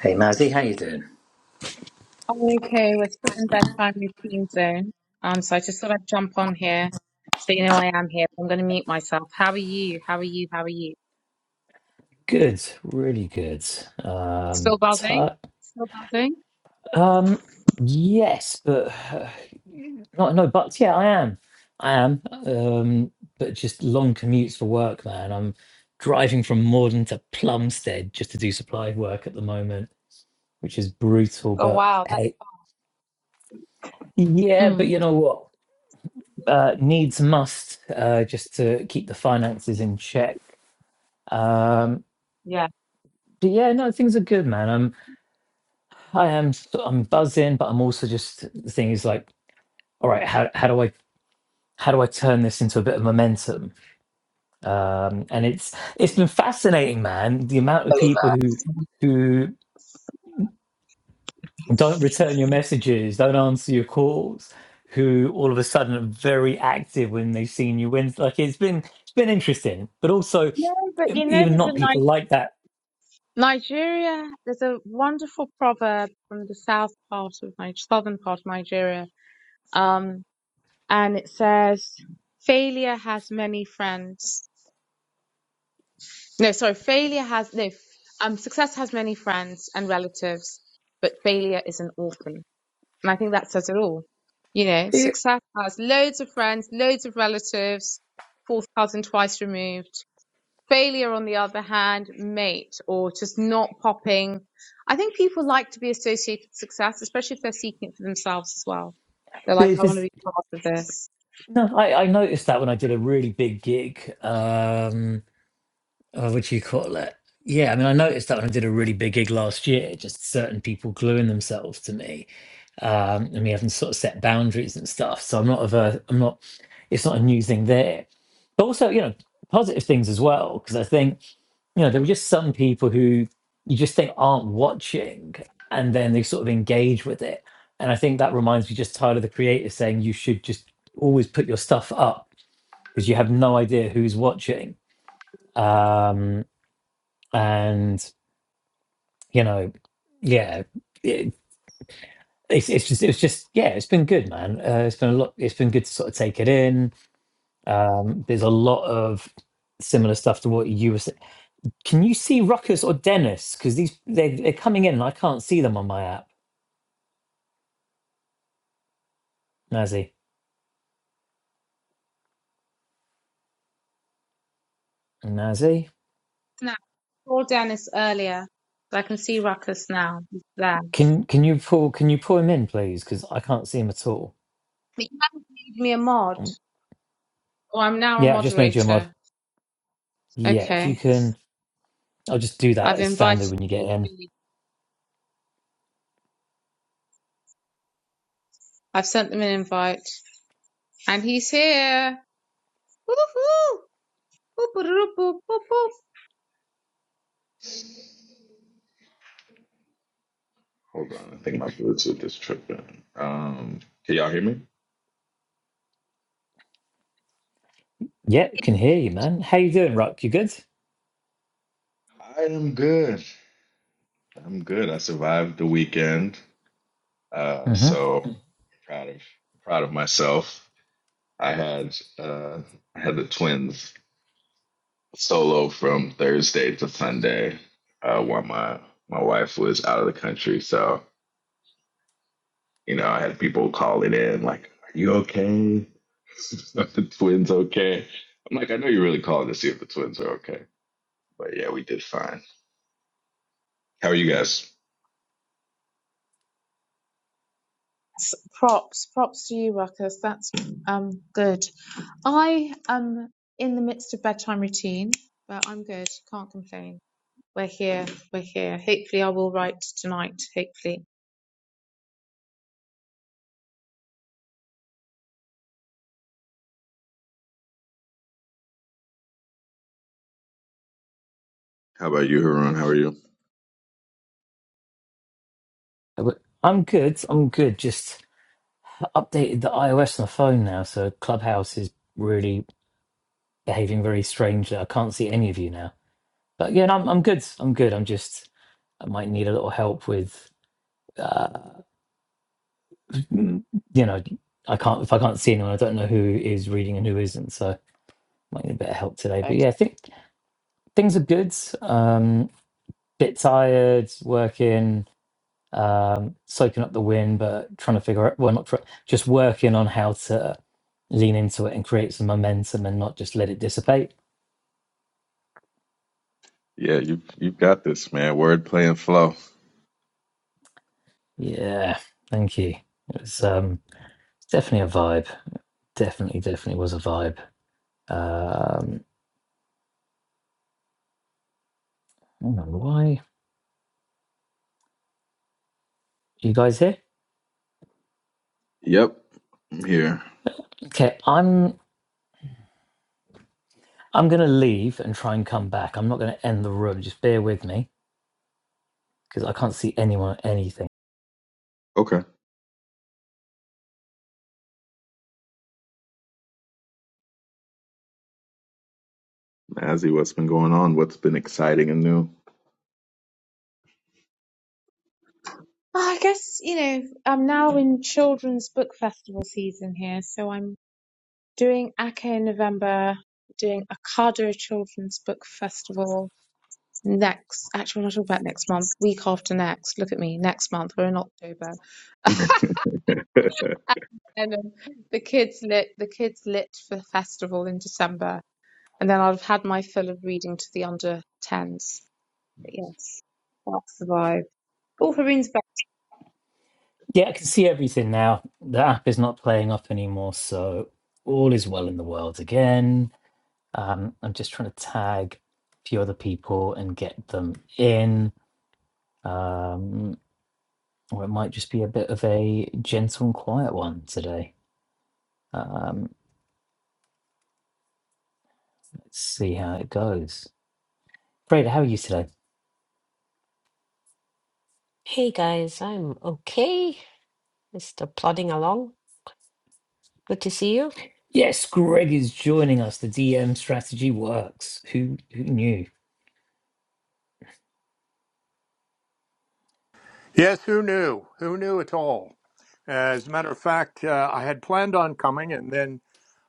Hey Mazzy, how you doing? Okay, we're still in bedtime routine zone. Um, so I just thought I'd jump on here so you know I am here. I'm going to mute myself. How are you? How are you? How are you? Good, really good. Um, Still buzzing? ti- Still buzzing? um, yes, but uh, not no buts. Yeah, I am. I am. Um, but just long commutes for work, man. I'm driving from Morden to Plumstead just to do supply work at the moment, which is brutal. Oh, But wow. That, hey, yeah, but mm, you know what? Uh, needs must uh, just to keep the finances in check. Um, yeah. but yeah, no, things are good, man. I am s- I'm buzzing, but I'm also just the thing is like, all right, how how do I how do I turn this into a bit of momentum? Um, and it's it's been fascinating, man. The amount of people who who don't return your messages, don't answer your calls, who all of a sudden are very active when they've seen you win. Like it's been it's been interesting, but also No, but um, you know, even there's a not people Ni- like that. Nigeria, there's a wonderful proverb from the south part of my southern part of Nigeria. Um, and it says, failure has many friends. No, sorry, failure has no um success has many friends and relatives, but failure is an orphan. And I think that says it all. You know, It, success has loads of friends, loads of relatives, four thousand twice removed. Failure, on the other hand, mate, or just not popping. I think people like to be associated with success, especially if they're seeking it for themselves as well. They're like, there's I want to this be part of this. no, I, I noticed that when I did a really big gig. Um, uh, what do you call it? Yeah, I mean, I noticed that when I did a really big gig last year, just certain people gluing themselves to me, um, and we haven't sort of set boundaries and stuff. So I'm not of a, I'm not, it's not a new thing there. But also, you know, positive things as well, because I think, you know, there were just some people who you just think aren't watching, and then they sort of engage with it. And I think that reminds me just Tyler the Creator saying you should just always put your stuff up because you have no idea who's watching. Um, and you know, yeah, it, it's it's just it's just yeah, it's been good, man. Uh, it's been a lot. It's been good to sort of take it in. Um, there's a lot of similar stuff to what you were saying. Can you see Ruckus or Dennis? Because these they they're coming in, and I can't see them on my app. Nazi, Nazi, Now, I saw Dennis earlier, but I can see Ruckus now. He's there. can can you pull can you pull him in, please? Because I can't see him at all. But you haven't made me a mod. Um, Oh, I'm now a Yeah, I've just made you a mod. moderator. Yeah, if you Okay. can, I'll just do that I've as standard invited when you him get to in. speak. I've sent them an invite. And he's here. Woohoo! Boop, Hold on, I think my Bluetooth is tripping. Um, can y'all hear me? Yeah, can hear you, man. How you doing, Ruck? You good? I am good. I'm good. I survived the weekend. Uh, Mm-hmm. so proud of proud of myself. I had uh, I had the twins solo from Thursday to Sunday, uh, while my my wife was out of the country. So you know, I had people calling in like, "Are you okay? Are the twins okay?" I'm like, "I know you're really calling to see if the twins are okay." But yeah, we did fine. How are you guys? Props, props to you, Ruckus. That's um good. I am in the midst of bedtime routine, but I'm good. Can't complain. We're here. We're here. Hopefully, I will write tonight. Hopefully. How about you, Harun? How are you? But I'm good. I'm good. Just updated the iOS on the phone now, so Clubhouse is really behaving very strangely. I can't see any of you now. But yeah, no, I'm I'm good. I'm good. I'm just I might need a little help with, uh, you know, I can't if I can't see anyone, I don't know who is reading and who isn't. So might need a bit of help today. But Okay. yeah, I think things are good. Um, bit tired, working. um, soaking up the wind, but trying to figure out, well, not try, just working on how to lean into it and create some momentum and not just let it dissipate. Yeah, you you've got this, man. Wordplay and flow. Yeah, thank you. It's um, definitely a vibe. Definitely, definitely was a vibe. Um, I don't know why you guys here? Yep, I'm here. Okay, I'm I'm gonna leave and try and come back. I'm not gonna end the room. Just bear with me because I can't see anyone or anything. Okay, Mazzy, what's been going on? What's been exciting and new? I guess you know I'm now in children's book festival season here, so I'm doing Ake in November, doing Ocado Children's Book Festival next. Actually, we're not talking about next month. Week after next. Look at me, next month. We're in October, and then the kids lit the kids lit for the festival in December, and then I'll have had my fill of reading to the under tens. But yes, that's the vibe. Oh, Haroon's back. Yeah, I can see everything now. The app is not playing up anymore, so all is well in the world again. Um, I'm just trying to tag a few other people and get them in. Um, or it might just be a bit of a gentle and quiet one today. Um, let's see how it goes. Freda, how are you today? Hey guys, I'm okay. Just uh, plodding along. Good to see you. Yes, Greg is joining us. The DM strategy works. Who who knew? Yes, who knew? Who knew at all? As a matter of fact, uh, I had planned on coming and then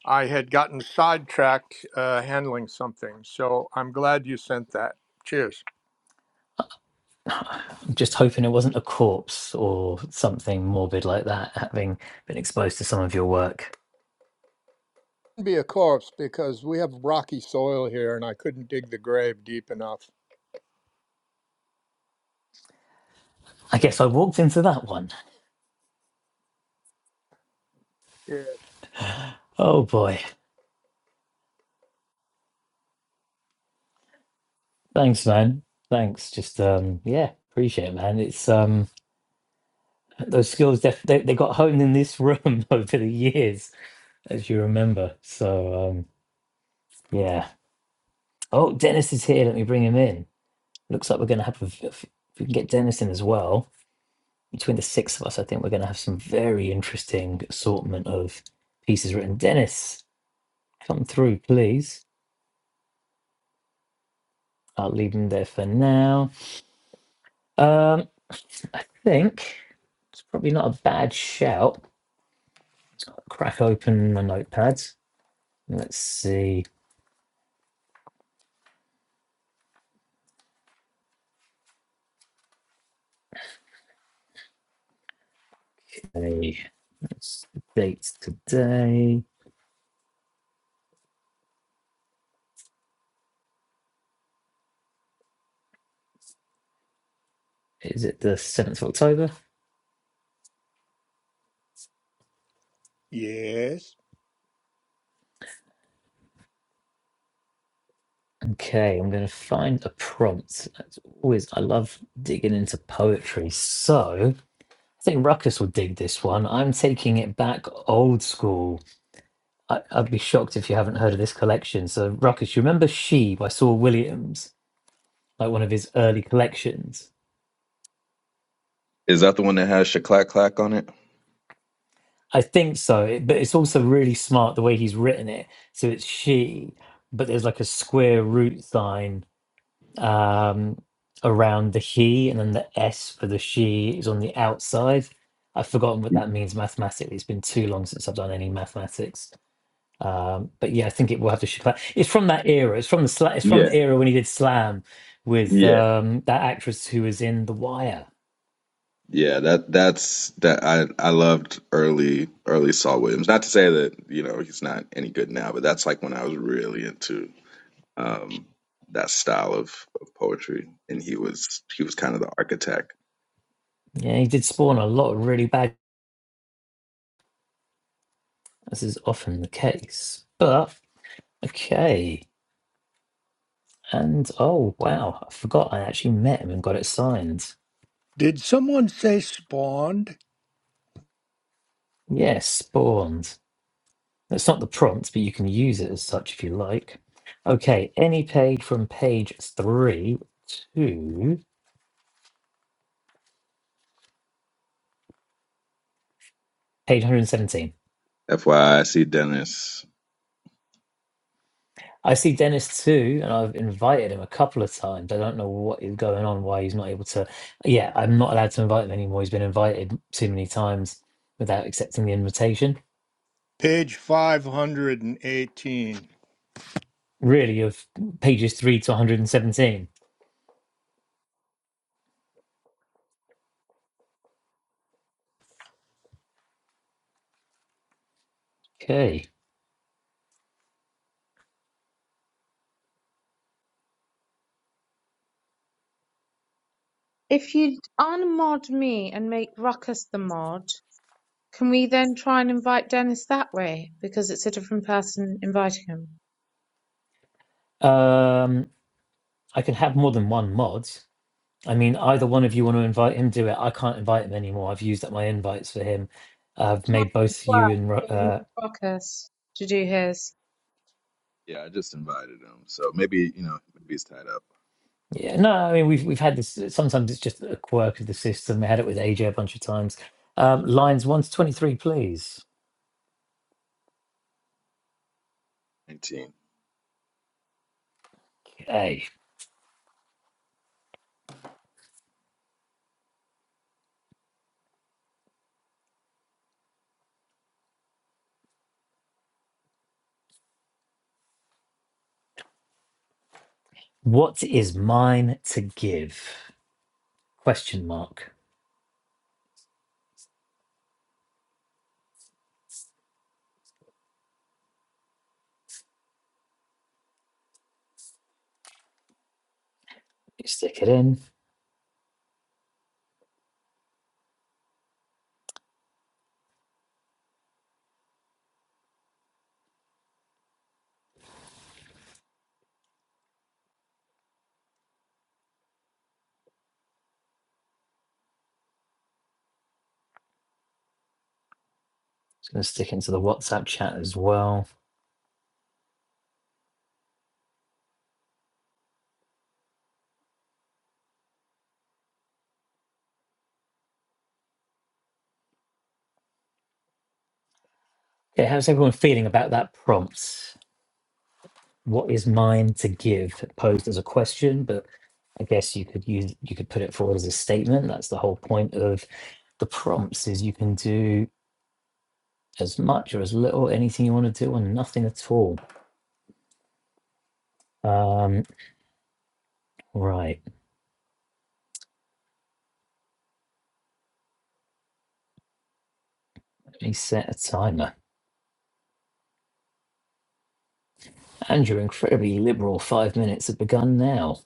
I had gotten sidetracked uh, handling something. So I'm glad you sent that. Cheers. I'm just hoping it wasn't a corpse or something morbid like that, having been exposed to some of your work. Be a corpse because we have rocky soil here and I couldn't dig the grave deep enough. I guess I walked into that one. Yeah. Oh boy. Thanks, man. Thanks. Just um yeah, appreciate it, man. It's um those skills def- they, they got honed in this room over the years, as you remember. So um yeah. Oh, Dennis is here. Let me bring him in. Looks like we're gonna have a, if we can get Dennis in as well. between the six of us, I think we're going to have some very interesting assortment of pieces written. Dennis, come through, please. I'll leave them there for now. Um, I think it's probably not a bad shout. I'll Crack open my notepads. Let's see. Hey, What's the date today? Is it the 7th of October? Yes. Okay, I'm going to find a prompt. That's always, I love digging into poetry. So, I think Ruckus will dig this one. I'm taking it back old school. I, I'd be shocked if you haven't heard of this collection. So, Ruckus, you remember She by Saul Williams, like one of his early collections? Is that the one that has Shaklack Clack on it? I think so, it- but it's also really smart the way he's written it. So it's she, but there's like a square root sign um, around the he, and then the S for the she is on the outside. I've forgotten what that means mathematically. It's been too long since I've done any mathematics Um, but yeah, I think it will have to shoot. Like, it's from that era. It's from the sla- it's from Yeah, the era when he did Slam with yeah, um, that actress who was in The Wire. yeah. That that's that. I I loved early early Saul Williams. Not to say that you know he's not any good now, but that's like when I was really into um that style of, of poetry, and he was he was kind of the architect. Yeah, he did spawn a lot of really bad. As is often the case. But okay, and oh wow, I forgot I actually met him and got it signed. Did someone say spawned? Yes, spawned. That's not the prompt, but you can use it as such if you like. Okay, any page from page three to page 117. FYI, I I see Dennis. I see Dennis too, and I've invited him a couple of times. I don't know what is going on, why he's not able to. Yeah, I'm not allowed to invite him anymore. He's been invited too many times without accepting the invitation. Page 518. Really, of pages three to 117. Okay. If you unmod me and make Ruckus the mod, can we then try and invite Dennis that way? Because it's a different person inviting him. Um, I can have more than one mod. I mean, either one of you want to invite him, do it. I can't invite him anymore. I've used up my invites for him. I've made Marcus both you well, and Ro- uh, Marcus to do his. Yeah, I just invited him, so maybe you know maybe he's tied up. Yeah, no, I mean we've we've had this. Sometimes it's just a quirk of the system. We had it with AJ a bunch of times. Um, lines one to twenty-three, please. Nineteen. Hey, what is mine to give? Question mark. You stick it in. It's going to stick into the WhatsApp chat as well. Okay, how's everyone feeling about that prompt? What is mine to give? Posed as a question, but I guess you could use you could put it forward as a statement. That's the whole point of the prompts. Is you can do as much or as little, anything you want to do, or nothing at all. Um, right, let me set a timer. And your incredibly liberal five minutes have begun now.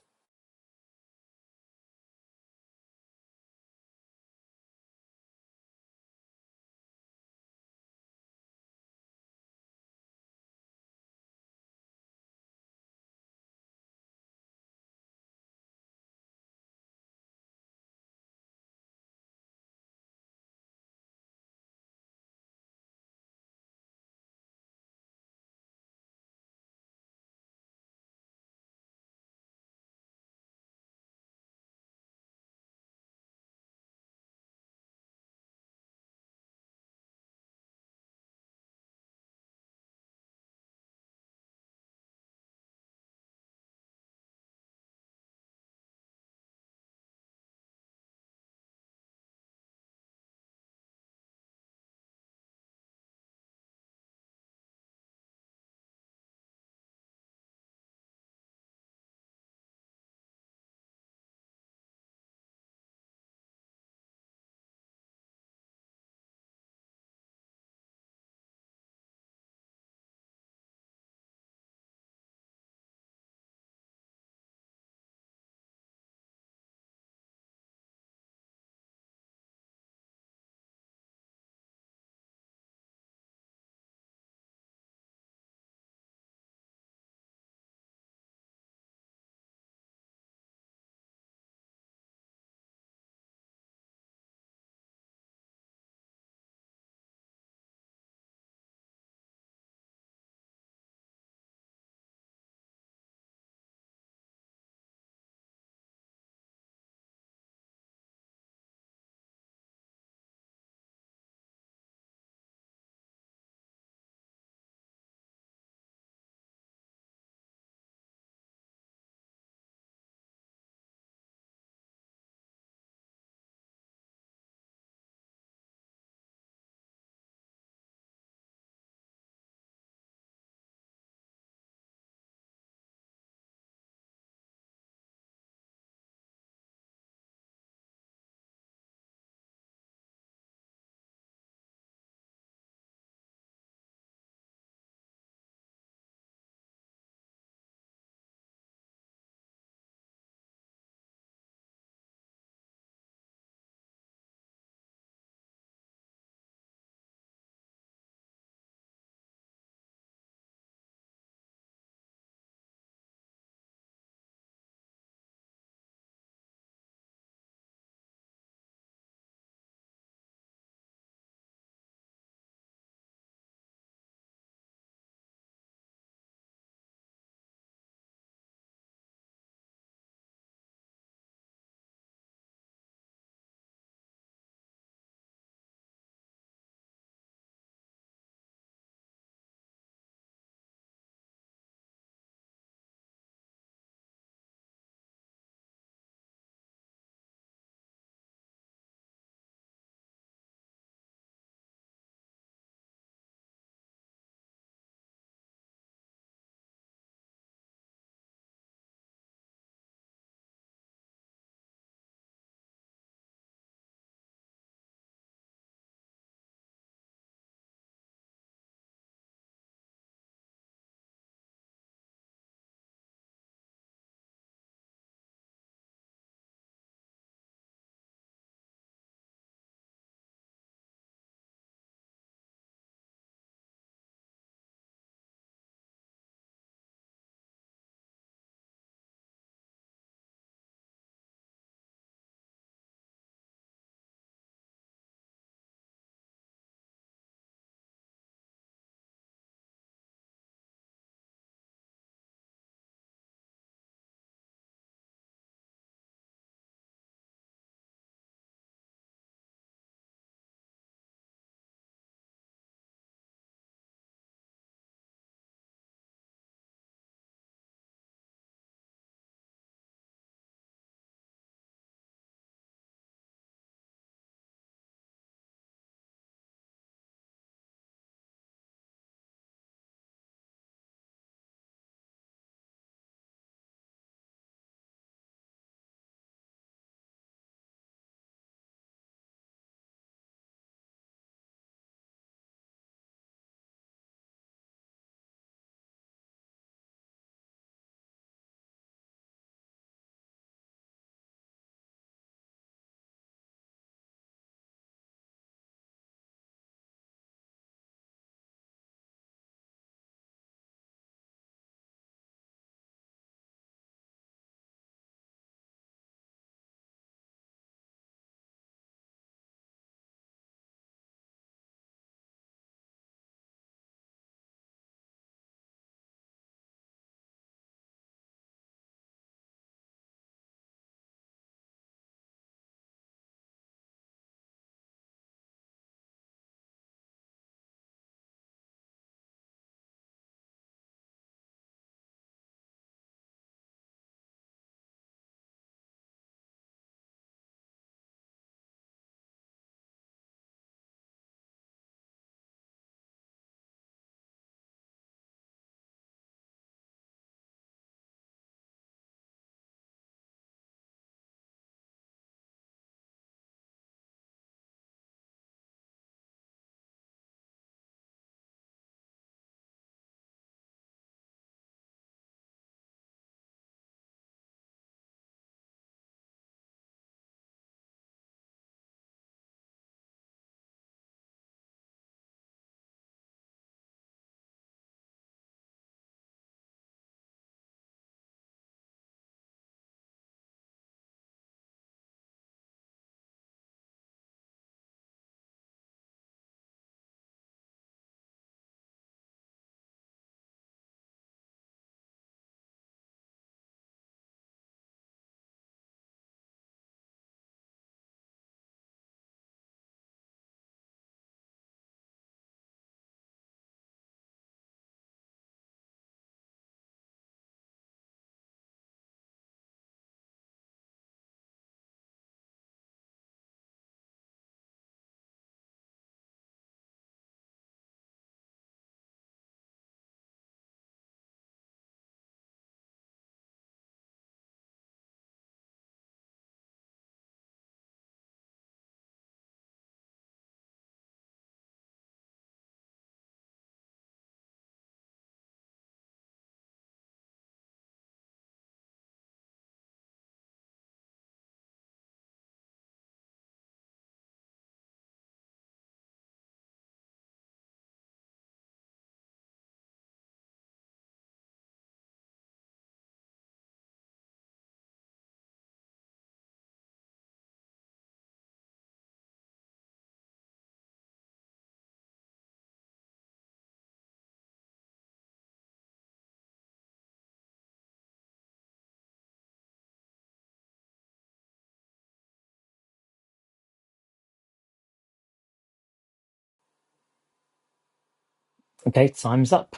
Okay, time's up.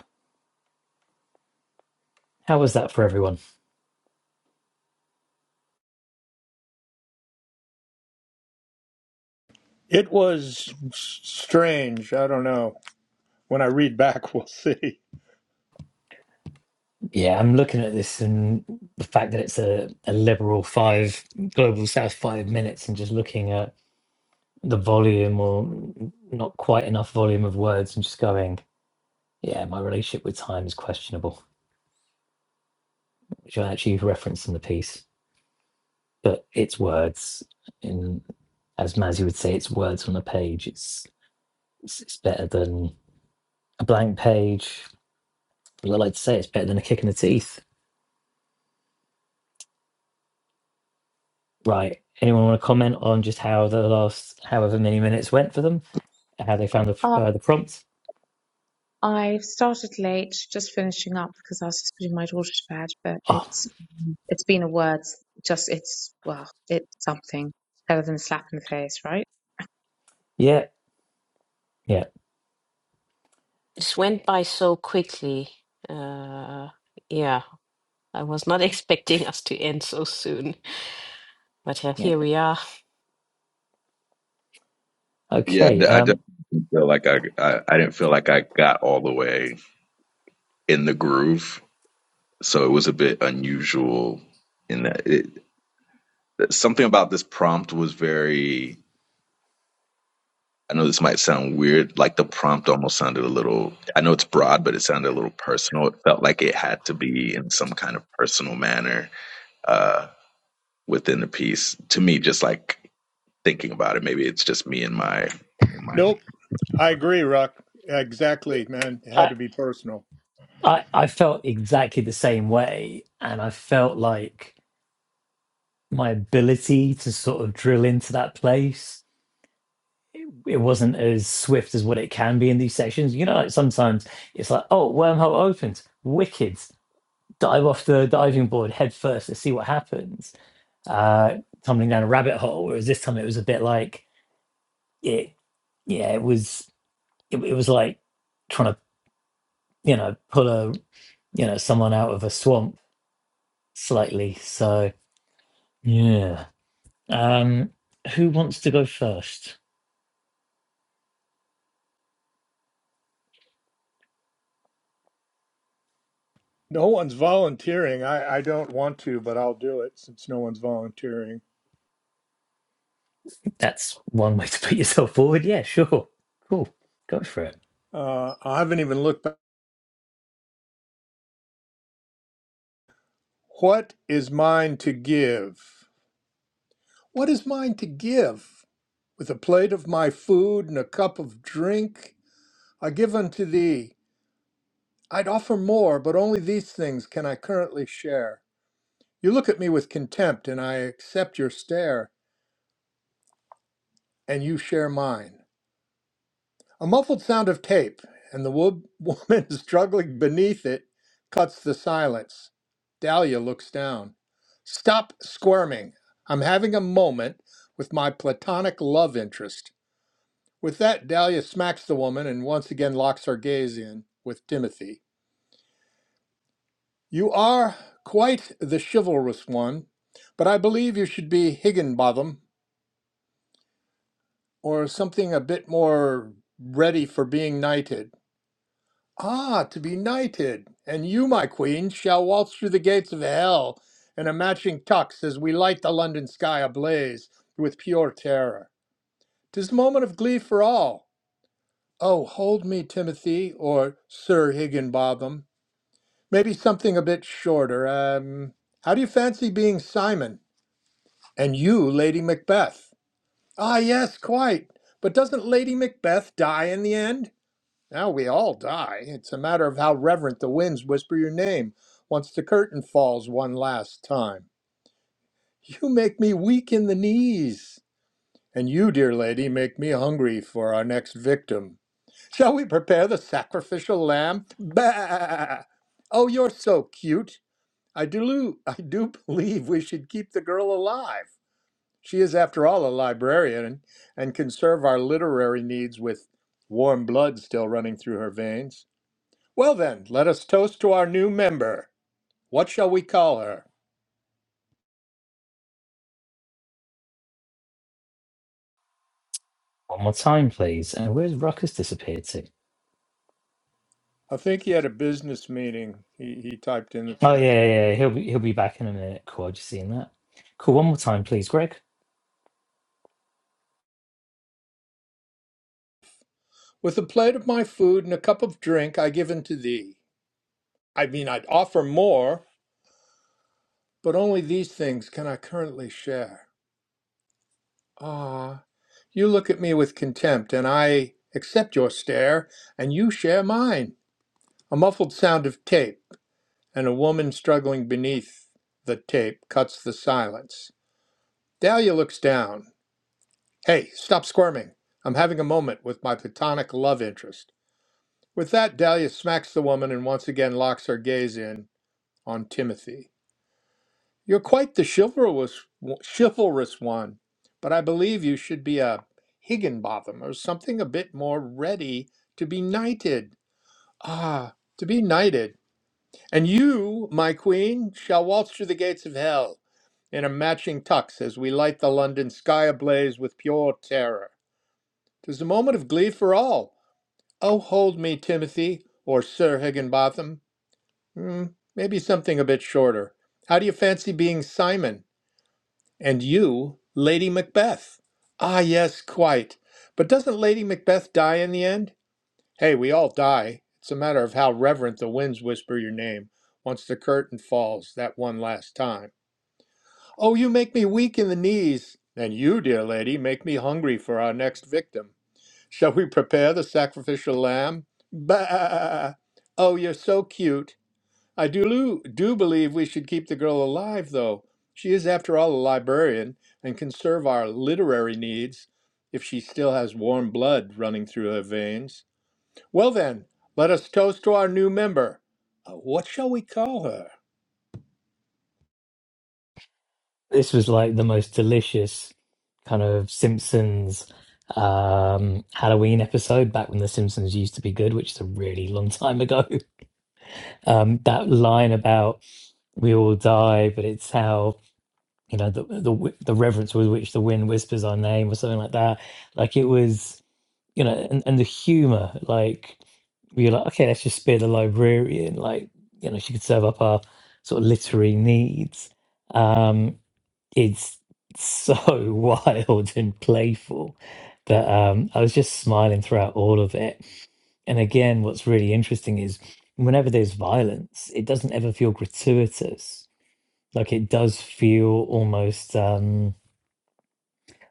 How was that for everyone? It was s- strange. I don't know. When I read back, we'll see. Yeah, I'm looking at this and the fact that it's a, a liberal five, global south five minutes, and just looking at the volume or not quite enough volume of words and just going, yeah, my relationship with time is questionable, which I actually referenced in the piece. but it's words. In as Mazzy would say, it's words on a page. It's it's, it's better than a blank page. But I like to say it's better than a kick in the teeth. Right. Anyone want to comment on just how the last however many minutes went for them? How they found the Um, uh, the prompt? I started late, just finishing up because I was just putting my daughter to bed. But Oh, it's it's been a word, just it's well, it's something better than a slap in the face, right? yeah, yeah, This went by so quickly. Uh, yeah, I was not expecting us to end so soon, but uh, yeah. here we are. Yeah, Okay. I definitely Um, didn't feel like I, I I didn't feel like I got all the way in the groove, so it was a bit unusual in that it something about this prompt was very. I know this might sound weird, like the prompt almost sounded a little. I know it's broad, but it sounded a little personal. It felt like it had to be in some kind of personal manner uh, within the piece. To me, just like thinking about it, maybe it's just me and my and my Nope. I agree, Ruck. Exactly, man. It had I, to be personal. I I felt exactly the same way, and I felt like my ability to sort of drill into that place. it it wasn't as swift as what it can be in these sessions. You know, like sometimes it's like, oh, wormhole opens, wicked, dive off the diving board head first, let's see what happens. Uh, tumbling down a rabbit hole. Whereas this time it was a bit like it, yeah, it was it, it was like trying to you know pull a you know someone out of a swamp slightly. So yeah. Um, who wants to go first? No one's volunteering. I, I don't want to, but I'll do it since no one's volunteering. That's one way to put yourself forward. Yeah, sure, cool, go for it. Uh, I haven't even looked back. What is mine to give? What is mine to give? With a plate of my food and a cup of drink, I give unto thee. I'd offer more, but only these things can I currently share. You look at me with contempt, and I accept your stare, and you share mine. A muffled sound of tape, and the wo- woman struggling beneath it cuts the silence. Dahlia looks down. Stop squirming. I'm having a moment with my platonic love interest. With that, Dahlia smacks the woman and once again locks her gaze in with Timothy. You are quite the chivalrous one, but I believe you should be Higginbotham or something a bit more ready for being knighted. Ah, to be knighted, and you, my queen, shall waltz through the gates of hell in a matching tux as we light the London sky ablaze with pure terror. 'Tis a moment of glee for all. Oh, hold me, Timothy, or Sir Higginbotham. Maybe something a bit shorter. Um, how do you fancy being Simon? And you, Lady Macbeth? Ah, yes, quite. But doesn't Lady Macbeth die in the end? Now we all die. It's a matter of how reverent the winds whisper your name once the curtain falls one last time. You make me weak in the knees. And you, dear lady, make me hungry for our next victim. Shall we prepare the sacrificial lamb? Bah! Oh, you're so cute. I do, I do believe we should keep the girl alive. She is, after all, a librarian and can serve our literary needs with warm blood still running through her veins. Well, then, let us toast to our new member. What shall we call her? One more time, please. And where's Ruckus disappeared to? I think he had a business meeting, he, he typed in the Oh chat. yeah, yeah, yeah, he'll be he'll be back in a minute. Cool, I just seen that. Cool, one more time, please, Greg. With a plate of my food and a cup of drink, I give unto thee. I mean, I'd offer more, but only these things can I currently share. Ah, you look at me with contempt, and I accept your stare, and you share mine. A muffled sound of tape, and a woman struggling beneath the tape cuts the silence. Dahlia looks down. Hey, stop squirming. I'm having a moment with my platonic love interest. With that, Dahlia smacks the woman and once again locks her gaze in on Timothy. You're quite the chivalrous, chivalrous one, but I believe you should be a Higginbotham or something a bit more ready to be knighted. Ah, to be knighted. And you, my queen, shall waltz through the gates of hell in a matching tux as we light the London sky ablaze with pure terror. 'Tis a moment of glee for all. Oh, hold me, Timothy, or Sir Higginbotham. Hmm, maybe something a bit shorter. How do you fancy being Simon? And you, Lady Macbeth? Ah, yes, quite. But doesn't Lady Macbeth die in the end? Hey, we all die. It's a matter of how reverent the winds whisper your name once the curtain falls that one last time. Oh, you make me weak in the knees. And you, dear lady, make me hungry for our next victim. Shall we prepare the sacrificial lamb? Bah! Oh, you're so cute. I do, do believe we should keep the girl alive, though. She is, after all, a librarian and can serve our literary needs if she still has warm blood running through her veins. Well, then, let us toast to our new member. Uh, What shall we call her? This was like the most delicious kind of Simpsons um Halloween episode back when the Simpsons used to be good, which is a really long time ago. Um that line about we all die, but it's how you know the the wi- the reverence with which the wind whispers our name or something like that. Like it was. you know, and, and the humor, like we were like, okay, let's just be the librarian, like, you know, she could serve up our sort of literary needs. Um, it's so wild and playful that um, I was just smiling throughout all of it. And again, what's really interesting is whenever there's violence, it doesn't ever feel gratuitous. Like it does feel almost. Um,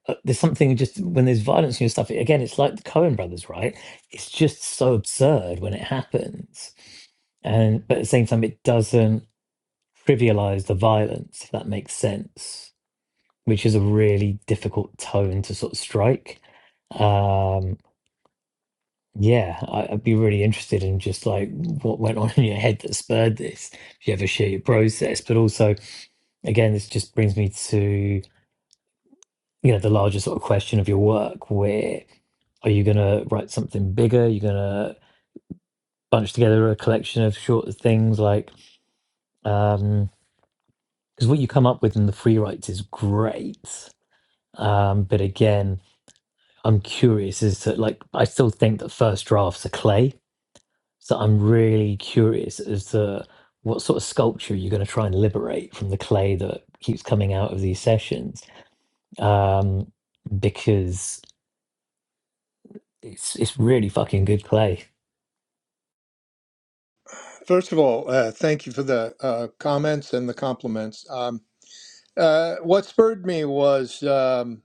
uh, there's something just when there's violence and stuff again it's like the cohen brothers right it's just so absurd when it happens and but at the same time it doesn't trivialize the violence if that makes sense which is a really difficult tone to sort of strike um yeah I, i'd be really interested in just like what went on in your head that spurred this if you ever share your process but also again this just brings me to you know the larger sort of question of your work where are you going to write something bigger you're going to bunch together a collection of short things like um because what you come up with in the free writes is great um but again i'm curious as to like i still think that first drafts are clay so i'm really curious as to what sort of sculpture you're going to try and liberate from the clay that keeps coming out of these sessions um because it's it's really fucking good clay First of all, uh, thank you for the uh, comments and the compliments. Um. Uh, what spurred me was um,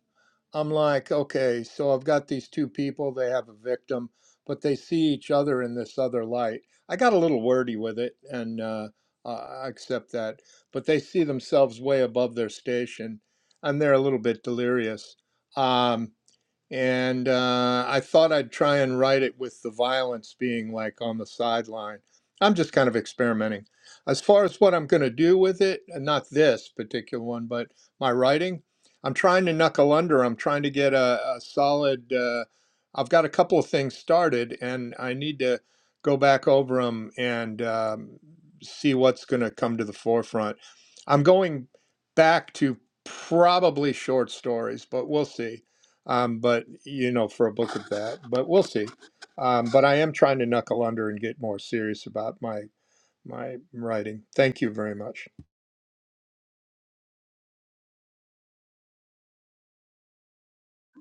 I'm like, okay, so I've got these two people, they have a victim, but they see each other in this other light. I got a little wordy with it, and uh, I I accept that, but they see themselves way above their station, and they're a little bit delirious. Um, and uh, I thought I'd try and write it with the violence being like on the sideline. I'm just kind of experimenting. As far as what I'm going to do with it, and not this particular one, but my writing, I'm trying to knuckle under. I'm trying to get a, a solid. Uh, I've got a couple of things started, and I need to go back over them and um, see what's going to come to the forefront. I'm going back to probably short stories, but we'll see um, but you know, for a book of that, but we'll see. Um, but I am trying to knuckle under and get more serious about my my writing. Thank you very much.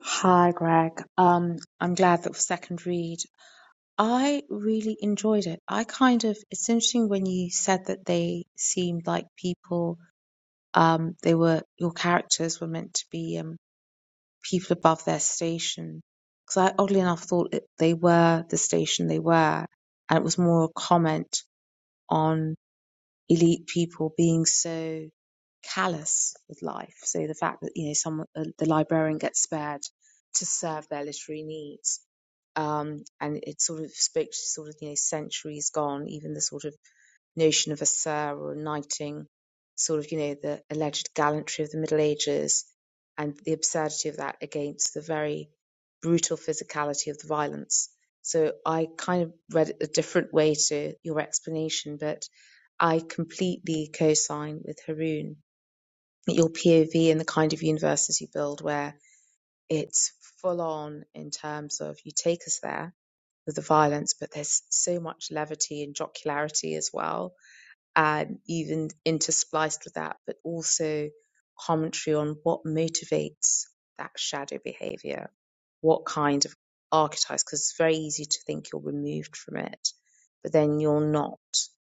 Hi, Greg. Um, I'm glad that was second read. I really enjoyed it. I kind of it's interesting when you said that they seemed like people. Um, they were your characters were meant to be. Um. people above their station. Because I oddly enough thought it, they were the station they were, and it was more a comment on elite people being so callous with life. So the fact that you know someone, uh, the librarian gets spared to serve their literary needs, um, and it sort of spoke to sort of you know centuries gone, even the sort of notion of a sir or a knighting, sort of, you know, the alleged gallantry of the Middle Ages and the absurdity of that against the very brutal physicality of the violence. So I kind of read it a different way to your explanation, but I completely co sign with Haroon that your POV and the kind of universes you build where it's full on in terms of you take us there with the violence, but there's so much levity and jocularity as well um, even interspliced with that, but also commentary on what motivates that shadow behavior, what kind of archetypes, because it's very easy to think you're removed from it, but then you're not.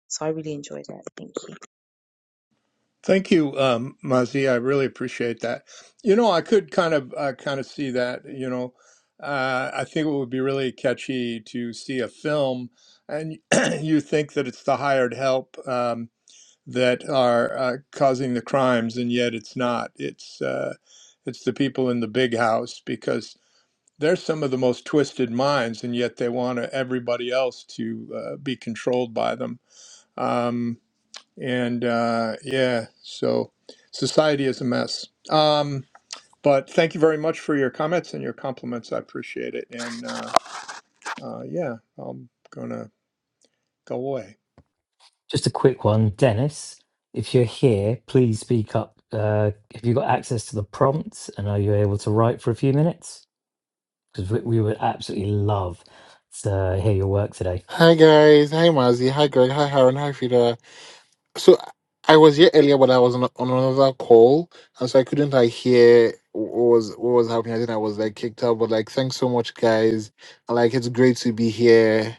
So I really enjoyed it. Thank you. Thank you, um, Mazi. I really appreciate that. You know, I could kind of uh, kind of see that. You know, uh, I think it would be really catchy to see a film, and you think that it's the hired help um, that are uh, causing the crimes, and yet it's not. It's uh, it's the people in the big house because they're some of the most twisted minds, and yet they want everybody else to uh, be controlled by them. Um, and uh, yeah, so society is a mess. Um, but thank you very much for your comments and your compliments. I appreciate it. And uh, uh, yeah, I'm gonna go away. Just a quick one, Dennis. If you're here, please speak up. Uh, have you got access to the prompts, and are you able to write for a few minutes? Because we, we would absolutely love to hear your work today. Hi guys, hi Mazi, hi Greg, hi Haran, hi Frida. So I was here earlier, but I was on, on another call, and so I couldn't like hear what was what was happening. I think I was like kicked out, but like thanks so much, guys. And, Like it's great to be here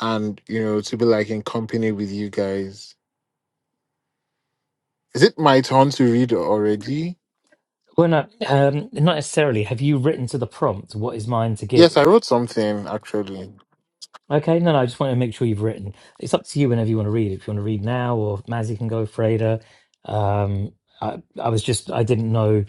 and you know to be like in company with you guys. Is it my turn to read already? Well, no, um, not necessarily. Have you written to the prompt? What is mine to Yes, I give? wrote something actually. Okay, no, no. I just want to make sure you've written. It's up to you whenever you want to read. If you want to read now, or Mazzy can go, Freda. Um, I, I was just, I didn't know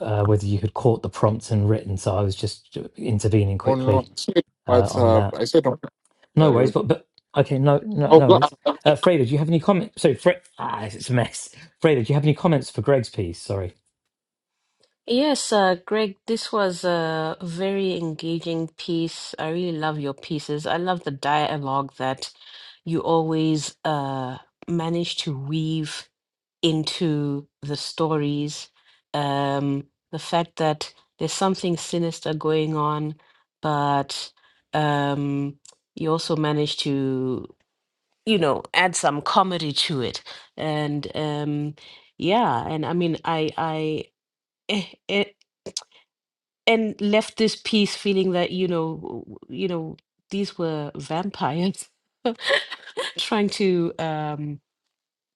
uh, whether you had caught the prompt and written, so I was just intervening Oh quickly. no, it's not uh, on WhatsApp. that. I said on- WhatsApp. No I worries, but wrote- but okay, no no oh, no God. worries. Uh, Freda, do you have any comments? So Fred, ah, it's a mess. Freda, do you have any comments for Greg's piece? Sorry. Yes, uh, Greg, this was a very engaging piece. I really love your pieces. I love the dialogue that you always uh, manage to weave into the stories. Um, the fact that there's something sinister going on, but um, you also manage to, you know, add some comedy to it. And um, yeah, and I mean, I, I, eh, eh, and left this piece feeling that, you know, w- you know, these were vampires trying to um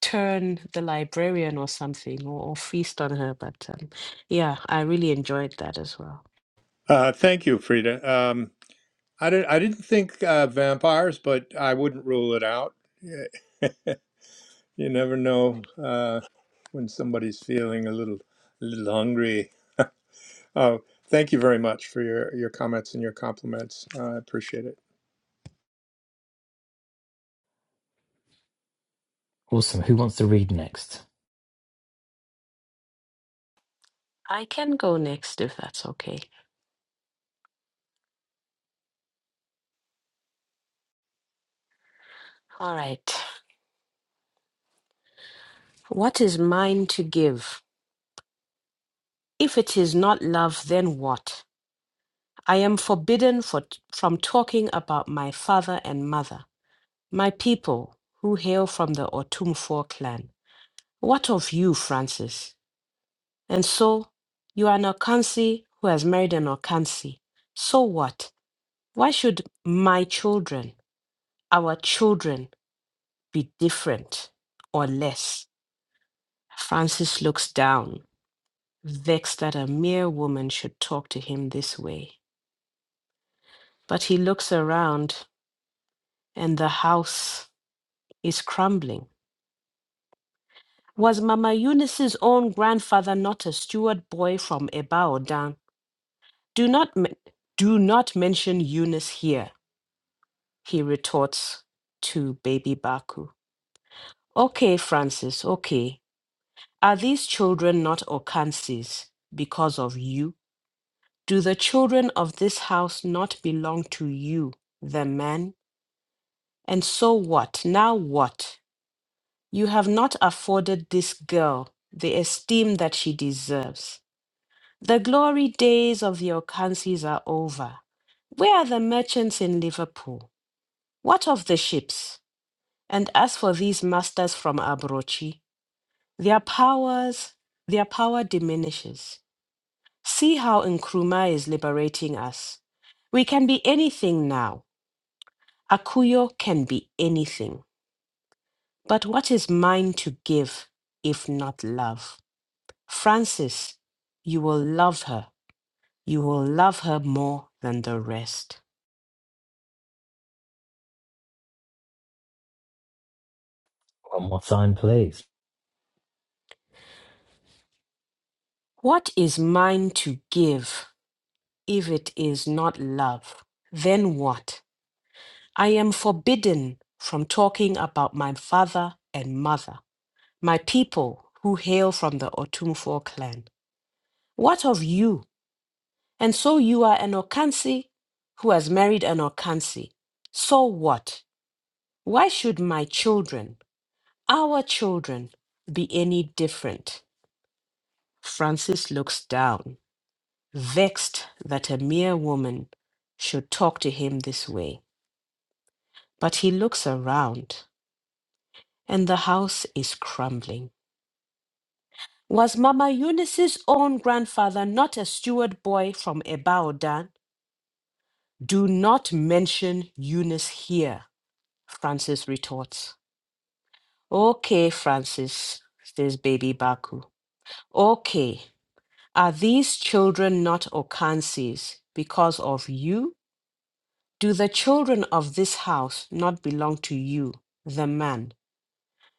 turn the librarian or something or, or feast on her. But um, yeah, I really enjoyed that as well. Uh, thank you, Frida. Um, I didn't. I didn't think uh, vampires, but I wouldn't rule it out. You never know uh, when somebody's feeling a little, a little hungry. Oh, thank you very much for your, your comments and your compliments. Uh, I appreciate it. Awesome. Who wants to read next? I can go next if that's okay. All right. What is mine to give? If it is not love, then what? I am forbidden for, from talking about my father and mother, my people who hail from the Otumfor clan. What of you, Francis? And so, you are an Okansi who has married an Okansi. So what? Why should my children, our children, be different or less? Francis looks down, vexed that a mere woman should talk to him this way. But he looks around, and the house is crumbling. Was Mama Eunice's own grandfather not a steward boy from Ebaodan? Do not, men- do not mention Eunice here, he retorts to baby Baku. Okay, Francis, okay. Are these children not Okansis because of you? Do the children of this house not belong to you, the men? And so what? Now what? You have not afforded this girl the esteem that she deserves. The glory days of the Okansis are over. Where are the merchants in Liverpool? What of the ships? And as for these masters from Abrochi, their powers, their power diminishes. See how Nkrumah is liberating us. We can be anything now. Akuyo can be anything. But what is mine to give if not love? Francis, you will love her. You will love her more than the rest. One more time, please. What is mine to give if it is not love? Then what? I am forbidden from talking about my father and mother, my people who hail from the Otumfo clan. What of you? And so you are an Okansi who has married an Okansi. So what? Why should my children, our children, be any different? Francis looks down, vexed that a mere woman should talk to him this way. But he looks around, and the house is crumbling. Was Mama Eunice's own grandfather not a steward boy from Ebaodan? Do not mention Eunice here. Francis retorts. Okay, Francis, says baby Baku. Okay, are these children not Okansis because of you? Do the children of this house not belong to you, the man?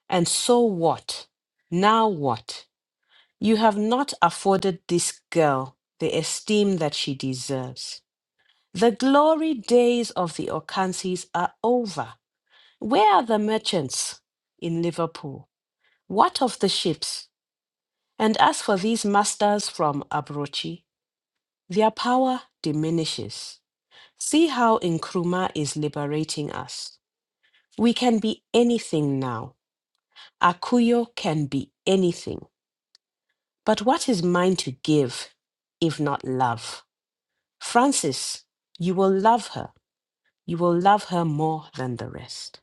And so what? Now what? You have not afforded this girl the esteem that she deserves. The glory days of the Okansis are over. Where are the merchants in Liverpool? What of the ships? And as for these masters from Abrochi, their power diminishes. See how Nkrumah is liberating us. We can be anything now. Akuyo can be anything. But what is mine to give if not love? Francis, you will love her. You will love her more than the rest.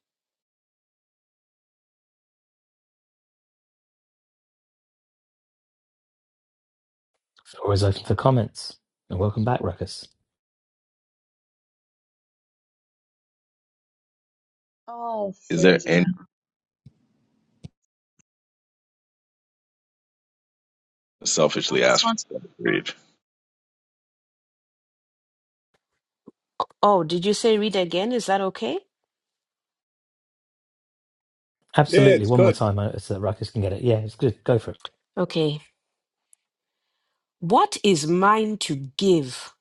Floor is open for comments. And welcome back, Ruckus. Oh, Is there any Frida, I selfishly just asked wanted for that read? Oh, did you say read again? Is that okay? Yeah, Absolutely. it's One more good. time, uh, so that Ruckus can get it. Yeah, it's good. Go for it. Okay. What is mine to give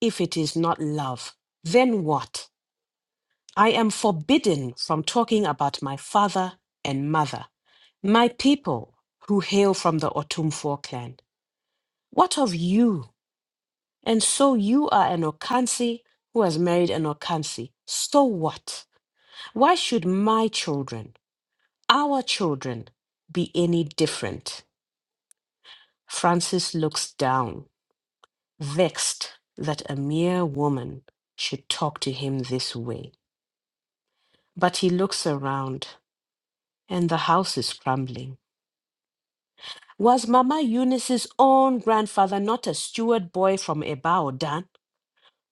if it is not love? Then what? I am forbidden from talking about my father and mother, my people who hail from the Otumfor clan. What of you? And so you are an Okansi who has married an Okansi. So what? Why should my children, our children, be any different? Francis looks down. vexed that a mere woman should talk to him this way. But he looks around, and the house is crumbling. Was Mama Eunice's own grandfather not a steward boy from Ebao, Dan?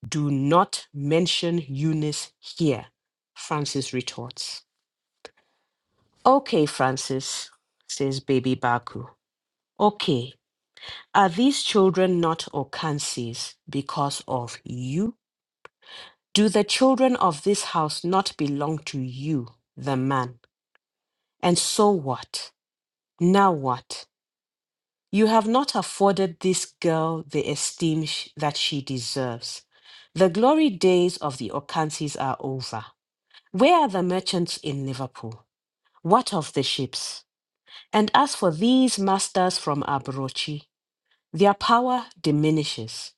Do not mention Eunice here, Francis retorts. Okay, Francis, says baby Baku. Okay, are these children not Okansis because of you? Do the children of this house not belong to you, the man? And so what? Now what? You have not afforded this girl the esteem sh- that she deserves. The glory days of the Okansis are over. Where are the merchants in Liverpool? What of the ships? And as for these masters from Abrochi, their power diminishes.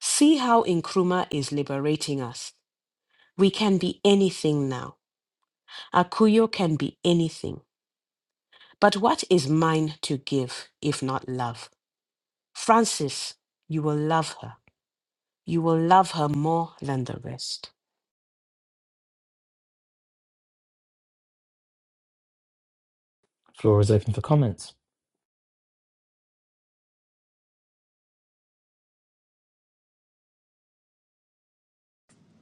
See how Nkrumah is liberating us. We can be anything now. Akuyo can be anything, but what is mine to give if not love? Francis, you will love her. You will love her more than the rest. Floor is open for comments.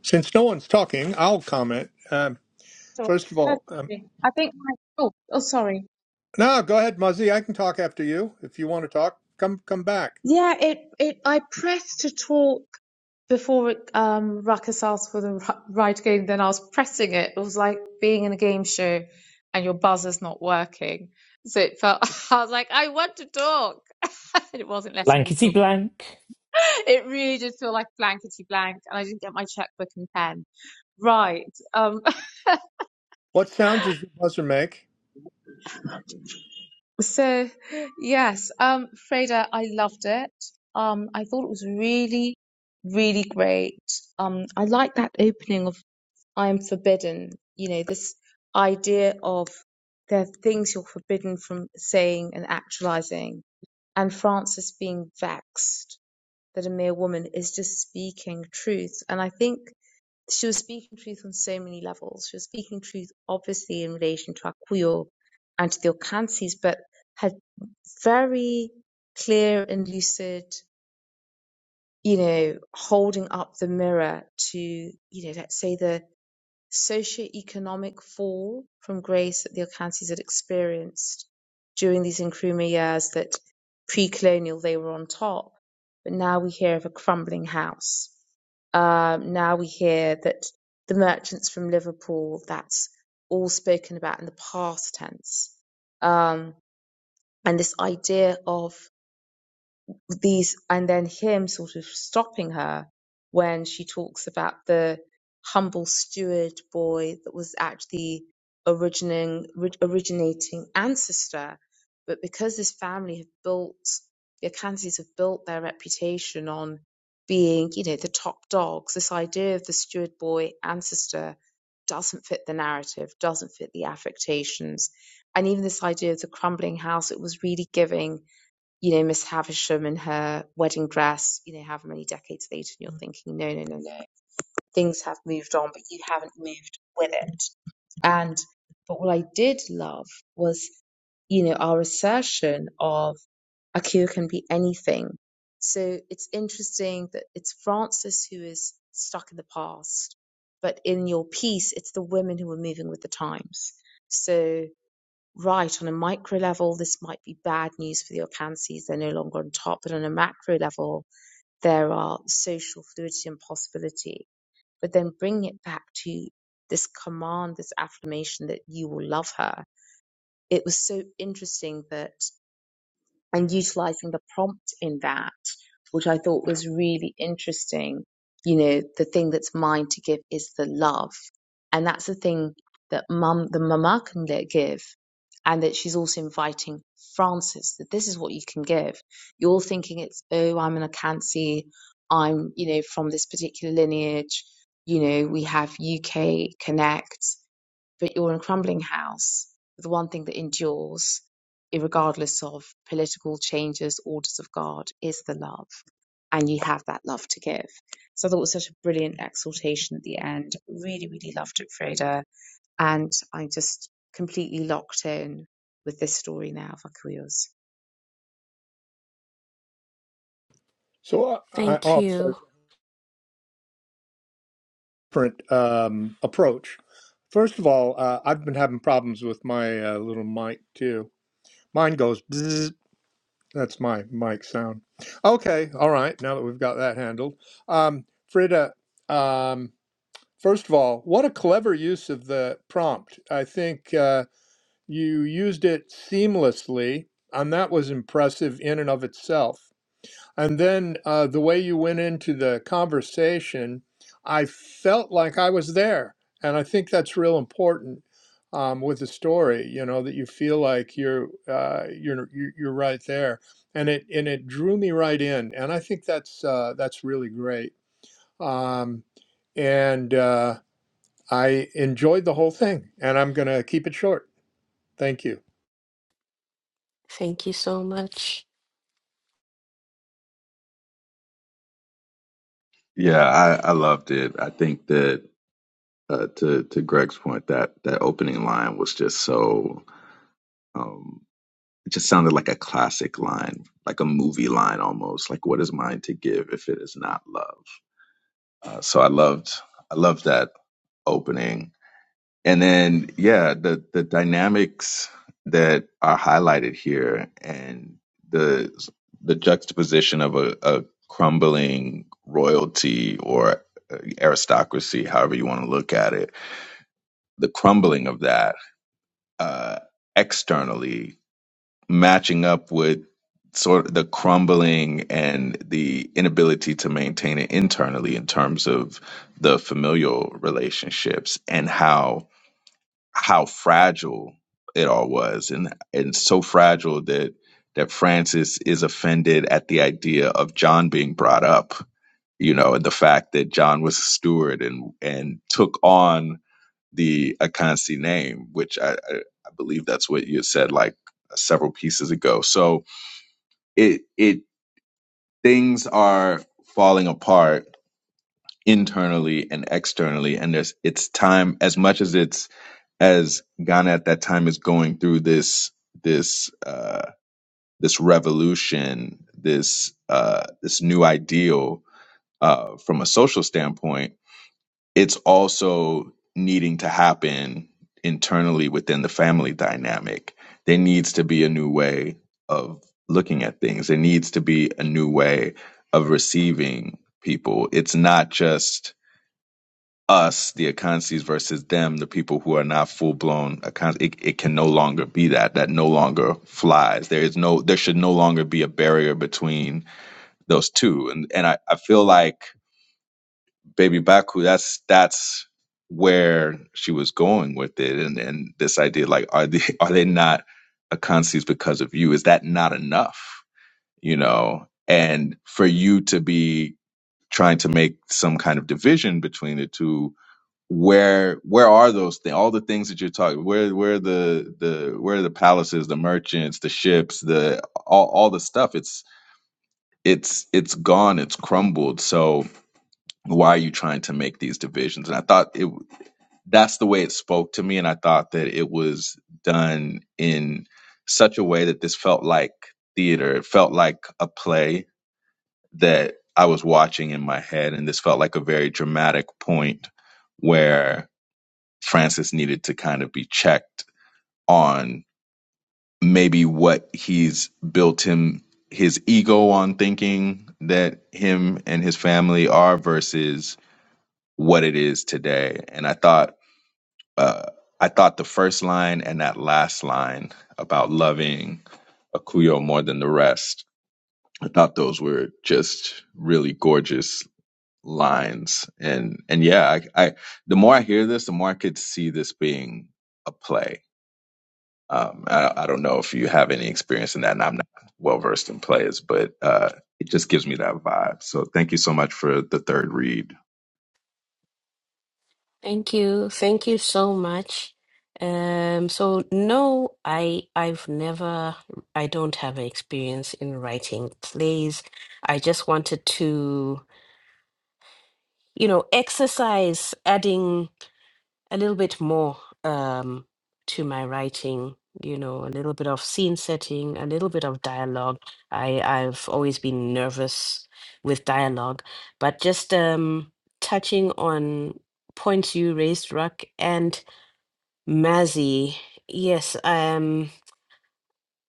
Since no one's talking, I'll comment. Um, to. first of Oh, all, um, Okay. I think. my- Oh, oh, sorry. no, go ahead, Muzzy. I can talk after you if you want to talk. Come, come back. Yeah, it, it I pressed to talk before um Ruckus asked for the ri- right game, then I was pressing it. It was like being in a game show and your buzzer's not working. So it felt I was like, I want to talk. And it wasn't letting me Blankety talk. blank. It really did feel like blankety blank and I didn't get my checkbook and pen. Right. Um, What sounds does your buzzer make? So, yes, um, Freda, I loved it. Um, I thought it was really, really great. Um, I like that opening of I am forbidden, you know, this idea of there are things you're forbidden from saying and actualizing, and Frances being vexed that a mere woman is just speaking truth. And I think she was speaking truth on so many levels. She was speaking truth, obviously, in relation to Akuyo and to the Okansis, but had very clear and lucid, you know, holding up the mirror to, you know, let's say the socioeconomic fall from grace that the Okansis had experienced during these Nkrumah years that pre-colonial they were on top, but now we hear of a crumbling house um, now we hear that the merchants from Liverpool, that's all spoken about in the past tense. Um, and this idea of these and then him sort of stopping her when she talks about the humble steward boy that was actually originating originating ancestor but because this family have built the Akansis have built their reputation on being you know the top dogs this idea of the steward boy ancestor doesn't fit the narrative doesn't fit the affectations and even this idea of the crumbling house it was really giving you know, Miss Havisham in her wedding dress, you know, however many decades later, and you're thinking, no, no, no, no, things have moved on, but you haven't moved with it. And, but what I did love was, you know, our assertion of a cure can be anything. So it's interesting that it's Francis who is stuck in the past, but in your piece, it's the women who are moving with the times. So, right, on a micro level, this might be bad news for the Orchances. They're no longer on top. But on a macro level, there are social fluidity and possibility. But then bringing it back to this command, this affirmation that you will love her. It was so interesting that and utilizing the prompt in that, which I thought was really interesting. You know, the thing that's mine to give is the love. And that's the thing that mum, the mama can give. And that she's also inviting Francis that this is what you can give. You're thinking it's, oh, I'm an Akansi. I'm, you know, from this particular lineage. You know, we have UK Connect but you're in a crumbling house. The one thing that endures, regardless of political changes, orders of God, is the love. And you have that love to give. So I thought it was such a brilliant exhortation at the end. Really, really loved it, Freda. And I'm just completely locked in with this story now of Akuyos. So, I, I, Thank oh, sorry. you. Different um, approach. First of all, uh, I've been having problems with my uh, little mic too. Mine goes. bzzz That's my mic sound. Okay, all right. Now that we've got that handled, um, Frida. Um, first of all, what a clever use of the prompt. I think uh, you used it seamlessly, and that was impressive in and of itself. And then uh, the way you went into the conversation, I felt like I was there. And I think that's real important um, with the story, you know, that you feel like you're uh, you're you're you're right there. And it and it drew me right in. And I think that's uh, that's really great. Um, and uh, I enjoyed the whole thing. And I'm going to keep it short. Thank you. Thank you so much. Yeah, I, I loved it. I think that uh, to to Greg's point, that that opening line was just so um, it just sounded like a classic line, like a movie line almost. Like, what is mine to give if it is not love? Uh, so I loved I loved that opening. and then yeah the the dynamics that are highlighted here and the the juxtaposition of a, a crumbling royalty or aristocracy however you want to look at it the crumbling of that uh externally matching up with sort of the crumbling and the inability to maintain it internally in terms of the familial relationships and how how fragile it all was and and so fragile that that Francis is offended at the idea of John being brought up, you know, and the fact that John was a steward and and took on the Akansi name, which I, I, I believe that's what you said like several pieces ago. So it it things are falling apart internally and externally. And there's it's time as much as it's as Ghana at that time is going through this this uh, this revolution, this uh, this new ideal uh, from a social standpoint. It's also needing to happen internally within the family dynamic. There needs to be a new way of looking at things. There needs to be a new way of receiving people. It's not just us, the Akansis, versus them, the people who are not full blown Akansis. It, it can no longer be that. That no longer flies. There is no. There should no longer be a barrier between those two. And and I, I feel like Baby Baku. That's that's where she was going with it. And and this idea, like, are they are they not Akansis because of you? Is that not enough? You know. And for you to be trying to make some kind of division between the two where where are those things all the things that you're talking where where the the where are the palaces the merchants the ships the all, all the stuff it's it's it's gone it's crumbled so why are you trying to make these divisions and i thought it that's the way it spoke to me and i thought that it was done in such a way that this felt like theater it felt like a play that i was watching in my head and this felt like a very dramatic point where Francis needed to kind of be checked on maybe what he's built him his ego on thinking that him and his family are versus what it is today. And I thought uh, I thought the first line and that last line about loving Akuyo more than the rest. I thought those were just really gorgeous lines. And and yeah, I, I the more I hear this, the more I could see this being a play Um, I, I don't know if you have any experience in that, and I'm not well versed in plays, but uh, it just gives me that vibe. So thank you so much for the third read. Thank you. Thank you so much. Um so no I I've never I don't have experience in writing plays. I just wanted to you know exercise adding a little bit more um, to my writing you know a little bit of scene setting a little bit of dialogue i i've always been nervous with dialogue but just um touching on points you raised ruck and mazzy yes um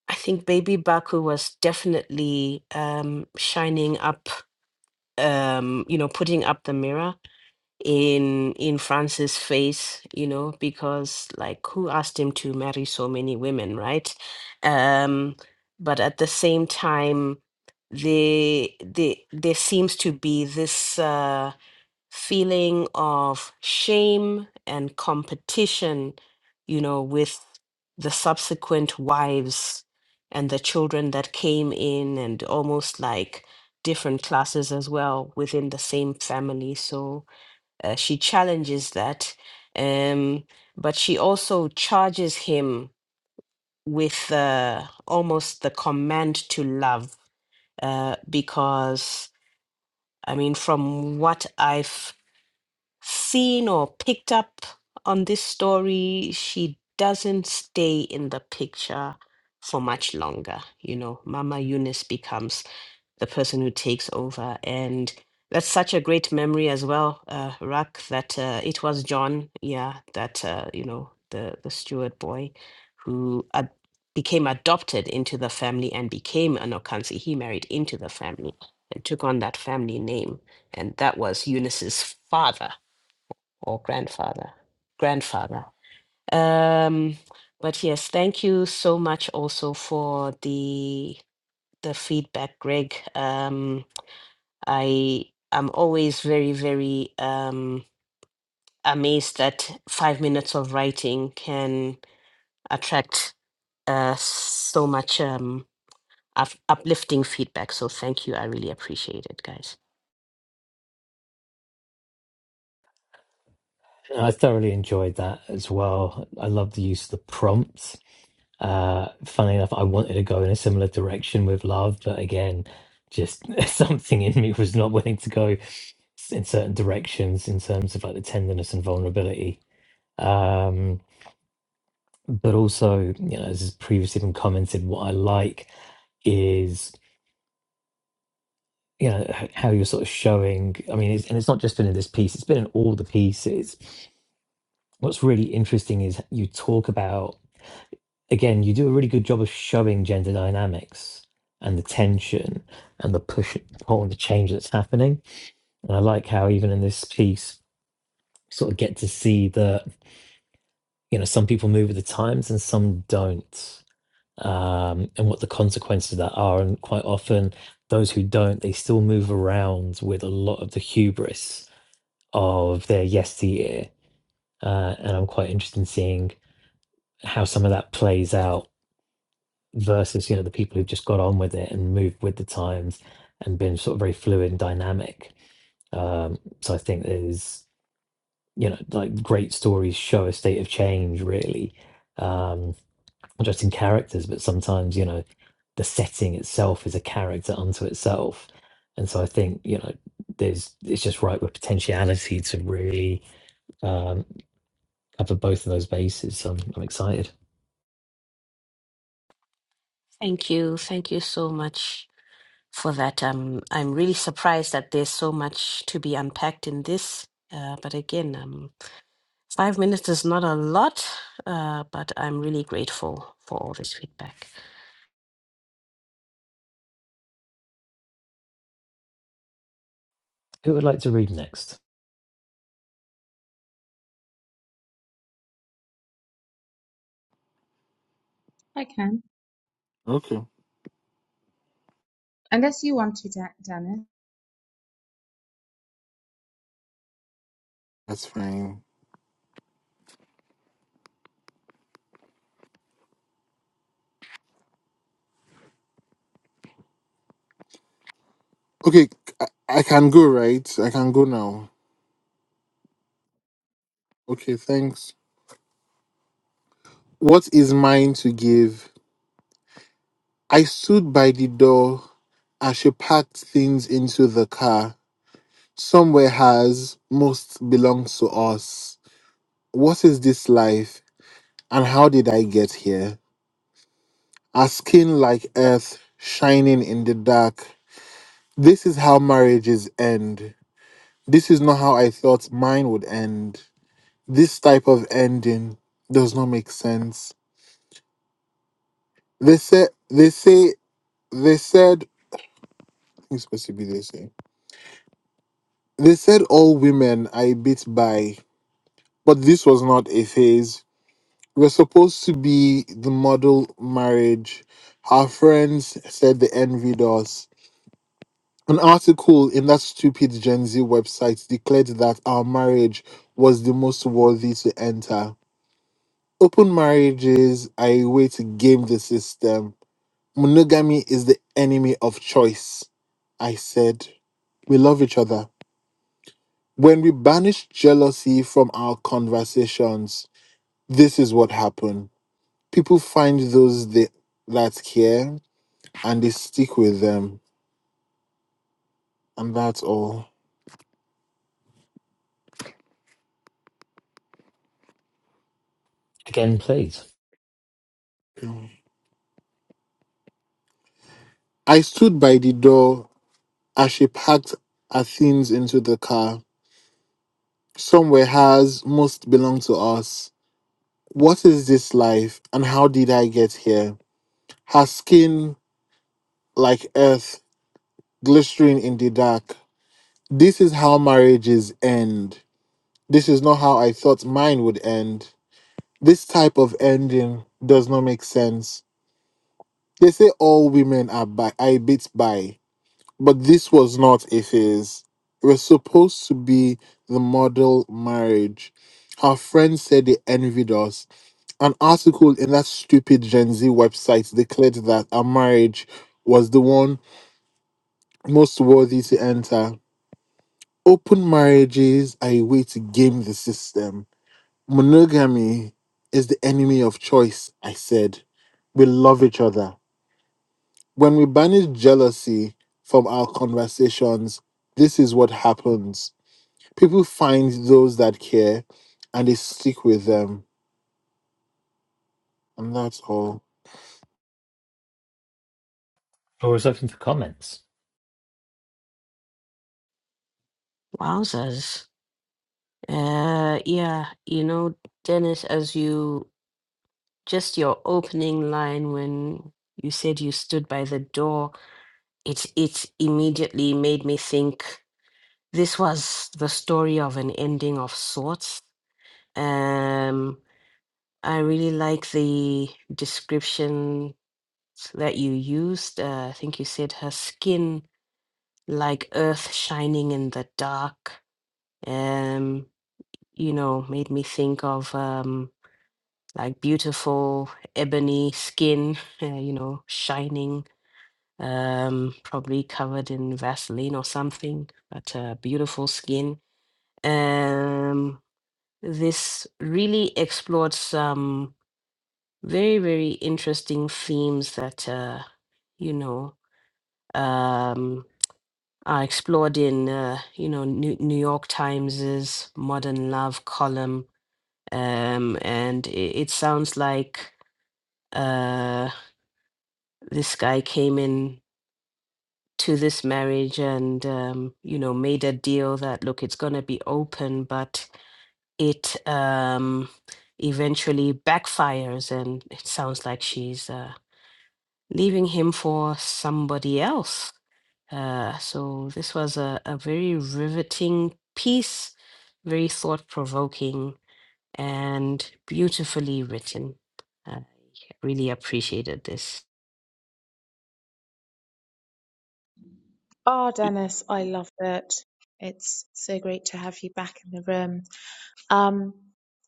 i think baby baku was definitely um shining up um you know putting up the mirror in in France's face, you know, because like who asked him to marry so many women, right? Um, but at the same time, the the there seems to be this uh, feeling of shame and competition, you know, with the subsequent wives and the children that came in, and almost like different classes as well within the same family. So uh, she challenges that um but she also charges him with uh, almost the command to love uh because i mean from what i've seen or picked up on this story she doesn't stay in the picture for much longer you know mama eunice becomes the person who takes over. And that's such a great memory as well, uh, Rak, that uh, it was John, yeah, that, uh, you know, the, the steward boy who ad- became adopted into the family and became an Okansi. He married into the family and took on that family name. And that was Eunice's father or grandfather, grandfather. Um, but yes, thank you so much also for the the feedback, Greg. Um, I am always very, very um, amazed that five minutes of writing can attract uh, so much um, up- uplifting feedback. So thank you. I really appreciate it, guys. I thoroughly enjoyed that as well. I love the use of the prompts Uh, funny enough, I wanted to go in a similar direction with love, but again, just something in me was not willing to go s- in certain directions in terms of like the tenderness and vulnerability. Um, but also, you know, as has previously been commented, what I like is you know h- how you're sort of showing i mean it's, and it's not just been in this piece it's been in all the pieces what's really interesting is you talk about again, you do a really good job of showing gender dynamics and the tension and the push and pull and the change that's happening. And I like how even in this piece, you sort of get to see that you know some people move with the times and some don't, um, and what the consequences of that are. And quite often, those who don't, they still move around with a lot of the hubris of their yesteryear. Uh, and I'm quite interested in seeing how some of that plays out versus you know the people who've just got on with it and moved with the times and been sort of very fluid and dynamic. Um, so I think there's you know like great stories show a state of change really, um, not just in characters, but sometimes you know the setting itself is a character unto itself, and so I think you know there's it's just right with potentiality to really um, cover both of those bases. So I'm, I'm excited. Thank you. Thank you so much. for that. Um, I'm really surprised that there's so much to be unpacked in this. Uh, but again, um, five minutes is not a lot, uh, but I'm really grateful for all this feedback. Who would like to read next? I can. okay, Unless you want to, De- Dennis. that's fine. Okay, I, I can go, right? I can go now. Okay, thanks. What is mine to give? I stood by the door as she packed things into the car. Some were hers, most belongs to us. What is this life, and how did I get here? Our skin like earth, shining in the dark. This is how marriages end. This is not how I thought mine would end. This type of ending does not make sense. They said they say they said I think it's supposed to be they say. They said all women are a bit by but this was not a phase. We were supposed to be the model marriage. Our friends said they envied us. An article in that stupid Gen Z website declared that our marriage was the most worthy to enter. Open marriages are a way to game the system Monogamy is the enemy of choice. I said, We love each other. When we banish jealousy from our conversations, this is what happened. People find those they, that care and they stick with them. And that's all. Again, please. I stood by the door as she packed Athens into the car. Some were hers, most belonged to us. What is this life and how did I get here? Her skin like earth Glistering in the dark. This is how marriages end. This is not how I thought mine would end. This type of ending does not make sense. They say all women are bi- I bit by, but this was not a phase. It was supposed to be the model marriage. Our friends said they envied us. An article in that stupid Gen Z website declared that our marriage was the one most worthy to enter. Open marriages are a way to game the system. Monogamy is the enemy of choice, I said. We love each other. When we banish jealousy from our conversations, this is what happens. People find those that care and they stick with them. And that's all. Floor is open for comments. Wowzers. Uh, yeah, you know, Dennis, as you just your opening line when you said you stood by the door, it it immediately made me think this was the story of an ending of sorts. Um, I really like the description that you used. Uh, I think you said her skin like earth shining in the dark. Um, you know, made me think of um, like beautiful ebony skin, uh, you know, shining, um, probably covered in Vaseline or something, but uh, beautiful skin. Um, this really explored some very very interesting themes that uh you know um are explored in uh, you know new, new york times's modern love column um and it, it sounds like uh this guy came in to this marriage and um you know made a deal that look it's going to be open but it um eventually backfires and it sounds like she's uh leaving him for somebody else. Uh, so this was a, a very riveting piece, very thought provoking, and beautifully written. I really appreciated this. Ah, Dennis, I loved it. It's so great to have you back in the room. Um,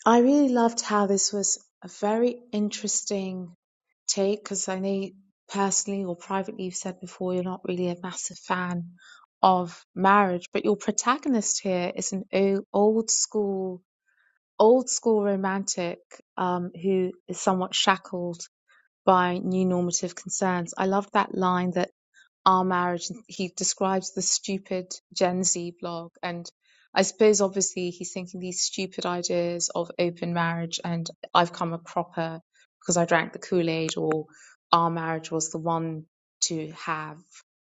I really loved how this was a very interesting take because I know you personally or privately you've said before you're not really a massive fan of marriage, but your protagonist here is an o- old school, old school romantic um, who is somewhat shackled by new normative concerns. I loved that line that our marriage. He describes the stupid Gen Z blog. And I suppose obviously he's thinking these stupid ideas of open marriage and I've come a cropper because I drank the Kool-Aid or our marriage was the one to have.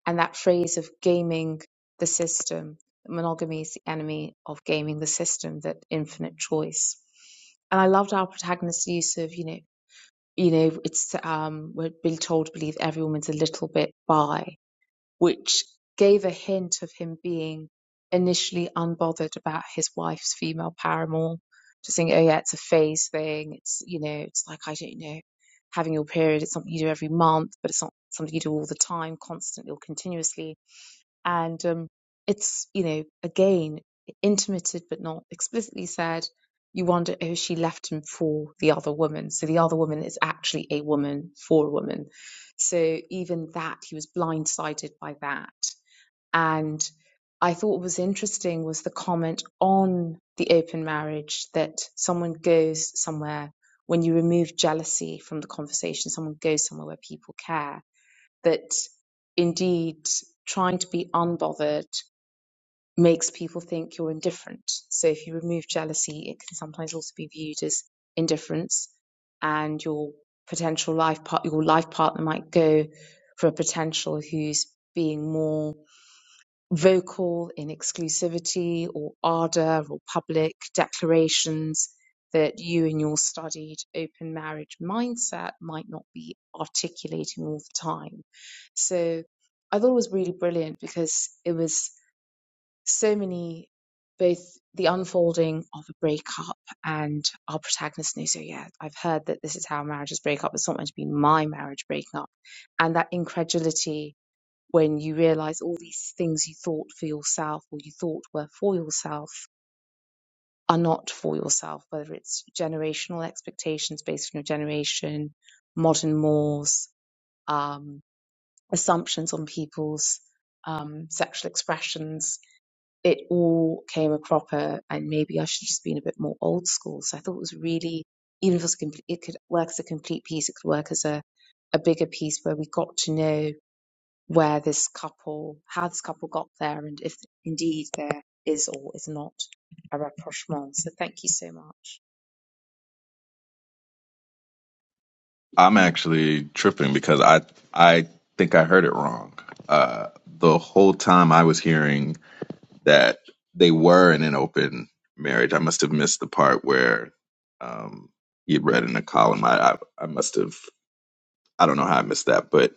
And that phrase of gaming the system, monogamy is the enemy of gaming the system, that infinite choice. And I loved our protagonist's use of, you know, you know, it's um we're being told to believe every woman's a little bit bi which gave a hint of him being initially unbothered about his wife's female paramour, just saying, oh yeah, it's a phase thing. It's, you know, it's like, I don't know, having your period, it's something you do every month, but it's not something you do all the time, constantly or continuously and um, it's you know again intimated but not explicitly said you wonder if she left him for the other woman so the other woman is actually a woman for a woman so even that he was blindsided by that and i thought what was interesting was the comment on the open marriage that someone goes somewhere when you remove jealousy from the conversation someone goes somewhere where people care that indeed trying to be unbothered makes people think you're indifferent. So if you remove jealousy, it can sometimes also be viewed as indifference, and your potential life part your life partner might go for a potential who's being more vocal in exclusivity or ardor or public declarations that you in your studied open marriage mindset might not be articulating all the time. So I thought it was really brilliant because it was so many both the unfolding of a breakup and our protagonist knew so yeah i've heard that this is how marriages break up it's not meant to be my marriage breaking up and that incredulity when you realize all these things you thought for yourself or you thought were for yourself are not for yourself, whether it's generational expectations based on your generation, modern mores, um, assumptions on people's um, sexual expressions. It all came a cropper, and maybe I should have just been a bit more old school. So I thought it was really, even if it was complete, it could work as a complete piece, it could work as a, a bigger piece where we got to know where this couple, how this couple got there, and if indeed there is or is not a rapprochement. So thank you so much. I'm actually tripping because I I think I heard it wrong. Uh, the whole time I was hearing that they were in an open marriage, I must have missed the part where um, he read in a column. I I, I must have. I don't know how I missed that, but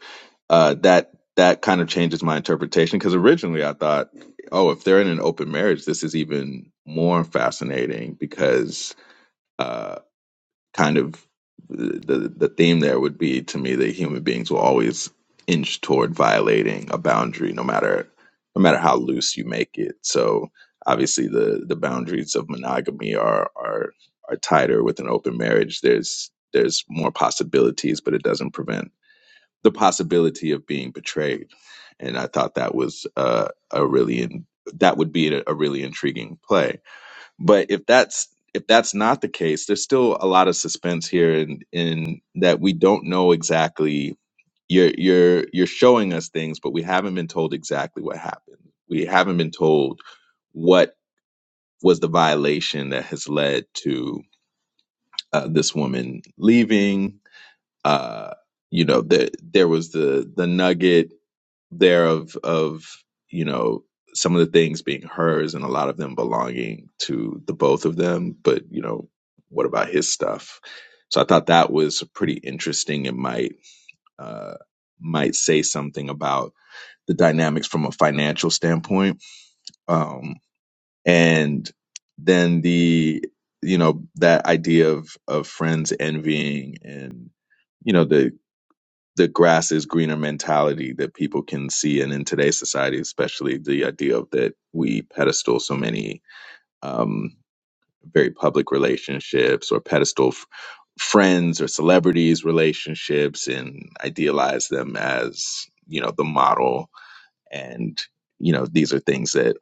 uh, that that kind of changes my interpretation because originally I thought, oh, if they're in an open marriage, this is even more fascinating because uh, kind of the the theme there would be to me that human beings will always inch toward violating a boundary, no matter no matter how loose you make it. So obviously the the boundaries of monogamy are are are tighter with an open marriage. There's there's more possibilities, but it doesn't prevent the possibility of being betrayed. And I thought that was uh, a really in, that would be a, a really intriguing play. But if that's if that's not the case, there's still a lot of suspense here, and in, in that we don't know exactly. You're you're you're showing us things, but we haven't been told exactly what happened. We haven't been told what was the violation that has led to uh, this woman leaving. Uh, you know, the, there was the the nugget there of of you know some of the things being hers and a lot of them belonging to the both of them but you know what about his stuff so i thought that was pretty interesting and might uh might say something about the dynamics from a financial standpoint um and then the you know that idea of of friends envying and you know the the grass is greener mentality that people can see. And in today's society, especially the idea of that we pedestal so many um, very public relationships or pedestal f- friends or celebrities relationships and idealize them as, you know, the model. And, you know, these are things that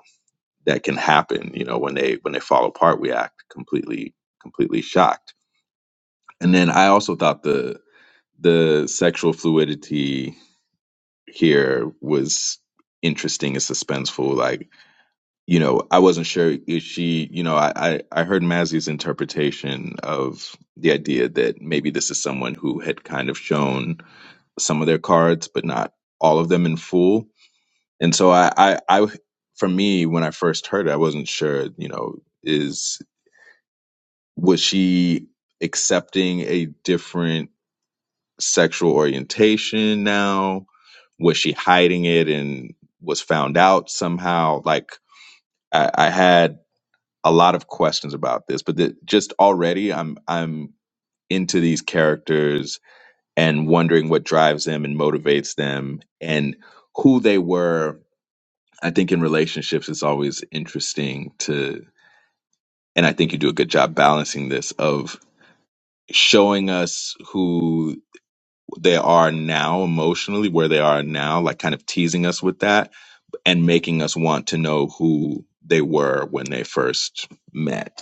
that can happen, you know, when they when they fall apart, we act completely, completely shocked. And then I also thought the the sexual fluidity here was interesting and suspenseful. Like, you know, I wasn't sure if she, you know, I, I, I heard Mazzy's interpretation of the idea that maybe this is someone who had kind of shown some of their cards, but not all of them in full. And so I, I, I for me, when I first heard it, I wasn't sure, you know, is, was she accepting a different sexual orientation now? Was she hiding it and was found out somehow? Like I, I had a lot of questions about this, but the, just already I'm I'm into these characters and wondering what drives them and motivates them and who they were. I think in relationships it's always interesting to and I think you do a good job balancing this of showing us who they are now emotionally, where they are now, like kind of teasing us with that and making us want to know who they were when they first met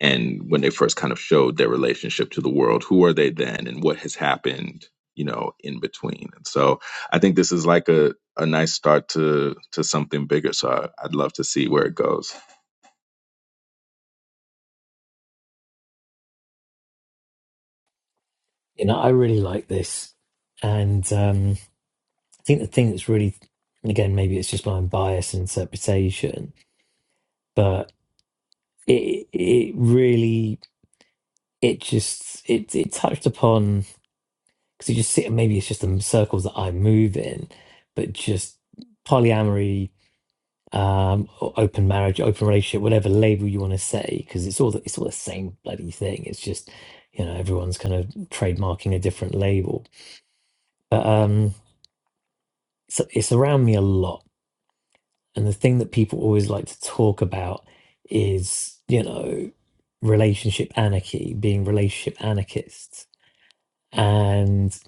and when they first kind of showed their relationship to the world who are they then and what has happened you know in between and so i think this is like a, a nice start to to something bigger so I, i'd love to see where it goes you know, I really like this, and um, I think the thing that's really, and again, maybe it's just my own bias and interpretation, but it it really it just it it touched upon because you just see maybe it's just the circles that I move in, but just polyamory, um, or open marriage, open relationship, whatever label you want to say, because it's all the, it's all the same bloody thing. It's just you know everyone's kind of trademarking a different label, but um so it's around me a lot And the thing that people always like to talk about is, you know, relationship anarchy, being relationship anarchists. And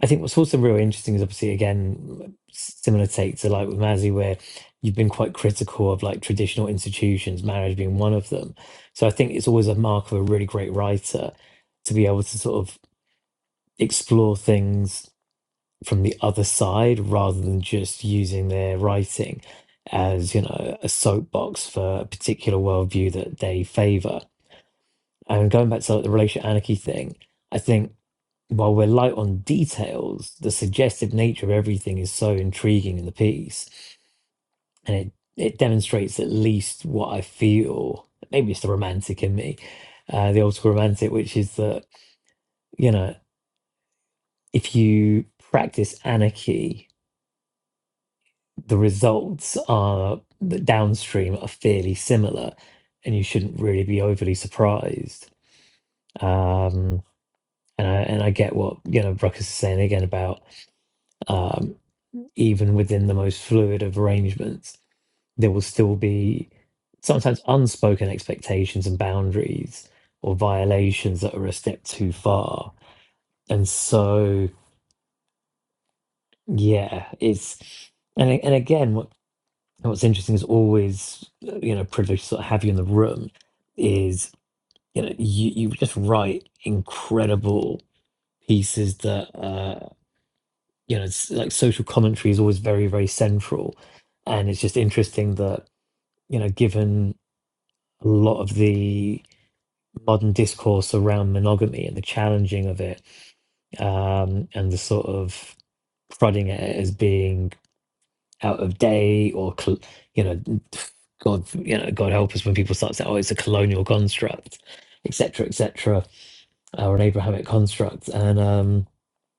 I think what's also really interesting is obviously, again, similar take to like with Mazzy, where you've been quite critical of like traditional institutions, marriage being one of them. So I think it's always a mark of a really great writer to be able to sort of explore things from the other side rather than just using their writing as you know a soapbox for a particular worldview that they favor and going back to like, the relation anarchy thing i think while we're light on details the suggestive nature of everything is so intriguing in the piece and it it demonstrates at least what i feel maybe it's the romantic in me uh, the old school romantic which is that you know if you practice anarchy the results are the downstream are fairly similar, and you shouldn't really be overly surprised. Um, and I and I get what you know Ruckus is saying again about um, even within the most fluid of arrangements, there will still be sometimes unspoken expectations and boundaries or violations that are a step too far. And so yeah, it's and a- and again And what's interesting is always, you know, privileged to sort of have you in the room is, you know, you, you just write incredible pieces that, uh, you know, it's like social commentary is always very, very central. And it's just interesting that, you know, given a lot of the modern discourse around monogamy and the challenging of it, um, and the sort of prodding at it as being out of date or col- you know god you know god help us when people start saying oh it's a colonial construct etc etc or an abrahamic construct and um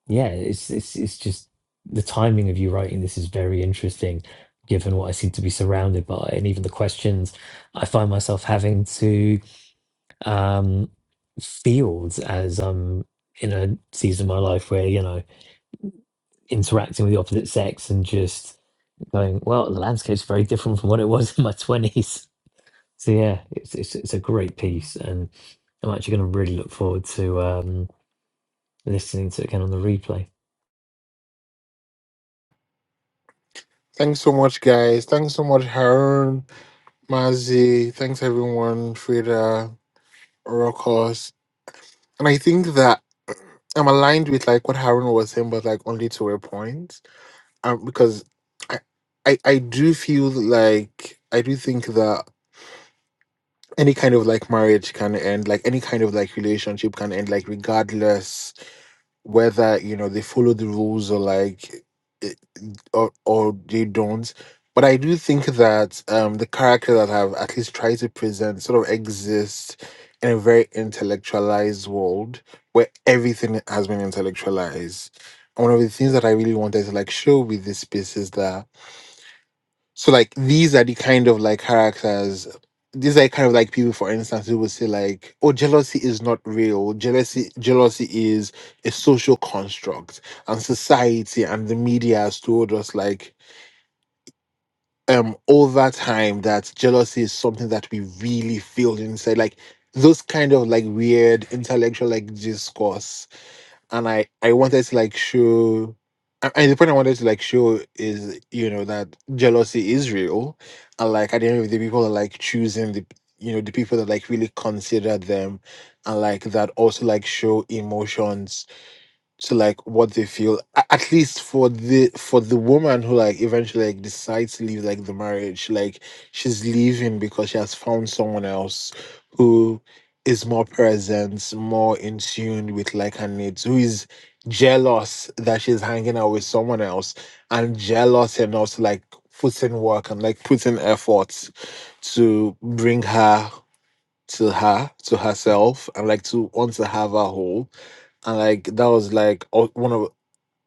yeah it's it's it's just the timing of you writing this is very interesting given what i seem to be surrounded by and even the questions i find myself having to um field as um am in a season of my life where you know interacting with the opposite sex and just going, well, the landscape's very different from what it was in my 20s. So yeah, it's it's, it's a great piece, and I'm actually going to really look forward to um, listening to it again on the replay. Thanks so much, guys. Thanks so much, Harun, Mazi. Thanks, everyone, Frida, Orokos. And I think that I'm aligned with like what Harun was saying, but like only to a point. Um, because I, I I do feel like I do think that any kind of like marriage can end, like any kind of like relationship can end, like regardless whether you know they follow the rules or like it- or or they don't but i do think that um the character that i've at least tried to present sort of exists in a very intellectualized world where everything has been intellectualized and one of the things that i really wanted to like show with this piece is that so like these are the kind of like characters. These are kind of like people, for instance, who would say like, "Oh, jealousy is not real. Jealousy, jealousy is a social construct, and society and the media has told us like, um, all that time that jealousy is something that we really feel inside. Like those kind of like weird intellectual like discourse and I I wanted to like show. And and the point I wanted to like show is, you know, that jealousy is real, and like at the end of the day, people are like choosing the, you know, the people that like really consider them, and like that also like show emotions to like what they feel a- at least for the for the woman who like eventually like decides to leave like the marriage like she's leaving because she has found someone else who is more present more in tune with like her needs who is jealous that she's hanging out with someone else and jealous enough to like put in work and like put in efforts to bring her to her, to herself, and like to want to have her whole. And like that was like al- one of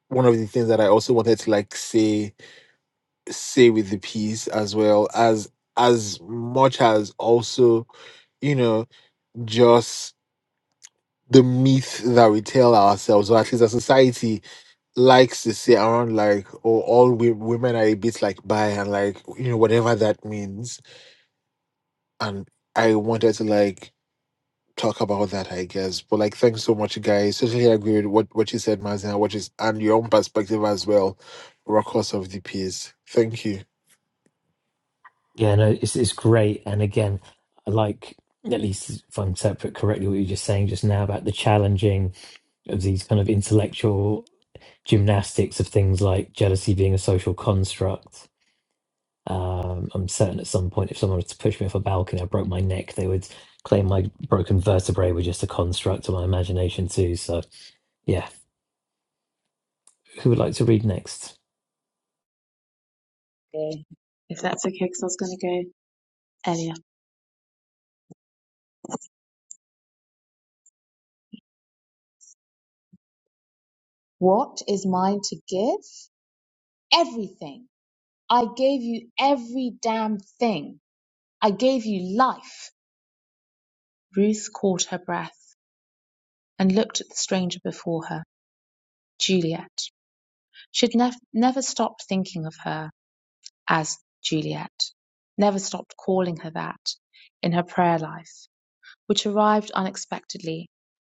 one of the things that I also wanted to like say say with the piece as well as as much as also you know just the myth that we tell ourselves or at least a society likes to say around like oh all we, women are a bit like bi and like you know whatever that means and i wanted to like talk about that, I guess. But like, thanks so much, guys. Totally agree with what what you said, Mazina, which and your own perspective as well. Records of the piece. Thank you. Yeah, no, it's it's great, and again, I like at least if I interpret correctly what you were just saying just now about the challenging of these kind of intellectual gymnastics of things like jealousy being a social construct Um, I'm certain at some point, if someone was to push me off a balcony, I broke my neck, they would claim my broken vertebrae were just a construct of my imagination, too. So, yeah, who would like to read next? Okay. If that's okay, because I was going to go earlier. What is mine to give? Everything. I gave you every damn thing. I gave you life. Ruth caught her breath and looked at the stranger before her, Juliet. She had nev- never stopped thinking of her as Juliet, never stopped calling her that in her prayer life, which arrived unexpectedly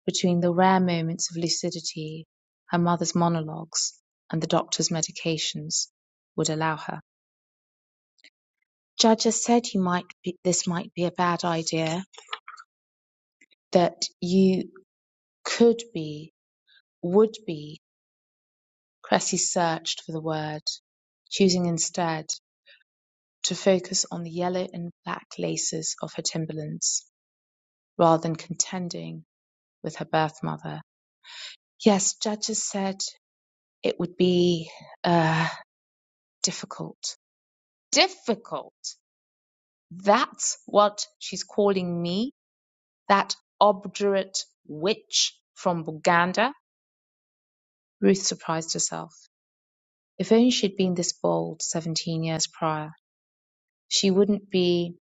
between the rare moments of lucidity her mother's monologues and the doctor's medications would allow her. Judge has said you might be, this might be a bad idea, that you could be, would be. Cressy searched for the word, choosing instead to focus on the yellow and black laces of her Timberlands rather than contending with her birth mother. Yes, judges said it would be uh, difficult. Difficult. That's what she's calling me, that obdurate witch from Buganda. Ruth surprised herself. If only she'd been this bold 17 years prior, she wouldn't be,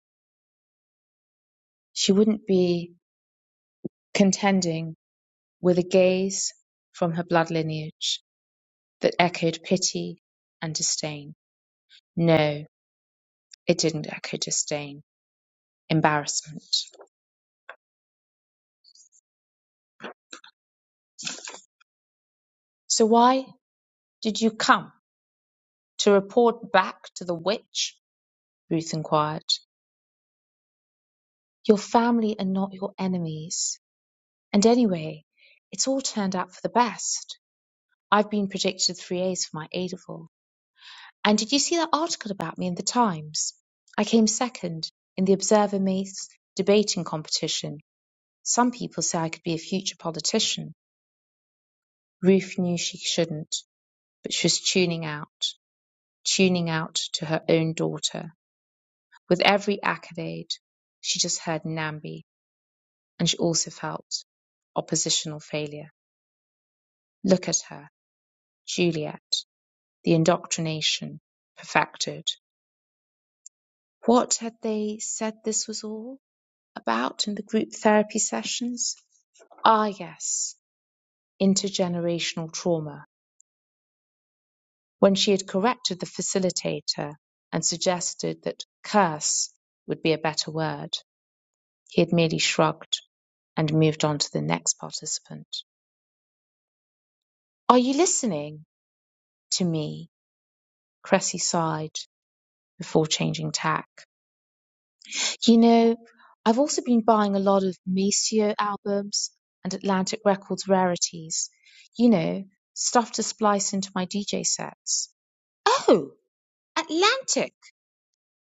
she wouldn't be contending with a gaze from her blood lineage that echoed pity and disdain. No, It didn't echo disdain, embarrassment. "So why did you come? To report back to the witch?" Ruth inquired. "Your family are not your enemies. And anyway, it's all turned out for the best. I've been predicted three A's for my A level. And did you see that article about me in the Times? I came second in the Observer Maths debating competition. Some people say I could be a future politician. Ruth knew she shouldn't, but she was tuning out. tuning out to her own daughter. With every accolade, she just heard Nambi, and she also felt oppositional failure. Look at her, Juliet, the indoctrination perfected. What had they said this was all about in the group therapy sessions? Ah, yes, intergenerational trauma. When she had corrected the facilitator and suggested that curse would be a better word, He had merely shrugged and moved on to the next participant. Are you listening to me? Cressy sighed before changing tack. You know, I've also been buying a lot of Maceo albums and Atlantic Records rarities. You know, stuff to splice into my DJ sets. Oh, Atlantic!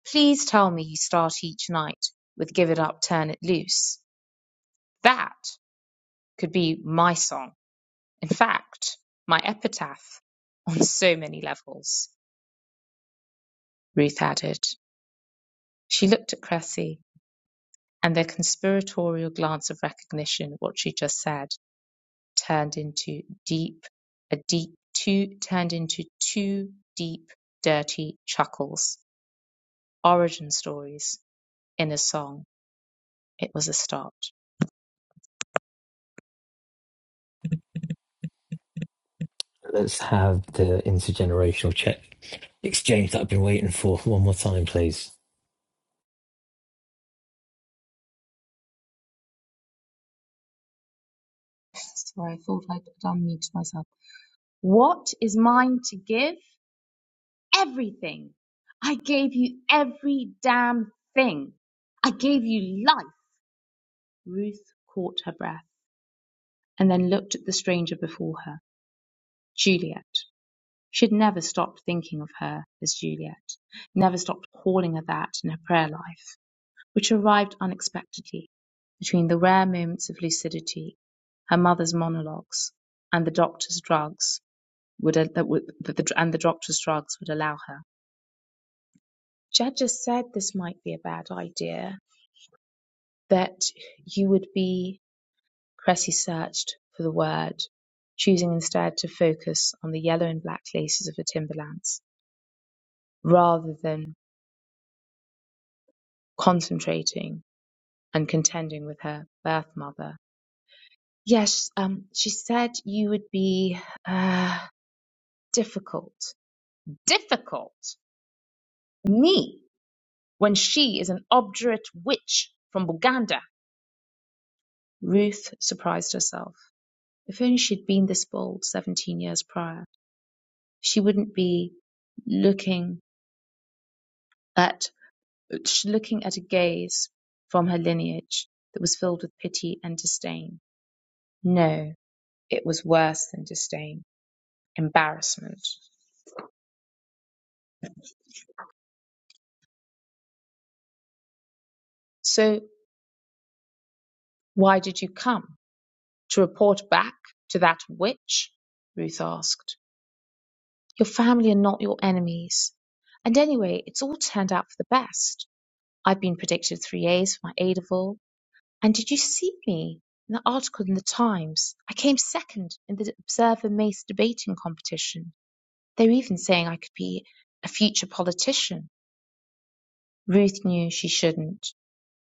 Please tell me you start each night with Give It Up, Turn It Loose. That could be my song In fact, my epitaph on so many levels, Ruth added. She looked at Cressy, and their conspiratorial glance of recognition what she just said turned into deep, a deep, two, turned into two deep, dirty chuckles. Origin stories in a song. It was a start. Let's have the intergenerational check exchange that I've been waiting for one more time, please. Sorry, I thought I'd unmuted myself. What is mine to give? everything. I gave you every damn thing. I gave you life. Ruth caught her breath and then looked at the stranger before her, Juliet. She had never stopped thinking of her as Juliet, never stopped calling her that in her prayer life, which arrived unexpectedly between the rare moments of lucidity, her mother's monologues, and the doctor's drugs would, uh, that would, that the, and the doctor's drugs would allow her. Jed just said this might be a bad idea, that you would be cressy-searched for the word, choosing instead to focus on the yellow and black laces of her Timberlands, rather than concentrating and contending with her birth mother. Yes, um, she said you would be uh, difficult. Difficult? Me? When she is an obdurate witch from Buganda? Ruth surprised herself. If only she'd been this bold seventeen years prior. she wouldn't be looking at looking at a gaze from her lineage that was filled with pity and disdain. No, it was worse than disdain, embarrassment. So why did you come? To report back to that witch? Ruth asked. Your family are not your enemies. And anyway, it's all turned out for the best. I've been predicted three A's for my A level And did you see me in that article in the Times? I came second in the Observer Mace debating competition. They were even saying I could be a future politician. Ruth knew she shouldn't,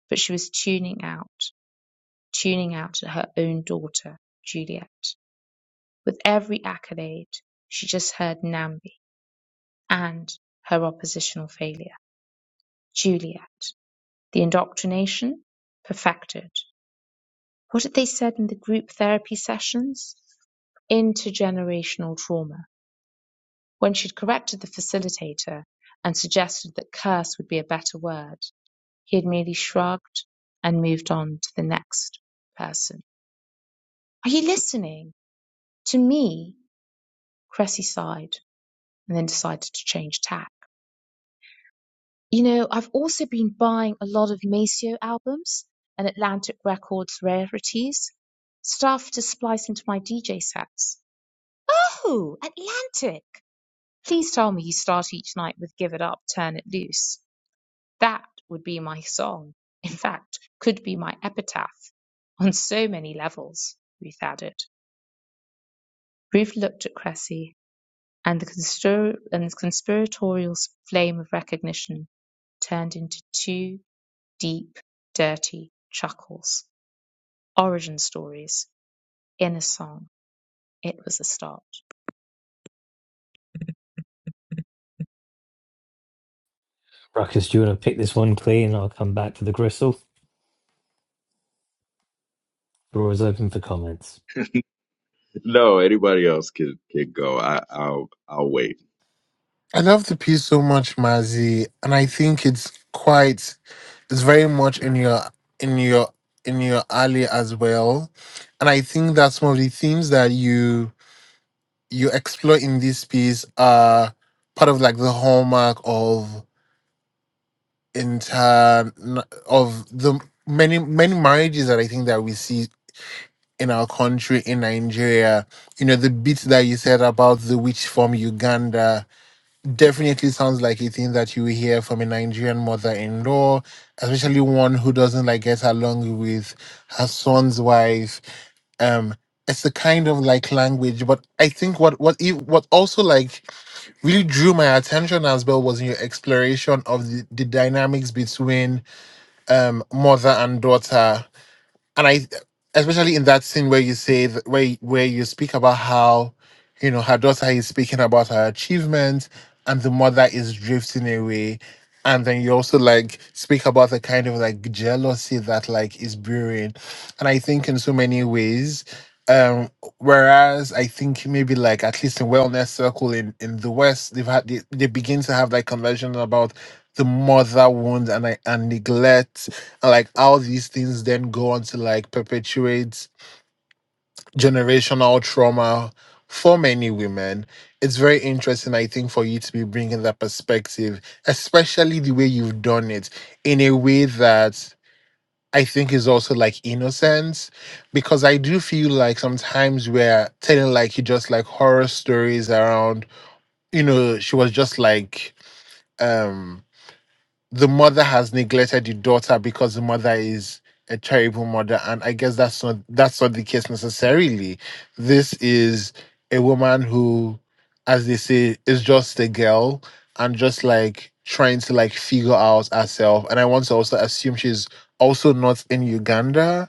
but she was tuning out, tuning out at her own daughter, Juliet. With every accolade, she just heard Nambi and her oppositional failure, Juliet. The indoctrination? Perfected. What had they said in the group therapy sessions? intergenerational trauma when she'd corrected the facilitator and suggested that curse would be a better word. He had merely shrugged and moved on to the next person. Are you listening? To me, Cressy sighed and then decided to change tack. You know, I've also been buying a lot of Maceo albums and Atlantic Records rarities, stuff to splice into my DJ sets. Oh, Atlantic! Please tell me you start each night with Give It Up, Turn It Loose. That would be my song. In fact, could be my epitaph on so many levels, Ruth added. Ruth looked at Cressy, and the, constor- and the conspiratorial flame of recognition turned into two deep, dirty chuckles. Origin stories in a song. It was a start. Ruckus, do you want to pick this one clean? I'll come back to the gristle. Floor is open for comments. no anybody else could could go i i'll i'll wait I love the piece so much, Mazi, and I think it's quite it's very much in your in your in your alley as well. And I think that some of the themes that you you explore in this piece are part of like the hallmark of in term of the many many marriages that I think that we see in our country in Nigeria. You know, the bit that you said about the witch from Uganda definitely sounds like a thing that you hear from a Nigerian mother-in-law, especially one who doesn't like get along with her son's wife. Um it's a kind of like language, but I think what what if, what also like really drew my attention as well was in your exploration of the, the dynamics between um mother and daughter and i especially in that scene where you say th- where y- where you speak about how you know her daughter is speaking about her achievements and the mother is drifting away and then you also like speak about the kind of like jealousy that like is brewing and i think in so many ways um whereas i think maybe like at least in wellness circle in in the west they've had they, they begin to have like conversations about the mother wound and i and neglect and, like how these things then go on to like perpetuate generational trauma for many women it's very interesting i think for you to be bringing that perspective especially the way you've done it in a way that i think is also like innocence because i do feel like sometimes we're telling like you just like horror stories around you know she was just like um the mother has neglected the daughter because the mother is a terrible mother and i guess that's not that's not the case necessarily this is a woman who as they say is just a girl and just like trying to like figure out herself and i want to also assume she's also not in uganda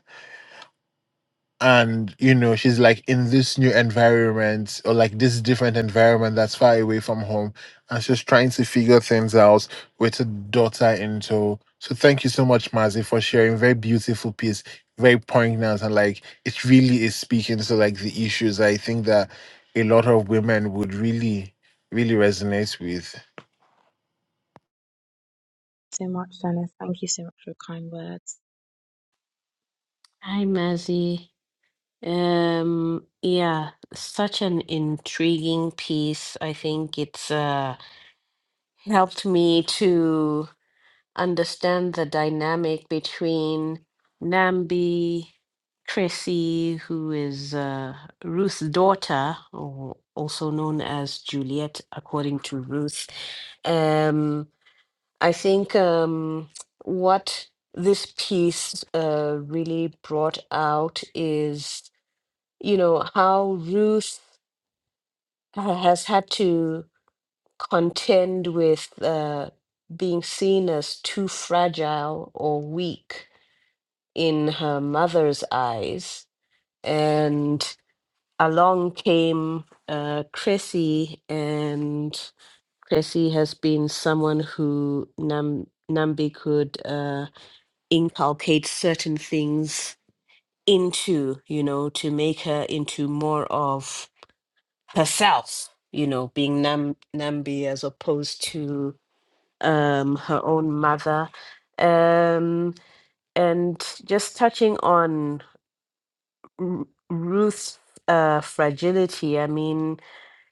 and you know she's like in this new environment or like this different environment that's far away from home and she's trying to figure things out with a daughter in tow so thank you so much mazi for sharing very beautiful piece very poignant and like it really is speaking to like the issues i think that a lot of women would really really resonate with so much, Dennis. Thank you so much for your kind words. Hi, Mazzy. Um, yeah, such an intriguing piece. I think it's uh, helped me to. understand the dynamic between Nambi, Tracy, who is uh, Ruth's daughter, or also known as Juliet, according to Ruth. Um, I think um, what this piece uh, really brought out is, you know, how Ruth ha- has had to contend with uh, being seen as too fragile or weak in her mother's eyes. And along came uh, Chrissy, and Chrissy has been someone who Nam- Nambi could uh, inculcate certain things into, you know, to make her into more of herself, you know, being Nam- Nambi as opposed to um, her own mother, um, and just touching on R- Ruth's uh, fragility. I mean,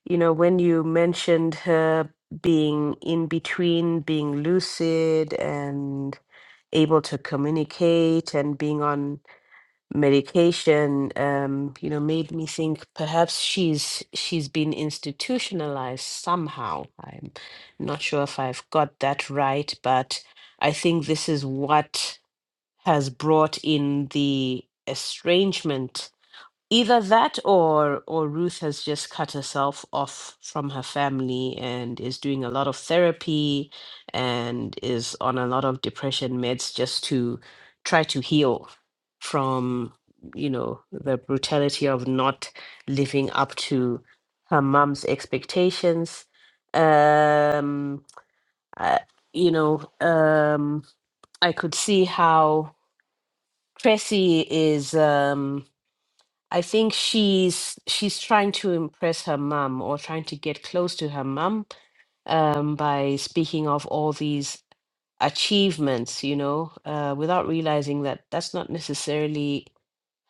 you know, when you mentioned her being in between being lucid and able to communicate and being on medication um you know made me think perhaps she's she's been institutionalized somehow i'm not sure if i've got that right but i think this is what has brought in the estrangement either that or or Ruth has just cut herself off from her family and is doing a lot of therapy and is on a lot of depression meds just to try to heal from you know the brutality of not living up to her mom's expectations um I, you know um i could see how Tracy is um I think she's she's trying to impress her mum or trying to get close to her mum um, by speaking of all these achievements, you know, uh, without realizing that that's not necessarily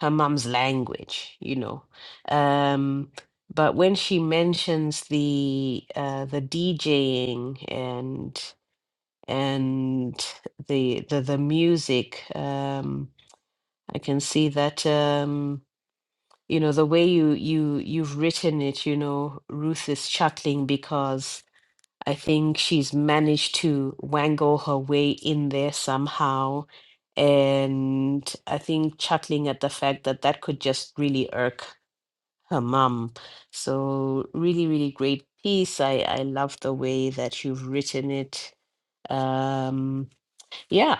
her mum's language, you know. Um, but when she mentions the uh, the DJing and and the the the music, um, I can see that. Um, you know the way you you you've written it you know ruth is chuckling because i think she's managed to wangle her way in there somehow and i think chuckling at the fact that that could just really irk her mum so really really great piece i i love the way that you've written it um yeah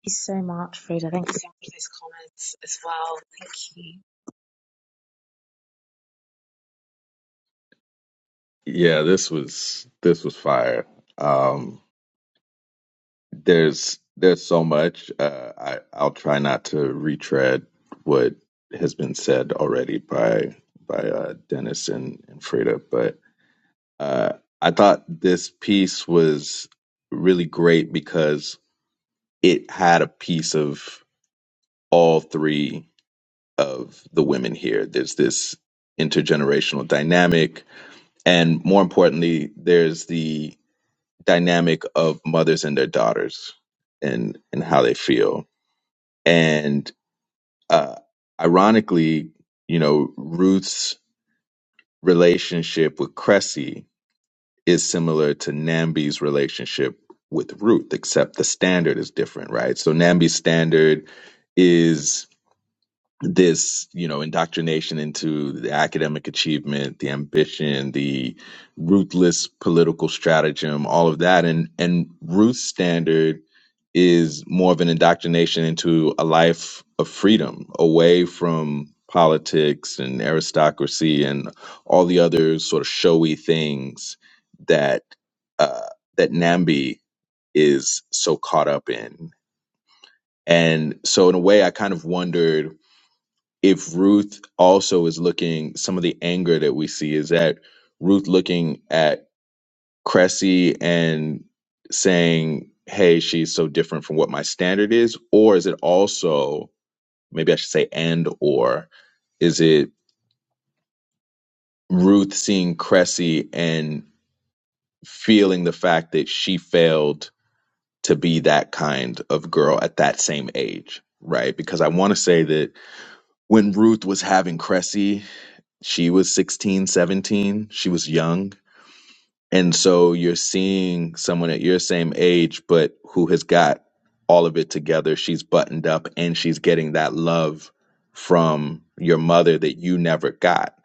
Thank you so much, Frida. Thank you so much for those comments as well. Thank you. Yeah, this was this was fire. Um, there's there's so much. Uh, I I'll try not to retread what has been said already by by uh, Dennis and and Freda, but uh, I thought this piece was really great because it had a piece of all three of the women here. There's this intergenerational dynamic, and more importantly, there's the dynamic of mothers and their daughters and and how they feel and uh ironically you know ruth's relationship with cressy is similar to nambi's relationship with ruth except the standard is different right so nambi's standard is this you know indoctrination into the academic achievement the ambition the ruthless political stratagem all of that and and ruth's standard is more of an indoctrination into a life of freedom away from politics and aristocracy and all the other sort of showy things that uh, that nambi is so caught up in and so in a way i kind of wondered if Ruth also is looking, some of the anger that we see is that Ruth looking at Cressy and saying, hey, she's so different from what my standard is? Or is it also, maybe I should say, and or is it Ruth seeing Cressy and feeling the fact that she failed to be that kind of girl at that same age? Right. Because I want to say that when Ruth was having Cressy, she was 16, 17. she was young and so you're seeing someone at your same age but who has got all of it together she's buttoned up and she's getting that love from your mother that you never got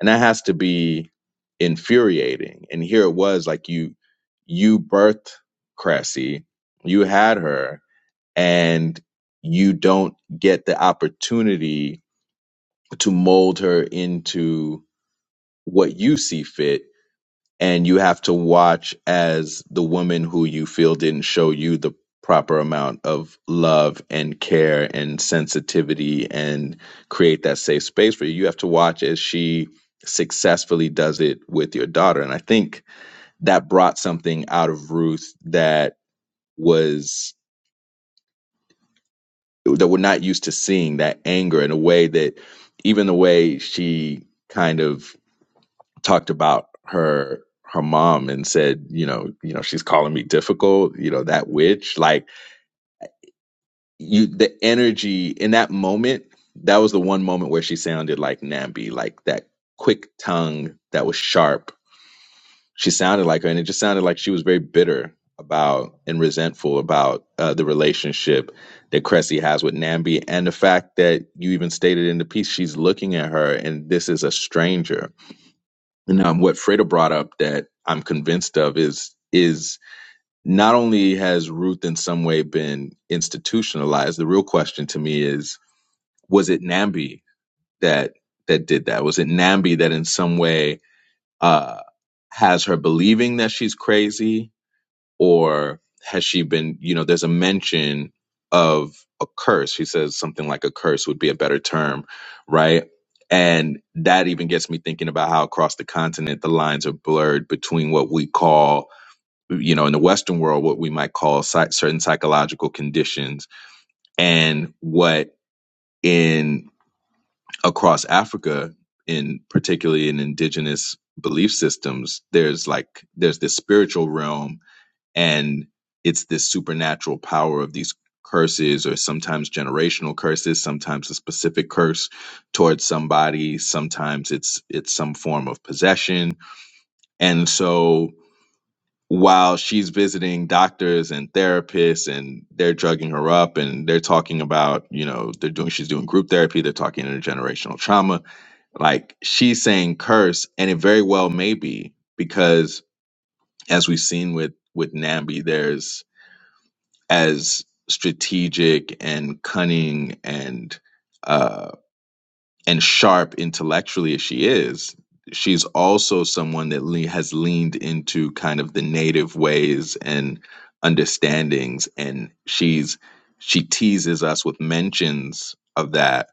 and that has to be infuriating and here it was like you you birthed cressy you had her and you don't get the opportunity to mold her into what you see fit and you have to watch as the woman who you feel didn't show you the proper amount of love and care and sensitivity and create that safe space for you you have to watch as she successfully does it with your daughter and i think that brought something out of ruth that was that we're not used to seeing that anger in a way that even the way she kind of talked about her her mom and said, you know, you know, she's calling me difficult, you know, that witch. Like you the energy in that moment, that was the one moment where she sounded like Nambi, like that quick tongue that was sharp. She sounded like her and it just sounded like she was very bitter about and resentful about uh, the relationship that Cressy has with Nambi and the fact that you even stated in the piece she's looking at her and this is a stranger and um, what Freda brought up that I'm convinced of is is not only has Ruth in some way been institutionalized. The real question to me is, was it Nambi that that did that? Was it Nambi that in some way uh, has her believing that she's crazy? or has she been you know there's a mention of a curse she says something like a curse would be a better term right and that even gets me thinking about how across the continent the lines are blurred between what we call you know in the western world what we might call psy- certain psychological conditions and what in across africa in particularly in indigenous belief systems there's like there's this spiritual realm and it's this supernatural power of these curses or sometimes generational curses sometimes a specific curse towards somebody sometimes it's it's some form of possession and so while she's visiting doctors and therapists and they're drugging her up and they're talking about you know they're doing she's doing group therapy they're talking intergenerational trauma like she's saying curse and it very well may be because as we've seen with with nambi there's as strategic and cunning and uh, and sharp intellectually as she is, she's also someone that le- has leaned into kind of the native ways and understandings, and she's she teases us with mentions of that,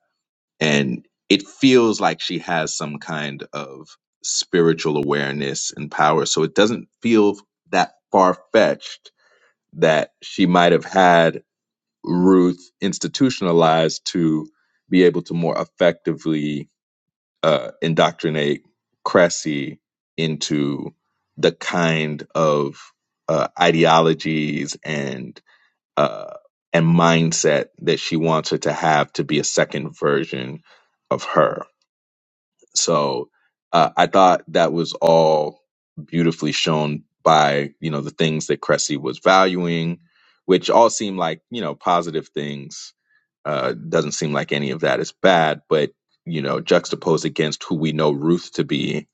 and it feels like she has some kind of spiritual awareness and power. So it doesn't feel that far fetched that she might have had Ruth institutionalized to be able to more effectively uh, indoctrinate Cressy into the kind of uh, ideologies and uh, and mindset that she wants her to have to be a second version of her so uh, I thought that was all beautifully shown by you know the things that Cressy was valuing, which all seem like you know positive things. Uh, doesn't seem like any of that is bad, but you know juxtaposed against who we know Ruth to be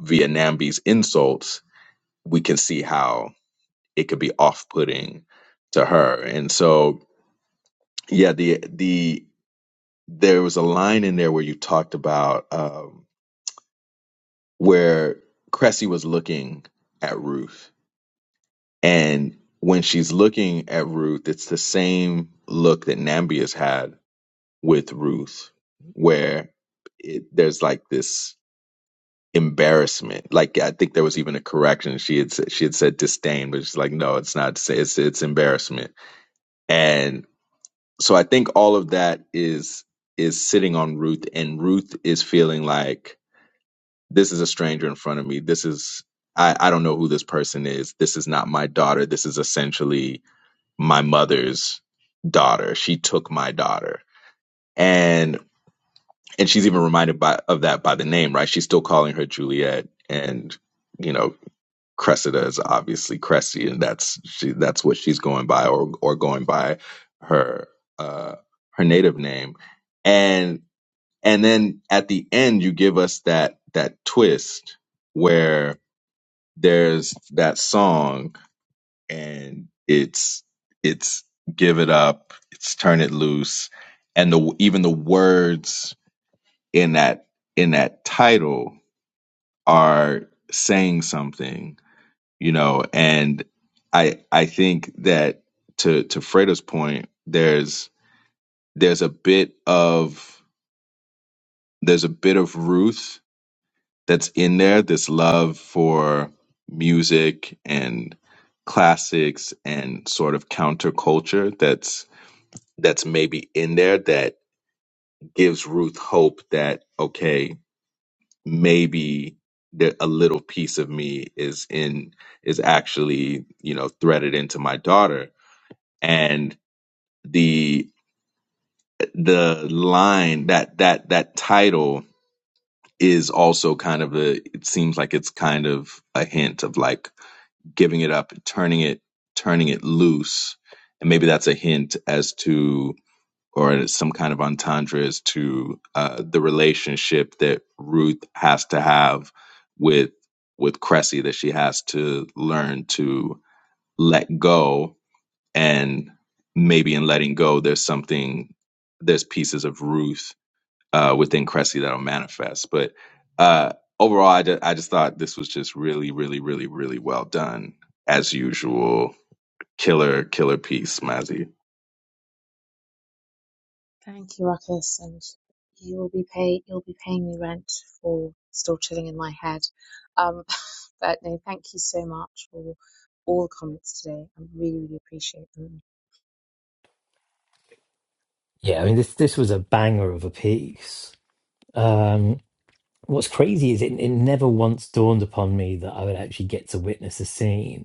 via Namby's insults, we can see how it could be off-putting to her. And so yeah, the the there was a line in there where you talked about. um where Cressy was looking at Ruth. And when she's looking at Ruth, it's the same look that Nambia's had with Ruth, where it, there's like this embarrassment. Like I think there was even a correction. She had said, she had said disdain, but she's like, no, it's not. It's it's embarrassment. And so I think all of that is is sitting on Ruth, and Ruth is feeling like this is a stranger in front of me. This is I, I don't know who this person is. This is not my daughter. This is essentially my mother's daughter. She took my daughter. And and she's even reminded by of that by the name, right? She's still calling her Juliet and you know, Cressida is obviously Cressy and that's she that's what she's going by or or going by her uh her native name. And and then at the end you give us that that twist where there's that song and it's it's give it up it's turn it loose and the even the words in that in that title are saying something you know and i i think that to to freda's point there's there's a bit of there's a bit of ruth that's in there this love for music and classics and sort of counterculture that's that's maybe in there that gives Ruth hope that okay maybe that a little piece of me is in is actually you know threaded into my daughter and the the line that that that title is also kind of a it seems like it's kind of a hint of like giving it up, turning it, turning it loose, and maybe that's a hint as to, or some kind of entendre as to uh, the relationship that Ruth has to have with with Cressy that she has to learn to let go, and maybe in letting go, there's something, there's pieces of Ruth uh, within Cressy that'll manifest. But uh, overall, I, ju- I just thought this was just really, really, really, really well done as usual. Killer, killer piece, Mazzy. Thank you, Ruckus. And you will be pay you'll be paying me rent for still chilling in my head. Um but no, thank you so much for all the comments today. I really, really appreciate them. Yeah, I mean, this this was a banger of a piece. Um, what's crazy is it, it never once dawned upon me that I would actually get to witness a scene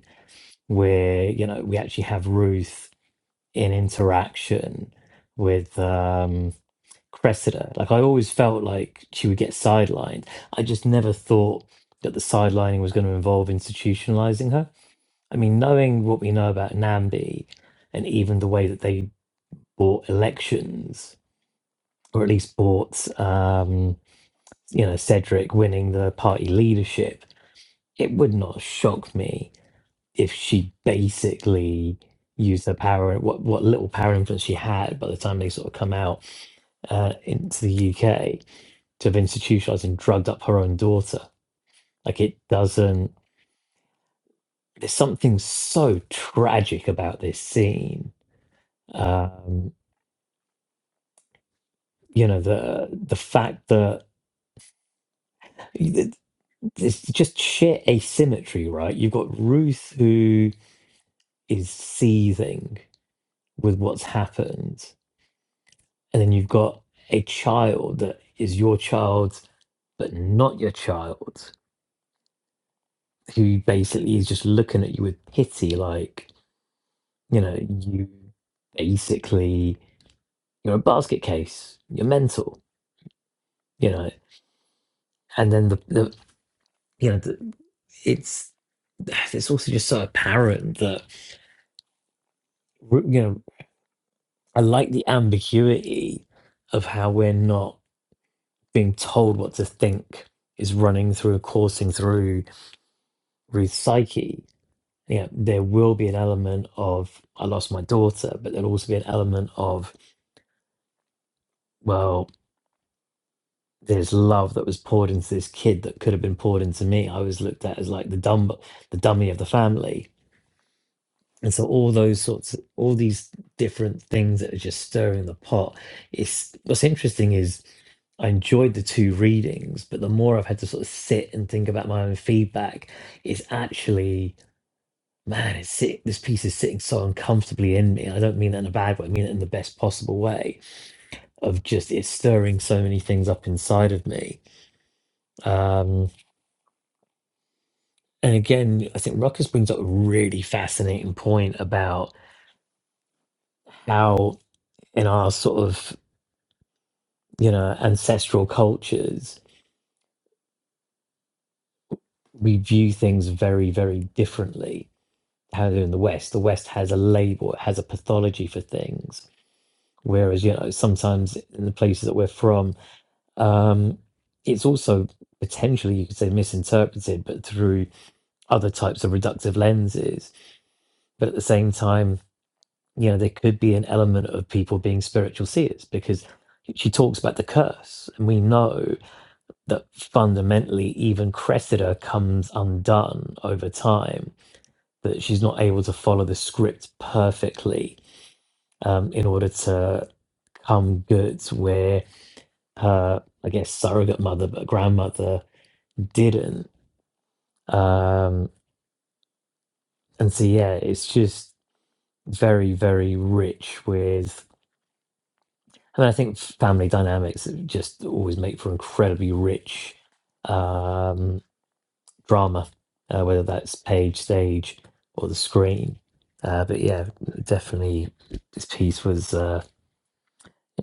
where you know we actually have Ruth in interaction with um, Cressida. Like I always felt like she would get sidelined. I just never thought that the sidelining was going to involve institutionalizing her. I mean, knowing what we know about Nambi and even the way that they bought elections, or at least bought um, you know Cedric winning the party leadership, it would not shock me if she basically used her power, what what little power influence she had by the time they sort of come out uh, into the UK to have institutionalized and drugged up her own daughter. Like it doesn't. There's something so tragic about this scene. Um, you know the the fact that it's just sheer asymmetry, right? You've got Ruth who is seething with what's happened, and then you've got a child that is your child but not your child who basically is just looking at you with pity like you know you basically you're a basket case you're mental you know and then the, the you know the, it's it's also just so apparent that you know i like the ambiguity of how we're not being told what to think is running through coursing through ruth's psyche you know, there will be an element of I lost my daughter, but there'll also be an element of well, there's love that was poured into this kid that could have been poured into me. I was looked at as like the dumb, the dummy of the family, and so all those sorts, of, all these different things that are just stirring the pot. It's what's interesting is I enjoyed the two readings, but the more I've had to sort of sit and think about my own feedback, it's actually man, it's sit- this piece is sitting so uncomfortably in me. I don't mean that in a bad way. I mean it in the best possible way of just it's stirring so many things up inside of me. Um, and again, I think Ruckus brings up a really fascinating point about how in our sort of you know ancestral cultures we view things very very differently. How they are in the West, the West has a label, it has a pathology for things. Whereas you know sometimes in the places that we're from, Um, it's also potentially, you could say, misinterpreted, but through other types of reductive lenses. But at the same time, you know, there could be an element of people being spiritual seers because she talks about the curse. And we know that fundamentally, even Cressida comes undone over time, that she's not able to follow the script perfectly um, in order to come good where her, I guess, surrogate mother, but grandmother didn't Um, and so yeah, it's just very, very rich with. I mean, I think family dynamics just always make for incredibly rich um, drama, uh, whether that's page, stage, or the screen. Uh, but yeah, definitely, this piece was. Uh,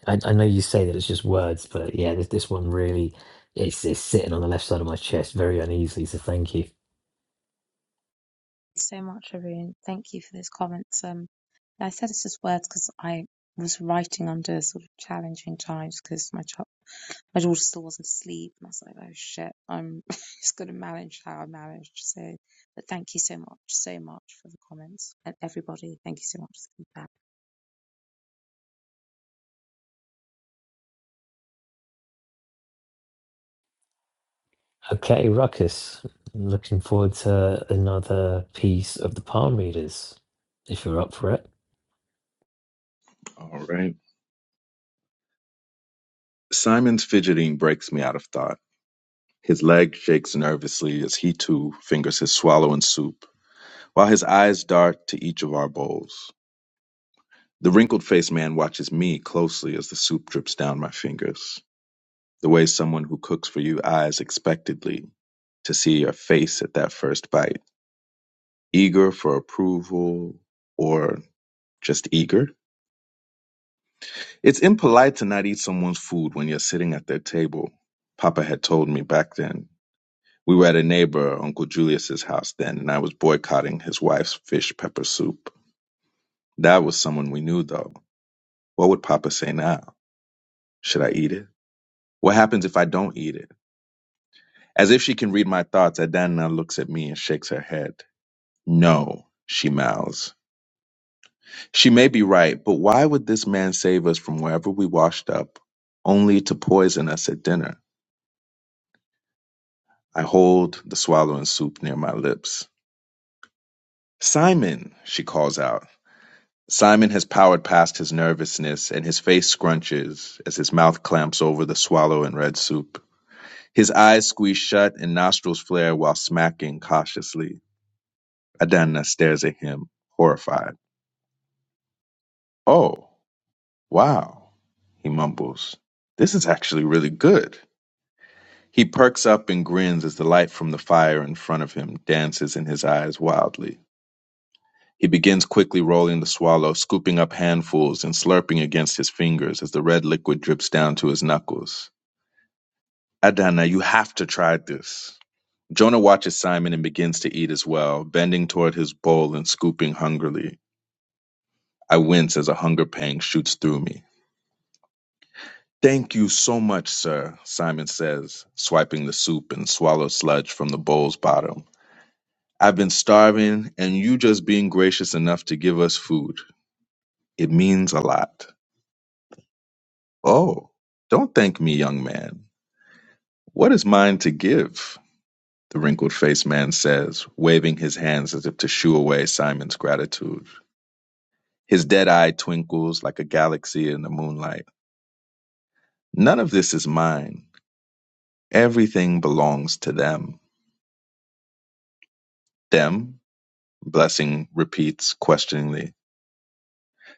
I, I know you say that it's just words, but yeah, this, this one really, it's, it's sitting on the left side of my chest very uneasily. So thank you. so much, Arun. Thank you for those comments. Um, I said it's just words because I was writing under sort of challenging times because my child, my daughter still wasn't asleep, and I was like, oh shit, I'm just going to manage how I managed. So, but thank you so much, so much for the comments and everybody. Thank you so much for the feedback. Okay, Ruckus. I'm looking forward to another piece of the palm readers, if you're up for it. All right. Simon's fidgeting breaks me out of thought. His leg shakes nervously as he too fingers his swallowing soup, while his eyes dart to each of our bowls. The wrinkled faced man watches me closely as the soup drips down my fingers. the way someone who cooks for you eyes expectantly to see your face at that first bite, eager for approval or just eager. It's impolite to not eat someone's food when you're sitting at their table. Papa had told me back then. We were at a neighbor, Uncle Julius's house then, and I was boycotting his wife's fish pepper soup. That was someone we knew though. What would Papa say now? Should I eat it? What happens if I don't eat it? As if she can read my thoughts, Adanna looks at me and shakes her head. No, she mouths. She may be right, but why would this man save us from wherever we washed up, only to poison us at dinner? I hold the swallowing soup near my lips. Simon, she calls out. Simon has powered past his nervousness, and his face scrunches as his mouth clamps over the swallow and red soup. His eyes squeeze shut and nostrils flare while smacking cautiously. Adana stares at him, horrified. Oh, wow. he mumbles. This is actually really good. He perks up and grins as the light from the fire in front of him dances in his eyes wildly. He begins quickly rolling the swallow, scooping up handfuls and slurping against his fingers as the red liquid drips down to his knuckles. Adana, you have to try this. Jonah watches Simon and begins to eat as well, bending toward his bowl and scooping hungrily. I wince as a hunger pang shoots through me. Thank you so much, sir, Simon says, swiping the soup and swallow sludge from the bowl's bottom. I've been starving, and you just being gracious enough to give us food. It means a lot. Oh, don't thank me, young man. What is mine to give? The wrinkled faced man says, waving his hands as if to shoo away Simon's gratitude. His dead eye twinkles like a galaxy in the moonlight. None of this is mine. Everything belongs to them. Them? Blessing repeats questioningly.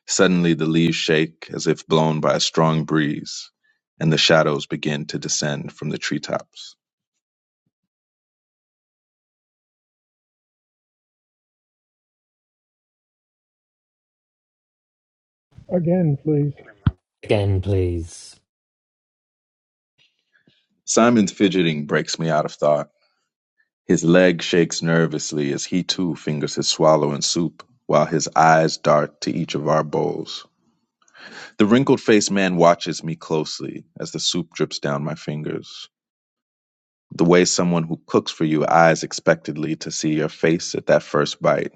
Suddenly the leaves shake as if blown by a strong breeze, and the shadows begin to descend from the treetops. Again, please. Again, please. Simon's fidgeting breaks me out of thought. His leg shakes nervously as he too fingers his swallow and soup, while his eyes dart to each of our bowls. The wrinkled faced man watches me closely as the soup drips down my fingers. The way someone who cooks for you eyes expectantly to see your face at that first bite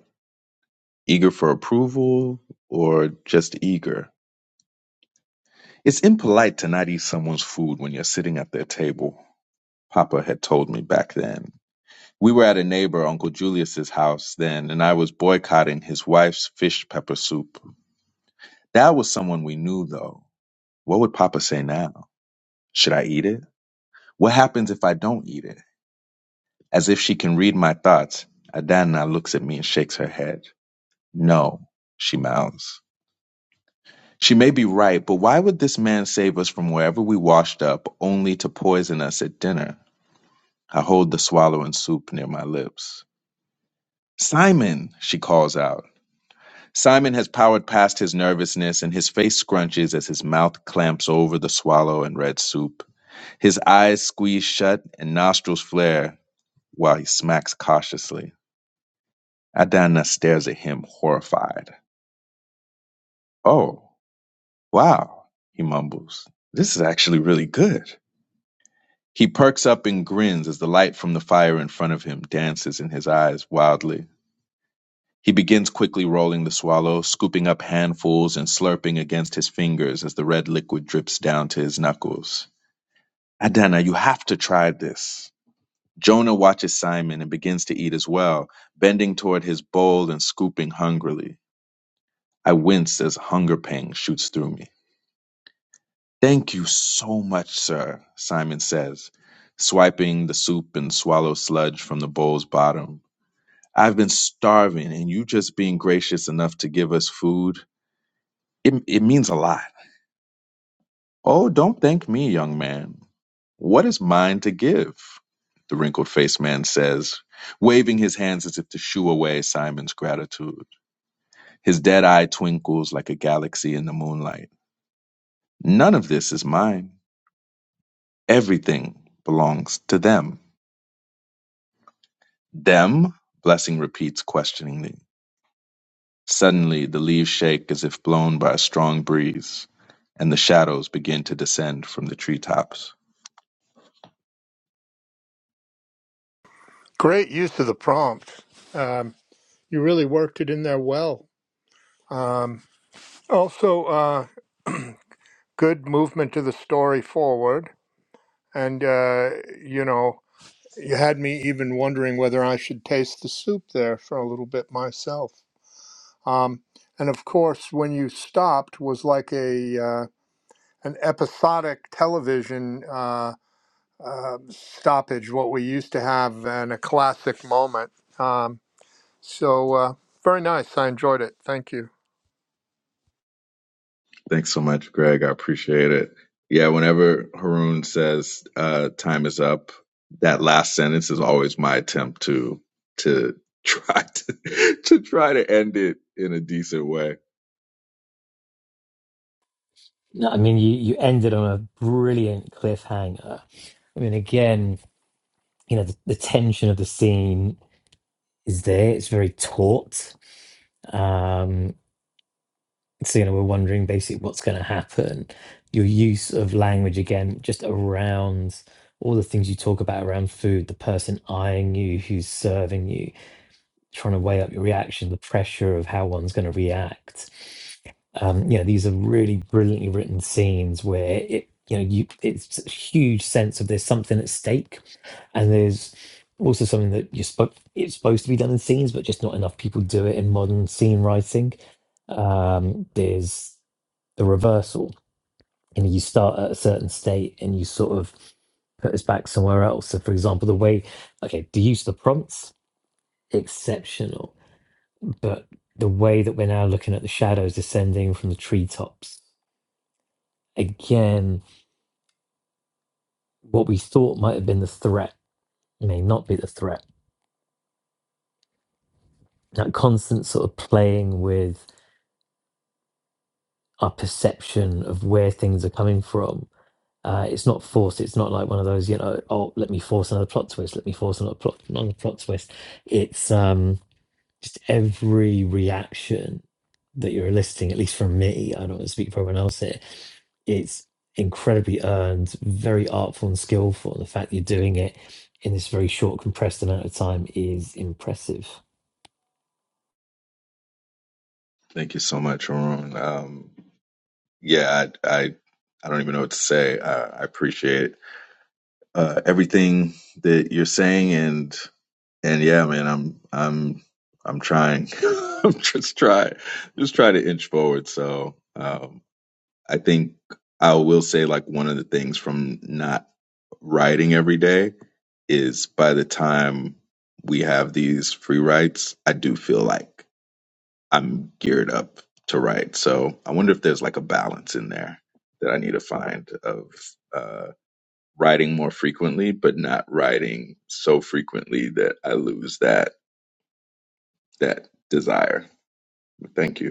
Eager for approval or just eager? It's impolite to not eat someone's food when you're sitting at their table, Papa had told me back then. We were at a neighbor, Uncle Julius's house then, and I was boycotting his wife's fish pepper soup. That was someone we knew, though. What would Papa say now? Should I eat it? What happens if I don't eat it? As if she can read my thoughts, Adana looks at me and shakes her head. No, she mouths. She may be right, but why would this man save us from wherever we washed up, only to poison us at dinner? I hold the swallowing soup near my lips. Simon, she calls out. Simon has powered past his nervousness, and his face scrunches as his mouth clamps over the swallow and red soup. His eyes squeeze shut and nostrils flare while he smacks cautiously. Adana stares at him, horrified. Oh, wow, he mumbles. This is actually really good. He perks up and grins as the light from the fire in front of him dances in his eyes wildly. He begins quickly rolling the swallow, scooping up handfuls and slurping against his fingers as the red liquid drips down to his knuckles. Adana, you have to try this. Jonah watches Simon and begins to eat as well, bending toward his bowl and scooping hungrily. I wince as hunger pang shoots through me. Thank you so much, sir, Simon says, swiping the soup and swallow sludge from the bowl's bottom. I've been starving, and you just being gracious enough to give us food, it, it means a lot. Oh, don't thank me, young man. What is mine to give? The wrinkled faced man says, waving his hands as if to shoo away Simon's gratitude. His dead eye twinkles like a galaxy in the moonlight. None of this is mine. Everything belongs to them. Them? Blessing repeats questioningly. Suddenly, the leaves shake as if blown by a strong breeze, and the shadows begin to descend from the treetops. Great use of the prompt. Um, you really worked it in there well. Um, also, uh, good movement to the story forward. And, uh, you know, you had me even wondering whether I should taste the soup there for a little bit myself. Um, and of course, when you stopped was like a uh, an episodic television uh, uh, stoppage, what we used to have, and a classic moment. Um, so uh, very nice. I enjoyed it. Thank you. Thanks so much, Greg. I appreciate it. Yeah, whenever Haroon says uh, time is up, that last sentence is always my attempt to to try to, to try to end it in a decent way. No, I mean, you, you ended on a brilliant cliffhanger. I mean, again, you know, the, the tension of the scene is there. It's very taut. Um, so, you know, we're wondering basically what's going to happen. Your use of language again, just around all the things you talk about around food, the person eyeing you, who's serving you, trying to weigh up your reaction, the pressure of how one's going to react. Um, you know, these are really brilliantly written scenes where it, you know, you it's a huge sense of there's something at stake, and there's also something that you're supposed it's supposed to be done in scenes, but just not enough people do it in modern scene writing. Um, there's the reversal, and you start at a certain state, and you sort of put us back somewhere else. So, for example, the way okay, the use of the prompts exceptional but the way that we're now looking at the shadows descending from the treetops again what we thought might have been the threat may not be the threat that constant sort of playing with our perception of where things are coming from uh, it's not forced it's not like one of those you know oh let me force another plot twist let me force another plot another plot twist it's um just every reaction that you're eliciting, at least from me, I don't want to speak for everyone else here, it's incredibly earned, very artful and skillful. And the fact that you're doing it in this very short, compressed amount of time is impressive. Thank you so much, Haroon. Um, yeah, I, I I don't even know what to say. I, I appreciate uh, everything that you're saying, and and yeah, man, I'm I'm I'm trying. I'm just try just try to inch forward. So. Um, I think I will say like one of the things from not riding every day is by the time we have these free rides, I do feel like I'm geared up to ride. So I wonder if there's like a balance in there that I need to find of uh, riding more frequently, but not riding so frequently that I lose that that desire. Thank you.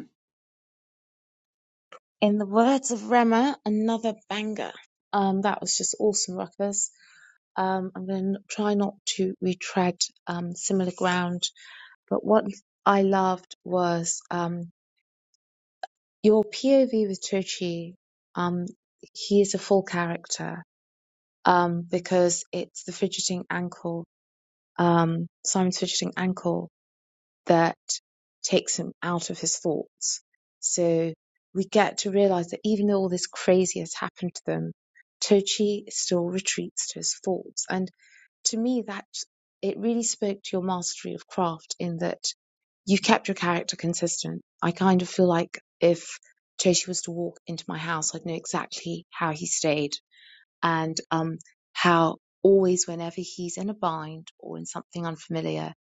In the words of Rema, another banger. Um, that was just awesome, Ruckus. Um, I'm going to try not to retread um, similar ground, but what I loved was um, your POV with Tochi. Um, he is a full character um, because it's the fidgeting ankle, um, Simon's fidgeting ankle that takes him out of his thoughts. So we get to realize that even though all this crazy has happened to them, Tochi still retreats to his thoughts. And to me, that it really spoke to your mastery of craft in that you kept your character consistent. I kind of feel like if Tochi was to walk into my house, I'd know exactly how he stayed and um, how always, whenever he's in a bind or in something unfamiliar,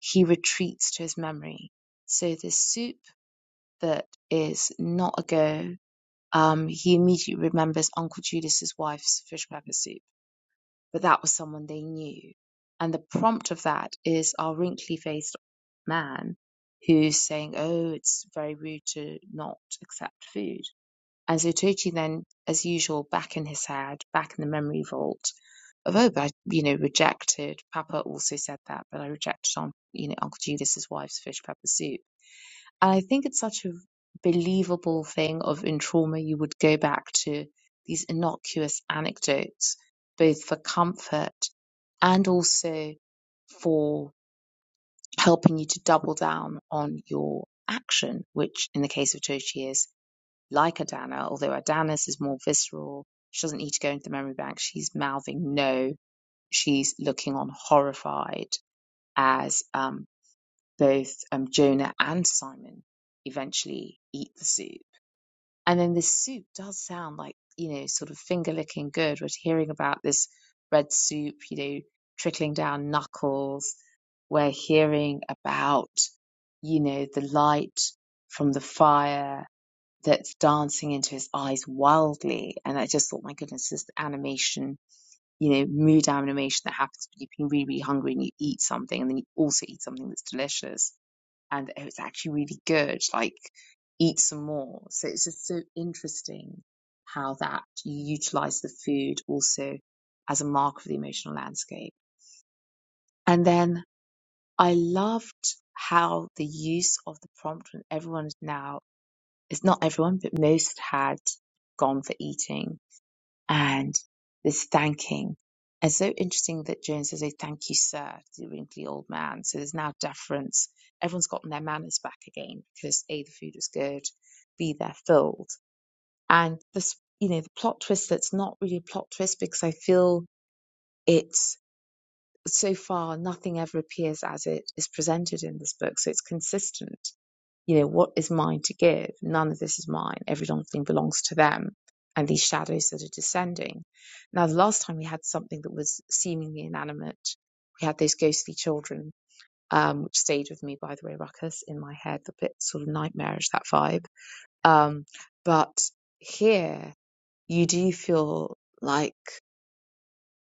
he retreats to his memory. So, this soup that is not a go, um, he immediately remembers Uncle Judas's wife's fish pepper soup, but that was someone they knew. And the prompt of that is our wrinkly faced man who's saying, Oh, it's very rude to not accept food. And so Tochi then, as usual, back in his head, back in the memory vault, although I, you know, rejected, Papa also said that, but I rejected, um, you know, Uncle Judas's wife's fish pepper soup. And I think it's such a believable thing of in trauma, you would go back to these innocuous anecdotes, both for comfort and also for helping you to double down on your action, which in the case of Tochi is like Adana, although Adana's is more visceral. She doesn't need to go into the memory bank. She's mouthing no she's looking on horrified as um, both um, Jonah and Simon eventually eat the soup. And then this soup does sound like, you know, sort of finger licking good. We're hearing about this red soup, you know, trickling down knuckles. We're hearing about, you know, the light from the fire that's dancing into his eyes wildly. And I just thought, my goodness, this animation you know, mood animation that happens when you've been really, really hungry and you eat something and then you also eat something that's delicious and oh, it's actually really good. Like, eat some more. So it's just so interesting how that you utilize the food also as a mark of the emotional landscape. And then I loved how the use of the prompt when everyone is now, it's not everyone, but most had gone for eating and this thanking. It's so interesting that Jones says, "Oh, thank you, sir," to the wrinkly old man. So there's now deference. Everyone's gotten their manners back again because A, the food was good, B, they're filled. And this, you know, the plot twist that's not really a plot twist because I feel it's so far nothing ever appears as it is presented in this book. So it's consistent you know, what is mine to give? None of this is mine. Every long thing belongs to them and these shadows that are descending. Now, the last time we had something that was seemingly inanimate, we had those ghostly children, um, which stayed with me, by the way, Ruckus, in my head, a bit sort of nightmarish, that vibe. Um, but here you do feel like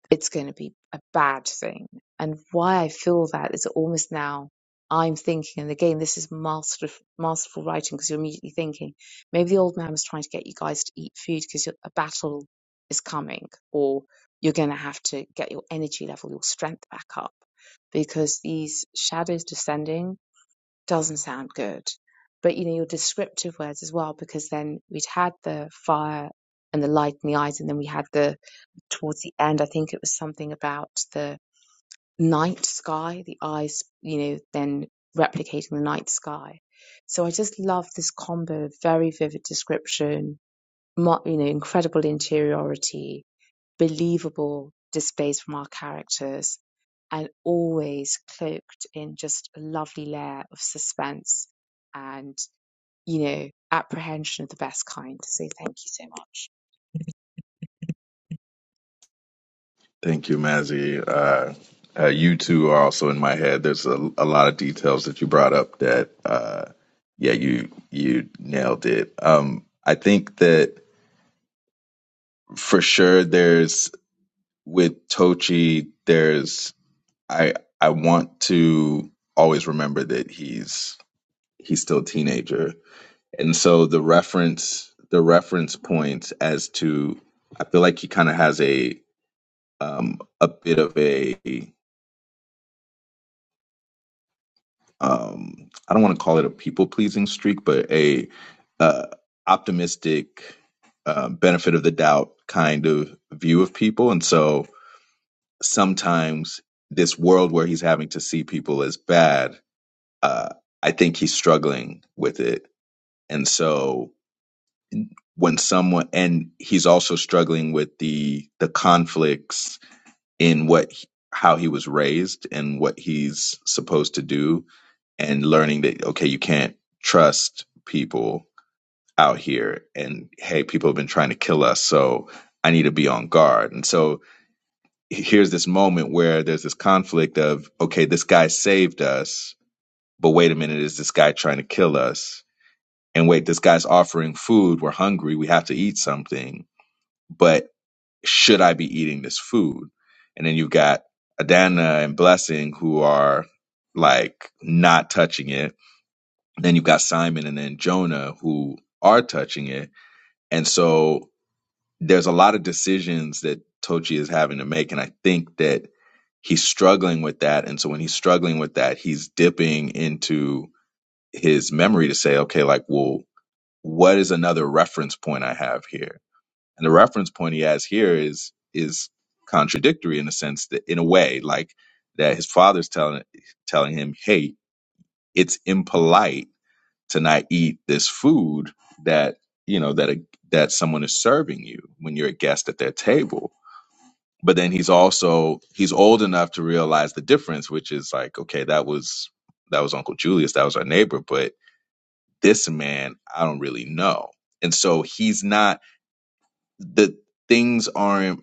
it's going to be a bad thing. And why I feel that is almost now I'm thinking, and again, this is master, masterful writing because you're immediately thinking, maybe the old man was trying to get you guys to eat food because a battle is coming, or you're going to have to get your energy level, your strength back up because these shadows descending doesn't sound good. But you know, your descriptive words as well, because then we'd had the fire and the light in the eyes, and then we had the towards the end, I think it was something about the night sky, the eyes, you know, then replicating the night sky. So I just love this combo of very vivid description, mo- you know, incredible interiority, believable displays from our characters, and always cloaked in just a lovely layer of suspense and you know, apprehension of the best kind. So thank you so much. Thank you, Mazzy. Uh, uh, you two are also in my head. There's a, a lot of details that you brought up that, uh, yeah, you you nailed it. Um, I think that for sure, there's with Tochi, there's I I want to always remember that he's he's still a teenager, and so the reference the reference points as to I feel like he kind of has a um, a bit of a um i don't want to call it a people pleasing streak but a uh optimistic uh, benefit of the doubt kind of view of people and so sometimes this world where he's having to see people as bad uh i think he's struggling with it and so when someone and he's also struggling with the the conflicts in what he- how he was raised and what he's supposed to do and learning that okay, you can't trust people out here, and hey, people have been trying to kill us, so I need to be on guard. And so here's this moment where there's this conflict of okay, this guy saved us, but wait a minute, is this guy trying to kill us? And wait, this guy's offering food. We're hungry. We have to eat something. But should I be eating this food? And then you've got Adana and Blessing who are like not touching it then you've got Simon and then Jonah who are touching it. And so there's a lot of decisions that Tochi is having to make. And I think that he's struggling with that. And so when he's struggling with that, he's dipping into his memory to say, okay, like, well, what is another reference point I have here? And the reference point he has here is, is contradictory in a sense that in a way, like that his father's telling, telling him, Hey, it's impolite to not eat this food that you know that a, that someone is serving you when you're a guest at their table but then he's also he's old enough to realize the difference which is like okay that was that was uncle julius that was our neighbor but this man i don't really know and so he's not the things aren't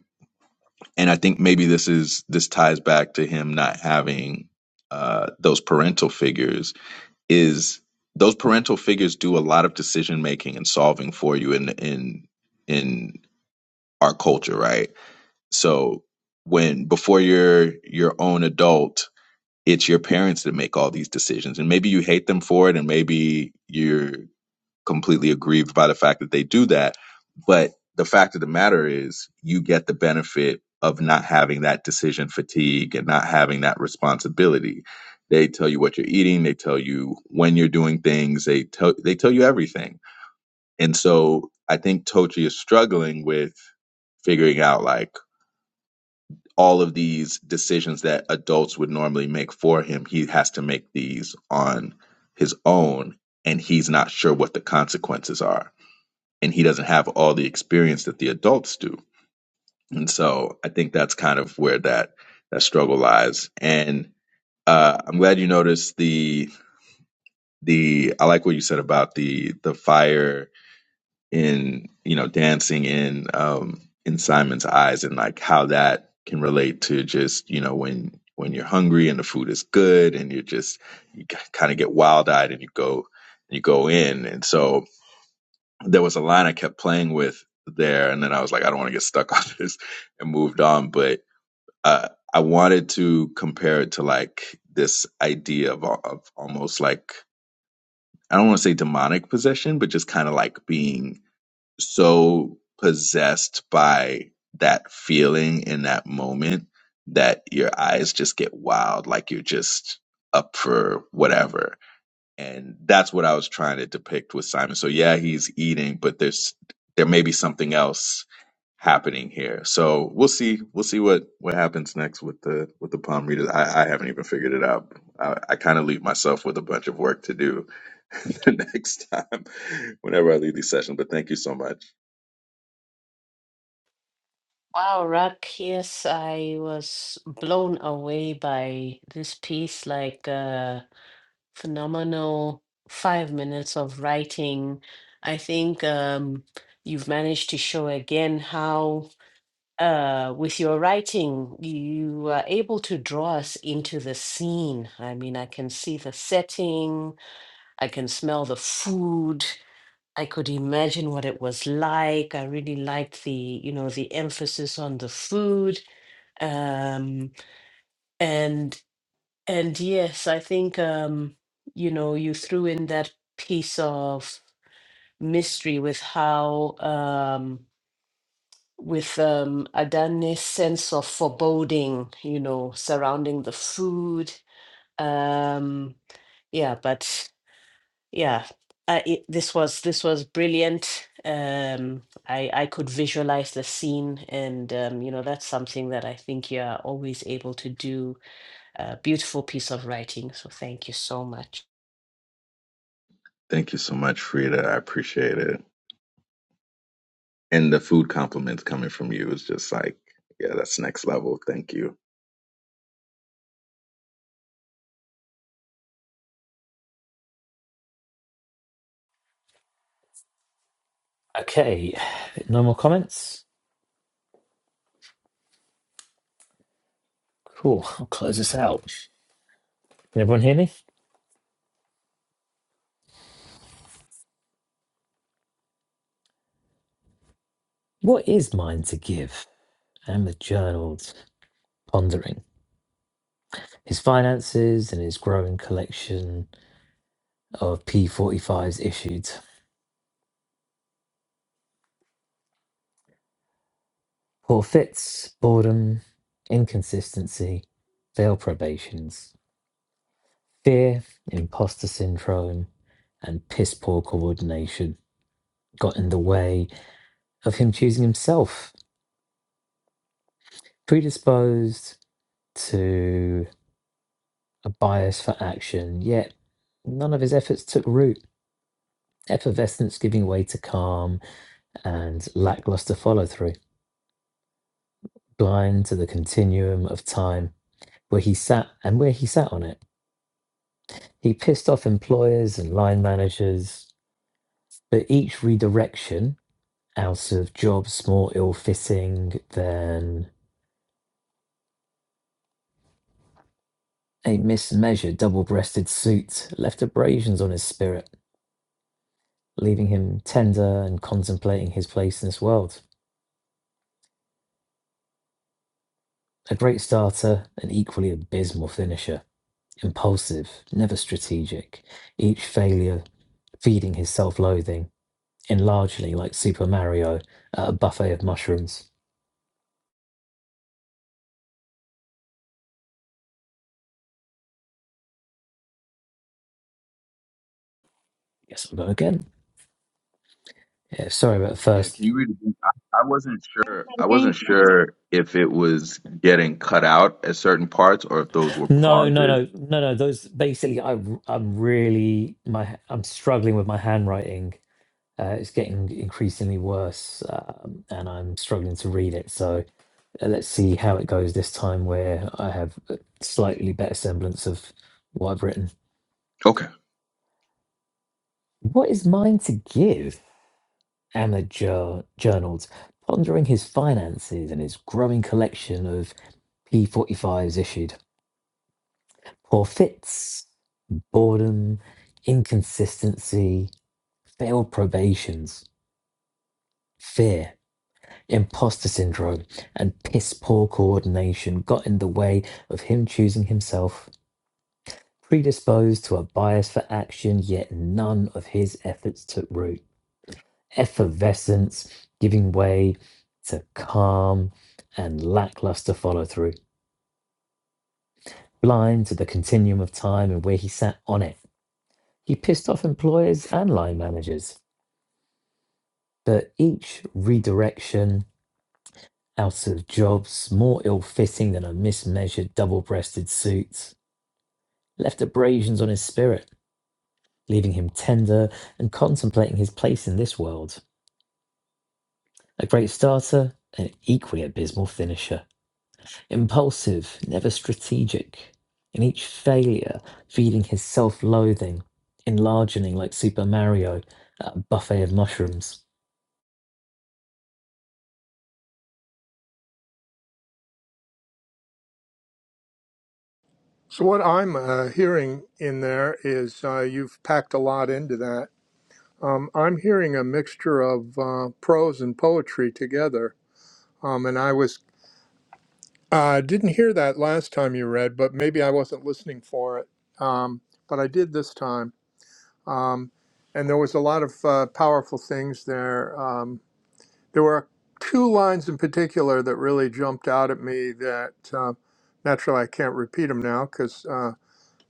and i think maybe this is this ties back to him not having uh those parental figures is those parental figures do a lot of decision making and solving for you in in in our culture, right? So when before you're your own adult, it's your parents that make all these decisions, and maybe you hate them for it, and maybe you're completely aggrieved by the fact that they do that. But the fact of the matter is, you get the benefit of not having that decision fatigue and not having that responsibility. They tell you what you're eating, they tell you when you're doing things, they tell they tell you everything. And so I think Tochi is struggling with figuring out like all of these decisions that adults would normally make for him, he has to make these on his own and he's not sure what the consequences are and he doesn't have all the experience that the adults do. And so I think that's kind of where that that struggle lies. And uh, I'm glad you noticed the the I like what you said about the the fire in you know dancing in um, in Simon's eyes and like how that can relate to just you know when when you're hungry and the food is good and you're just you kind of get wild eyed and you go you go in. And so there was a line I kept playing with there, and then I was like, I don't want to get stuck on this, and moved on. But uh, I wanted to compare it to like this idea of, uh, of almost like I don't want to say demonic possession, but just kind of like being so possessed by that feeling in that moment that your eyes just get wild, like you're just up for whatever and that's what I was trying to depict with Simon. So yeah, he's eating, but there's there may be something else happening here. So we'll see. We'll see what what happens next with the with the palm readers. I, I haven't even figured it out. I, I kind of leave myself with a bunch of work to do the next time whenever I leave these sessions. But thank you so much. wow Rak, yes i was blown away by this piece like uh phenomenal five minutes of writing. I think um, you've managed to show again how, uh, with your writing, you are able to draw us into the scene. I mean, I can see the setting, I can smell the food. I could imagine what it was like. I really liked the, you know, the emphasis on the food. Um, and. And yes, I think um, you know, you threw in that piece of mystery with how um with um Adan's sense of foreboding, you know, surrounding the food. Um yeah, but yeah, uh, it, this was this was brilliant. Um I I could visualize the scene and um you know, that's something that I think you're always able to do. A beautiful piece of writing, so thank you so much. Thank you so much, Frida. I appreciate it. And the food compliments coming from you is just like, yeah, that's next level. Thank you. Okay, no more comments? Cool, I'll close this out. Can everyone hear me? What is mine to give? And the journal's pondering his finances and his growing collection of P45s issued. Poor fits, boredom, inconsistency, failed probations, fear, imposter syndrome, and piss poor coordination got in the way of him choosing himself. Predisposed to. a bias for action, yet none of his efforts took root, effervescence giving way to calm and lackluster follow through, blind to the continuum of time where he sat and where he sat on it. He pissed off employers and line managers, but each redirection out of jobs more ill fitting than a mismeasured double breasted suit left abrasions on his spirit, leaving him tender and contemplating his place in this world. A great starter, an equally abysmal finisher. Impulsive, never strategic. Each failure feeding his self loathing, enlargingly like Super Mario at a buffet of mushrooms. Guess I'll go again. Yeah, sorry about the Yeah, can first. you read it? I, I wasn't sure. I Again, wasn't please. sure if it was getting cut out at certain parts or if those were No, no, pauses. no, no, no. Those basically, I, I'm really my I'm struggling with my handwriting. Uh, it's getting increasingly worse, um, and I'm struggling to read it. So and let's see how it goes this time where I have a slightly better semblance of what I've written. Okay. What is mine to give? Anna jour- journaled, pondering his finances and his growing collection of P45s issued. Poor fits, boredom, inconsistency, failed probations, fear, imposter syndrome, and piss poor coordination got in the way of him choosing himself predisposed to a bias for action, yet none of his efforts took root. Effervescence giving way to calm and lackluster follow through, blind to the continuum of time and where he sat on it. He pissed off employers and line managers, but each redirection out of jobs, more ill fitting than a mismeasured double breasted suit, left abrasions on his spirit, leaving him tender and contemplating his place in this world. A great starter, an equally abysmal finisher. Impulsive, never strategic. In each failure, feeding his self loathing, enlarging like Super Mario at a buffet of mushrooms. So what I'm uh, hearing in there is uh, you've packed a lot into that. Um, I'm hearing a mixture of uh, prose and poetry together, um, and I was uh, didn't hear that last time you read, but maybe I wasn't listening for it. Um, but I did this time, um, and there was a lot of uh, powerful things there. Um, there were two lines in particular that really jumped out at me. That uh, naturally I can't repeat them now because.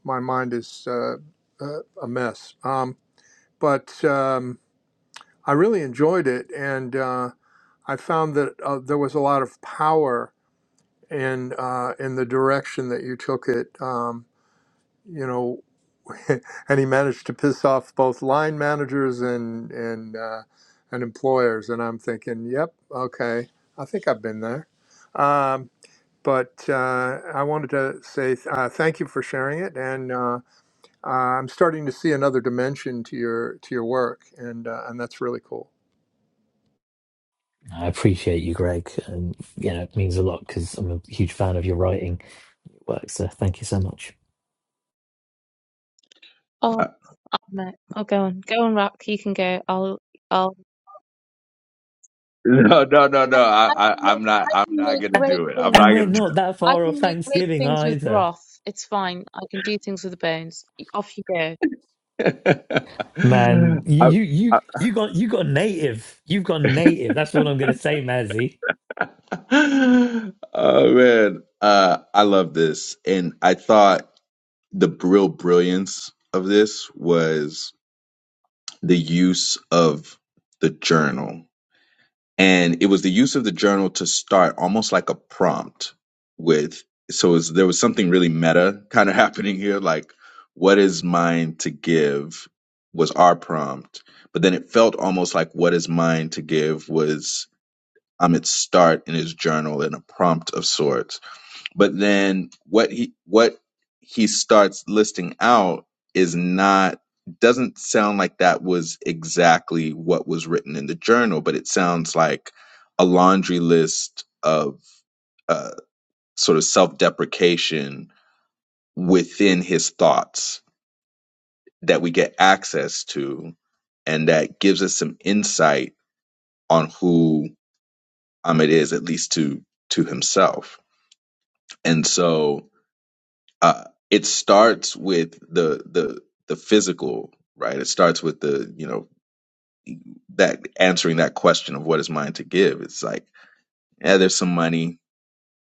my mind is uh, uh, a mess. Um, but um, I really enjoyed it, and uh, I found that uh, there was a lot of power in uh, in the direction that you took it. Um, you know, and he managed to piss off both line managers and and uh, and employers. And I'm thinking, yep, okay, I think I've been there. Um, but uh, I wanted to say uh, thank you for sharing it, and. Uh, uh, I'm starting to see another dimension to your to your work, and uh, and that's really cool. I appreciate you, Greg. And, you know, it means a lot because I'm a huge fan of your writing. It works, so thank you so much. Oh, Uh, no. Oh, go on. Go on, Rock. You can go. I'll. I'll. No, no, no, I, no. I, I can I, I'm make not. I can I'm not make gonna great do it. I'm things. And not we're gonna do not that I far off can make great Thanksgiving things with either. broth. It's fine. I can do things with the bones. Off you go. Man, it. you I, you you I, you got you got native. You've gone native. That's all I'm gonna say, Mazzy. oh man, uh, I love this, and I thought the real brilliance of this was the use of the journal and it was the use of the journal to start almost like a prompt with so it was, there was something really meta kind of happening here like what is mine to give was our prompt but then it felt almost like what is mine to give was um its start in his journal and a prompt of sorts but then what he what he starts listing out is not doesn't sound like that was exactly what was written in the journal, but it sounds like a laundry list of uh, sort of self deprecation within his thoughts that we get access to, and that gives us some insight on who Ahmed is, at least to to himself. And so uh, it starts with the the the physical, right? It starts with the you know that answering that question of what is mine to give. It's like yeah, there's some money,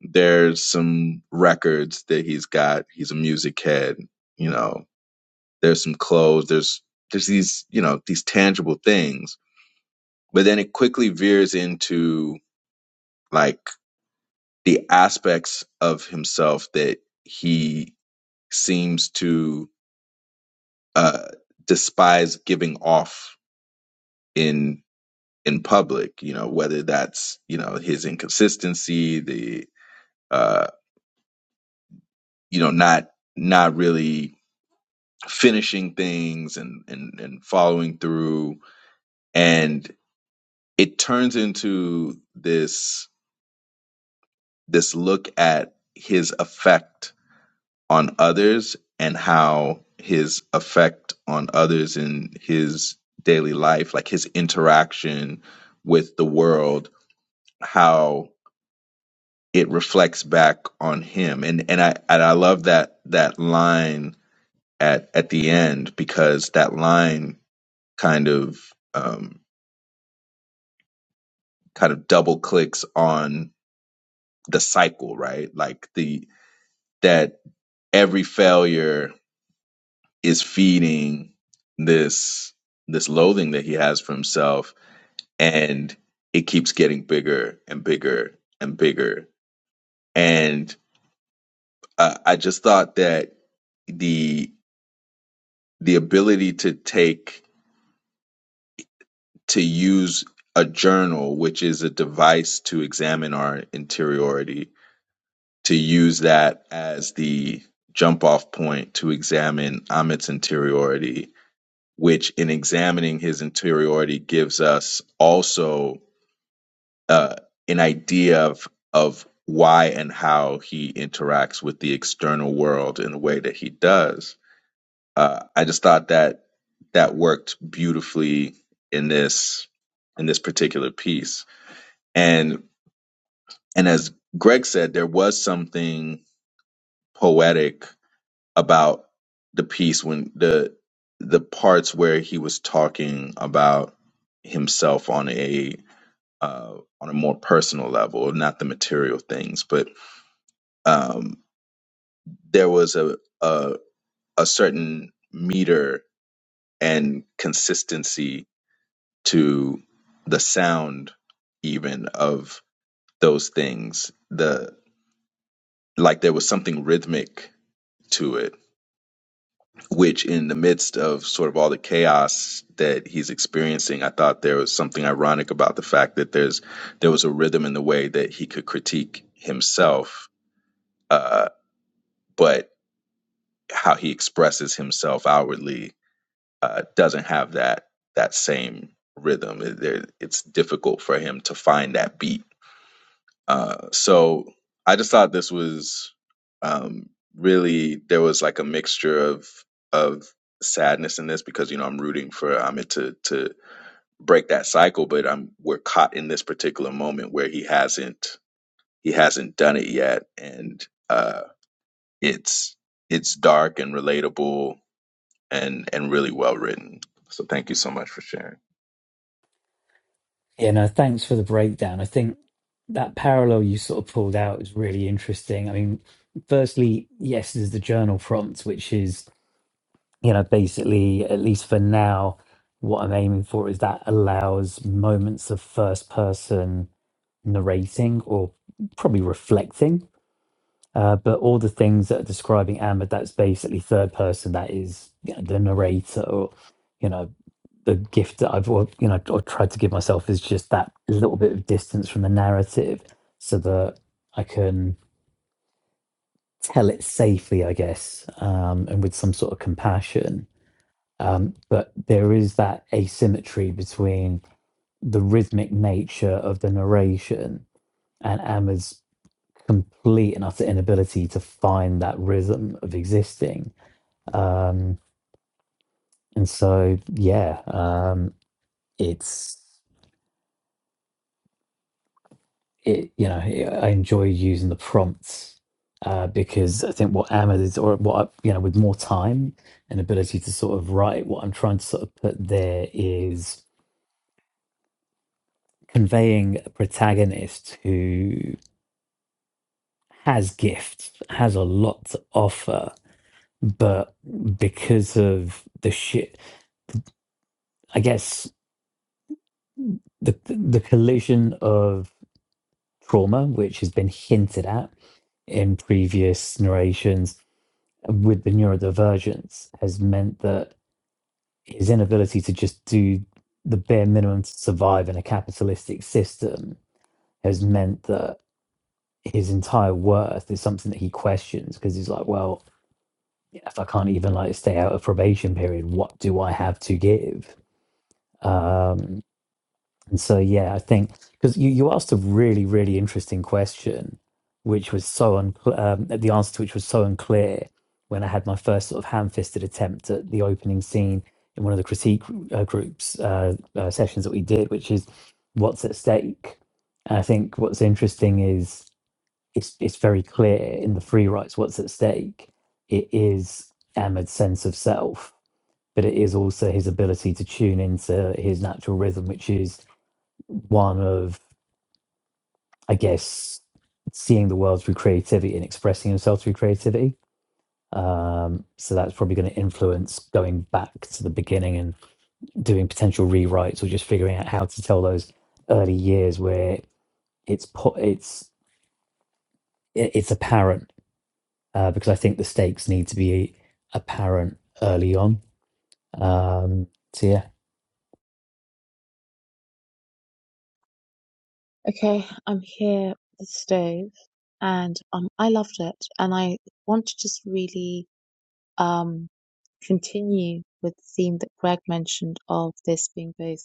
there's some records that he's got. He's a music head, you know. There's some clothes. There's there's these you know these tangible things, but then it quickly veers into like the aspects of himself that he seems to uh, despise giving off in in public. You know, whether that's you know his inconsistency, the uh, you know not not really finishing things and and and following through, and it turns into this this look at his effect on others and how his effect on others in his daily life like his interaction with the world how it reflects back on him. And and I and I love that that line at at the end because that line kind of um kind of double clicks on the cycle, right? Like the that every failure is feeding this this loathing that he has for himself and it keeps getting bigger and bigger and bigger. And uh, I just thought that the the ability to take to use a journal which is a device to examine our interiority to use that as the jump off point to examine amit's interiority which in examining his interiority gives us also uh, an idea of of why and how he interacts with the external world in the way that he does Uh, I just thought that that worked beautifully in this in this particular piece. And and as Greg said, there was something poetic about the piece when the the parts where he was talking about himself on a uh, on a more personal level, not the material things, but um, there was a, a a certain meter and consistency to the sound even of those things the like there was something rhythmic to it which in the midst of sort of all the chaos that he's experiencing i thought there was something ironic about the fact that there's there was a rhythm in the way that he could critique himself uh but how he expresses himself outwardly uh doesn't have that that same rhythm It- there, it's difficult for him to find that beat Uh, so I just thought this was um, really there was like a mixture of of sadness in this because you know I'm rooting for Amit to to break that cycle, but I'm we're caught in this particular moment where he hasn't he hasn't done it yet, and uh, it's it's dark and relatable and and really well written. So thank you so much for sharing. Yeah, no, thanks for the breakdown. I think that parallel you sort of pulled out is really interesting. I mean, firstly, yes, there's the journal prompt, which is, you know, basically, at least for now, what I'm aiming for is that allows moments of first person narrating or probably reflecting. Uh, but all the things that are describing Ahmed, that's basically third person, that is you know, the narrator or, you know, the gift that I've al- you know or tried to give myself is just that little bit of distance from the narrative, so that I can tell it safely, I guess, um, and with some sort of compassion. Um, but there is that asymmetry between the rhythmic nature of the narration and Emma's complete and utter inability to find that rhythm of existing. Um, and so, yeah, um, it's it you know i enjoy using the prompts uh, because i think what amazon is or what I, you know with more time and ability to sort of write what i'm trying to sort of put there is conveying a protagonist who has gifts has a lot to offer but because of the shit i guess the the collision of trauma which has been hinted at in previous narrations with the neurodivergence has meant that his inability to just do the bare minimum to survive in a capitalistic system has meant that his entire worth is something that he questions because he's like, well, if I can't even like stay out of probation period, what do I have to give? Um, And so, yeah, I think because you, you asked a really, really interesting question, which was so unclear, um, the answer to which was so unclear when I had my first sort of ham fisted attempt at the opening scene in one of the critique uh, groups uh, uh, sessions that we did, which is what's at stake. And I think what's interesting is it's, it's very clear in the free rights what's at stake. It is Ahmed's sense of self, but it is also his ability to tune into his natural rhythm, which is one of, I guess, seeing the world through creativity and expressing himself through creativity. Um, so that's probably going to influence going back to the beginning and doing potential rewrites or just figuring out how to tell those early years where it's po- it's i- it's apparent uh, because I think the stakes need to be apparent early on. Um, so yeah. Okay, I'm here with the Stove, and um, I loved it, and I want to just really um continue with the theme that Greg mentioned of this being both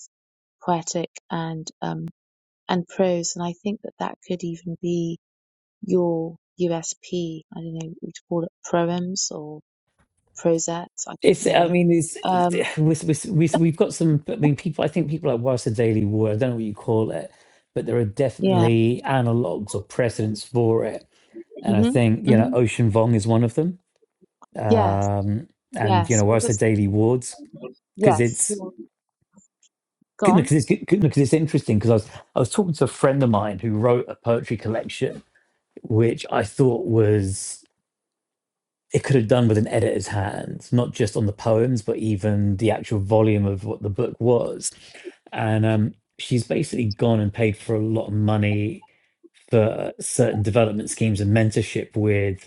poetic and um and prose, and I think that that could even be your USP. I don't know, we'd call it proems or prosettes. I It's, don't I know. mean, it's, Um, with, with, with, we've got some, I mean, people, I think people like whilst the Daily War, I don't know what you call it, but there are yeah. definitely analogues or precedents for it. And I Mhm. think, you know, Mhm. Ocean Vong is one of them. Yes. Um, and, you know, Yes. whilst the Because Daily Wards, because yes. it's, Go on. because it's, because it's interesting, because I was, I was talking to a friend of mine who wrote a poetry collection, which I thought was it could have done with an editor's hand, not just on the poems, but even the actual volume of what the book was. And um, she's basically gone and paid for a lot of money for certain development schemes and mentorship with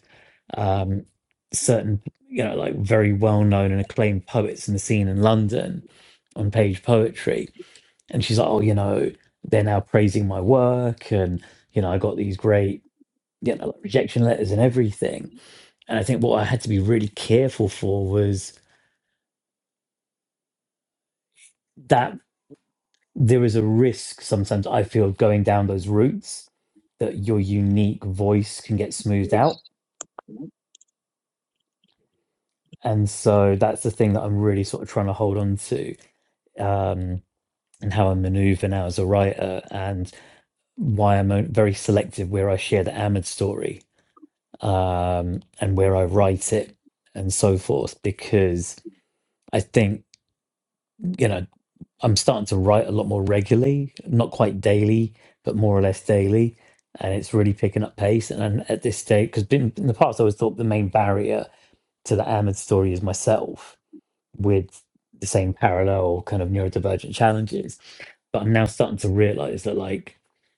um, certain, you know, like very well known and acclaimed poets in the scene in London on page poetry. And she's like, oh, you know, they're now praising my work. And, you know, I got these great, you know, like rejection letters and everything and I think what I had to be really careful for was that there is a risk sometimes I feel going down those routes that your unique voice can get smoothed out. And so that's the thing that I'm really sort of trying to hold on to um, and how I maneuver now as a writer and why I'm o- very selective where I share the Ahmed story um, and where I write it and so forth. Because I think, you know, I'm starting to write a lot more regularly, not quite daily, but more or less daily, and it's really picking up pace. And I'm at this stage, because in, in the past I always thought the main barrier to the Ahmed story is myself with the same parallel kind of neurodivergent challenges, but I'm now starting to realize that like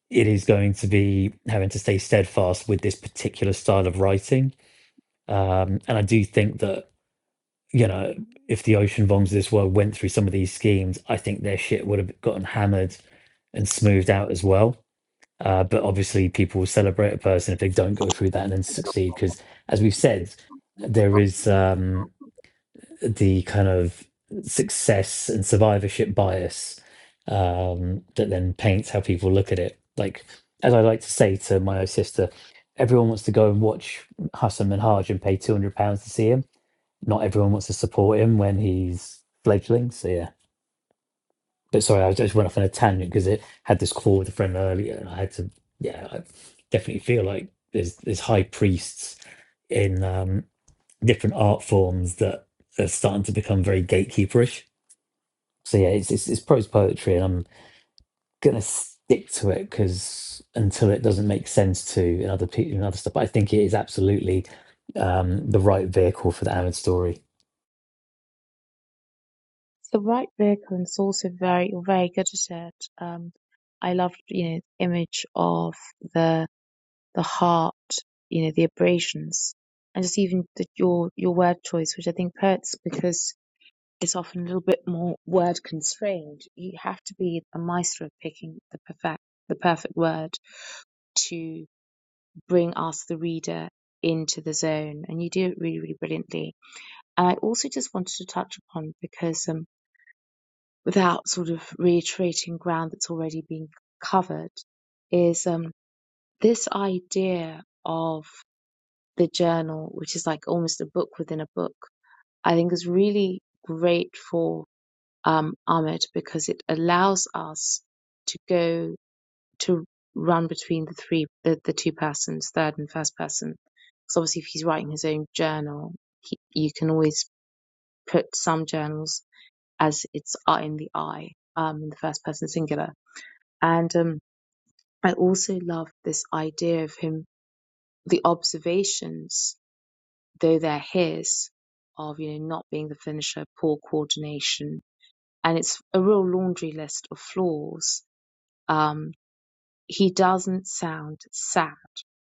it is going to be having to stay steadfast with this particular style of writing. Um, and I do think that you know, if the ocean bombs of this world went through some of these schemes, I think their shit would have gotten hammered and smoothed out as well. Uh, but obviously, people will celebrate a person if they don't go through that and then succeed. Because, as we've said, there is um, the kind of success and survivorship bias um, that then paints how people look at it. Like, as I like to say to my sister, everyone wants to go and watch Hassam and Minhaj and pay £200 to see him not everyone wants to support him when he's fledgling. So yeah, but sorry, I just went off on a tangent because it had this call with a friend earlier, and I had to yeah, I definitely feel like there's there's high priests in um, different art forms that are starting to become very gatekeeperish. So yeah, it's it's, it's prose poetry, and I'm gonna stick to it because until it doesn't make sense to in other people and other stuff, but I think it is absolutely um, the right vehicle for the Amid story. So right vehicle is also very very good at it. Um, I love you know the image of the the heart, you know the abrasions, and just even the, your your word choice, which I think hurts because it's often a little bit more word constrained. You have to be a maestro of picking the perfect the perfect word to bring us the reader into the zone, and you do it really really brilliantly. And I also just wanted to touch upon because um without sort of reiterating ground that's already been covered is um, this idea of the journal, which is like almost a book within a book, I think is really great for um, Ahmed because it allows us to go to run between the three, the, the two persons, third and first person. Because obviously, if he's writing his own journal, he, you can always put some journals as it's I in the I, um, in the first person singular And um, I also love this idea of him, the observations, though they're his, of, you know, not being the finisher, poor coordination. And it's a real laundry list of flaws. Um, he doesn't sound sad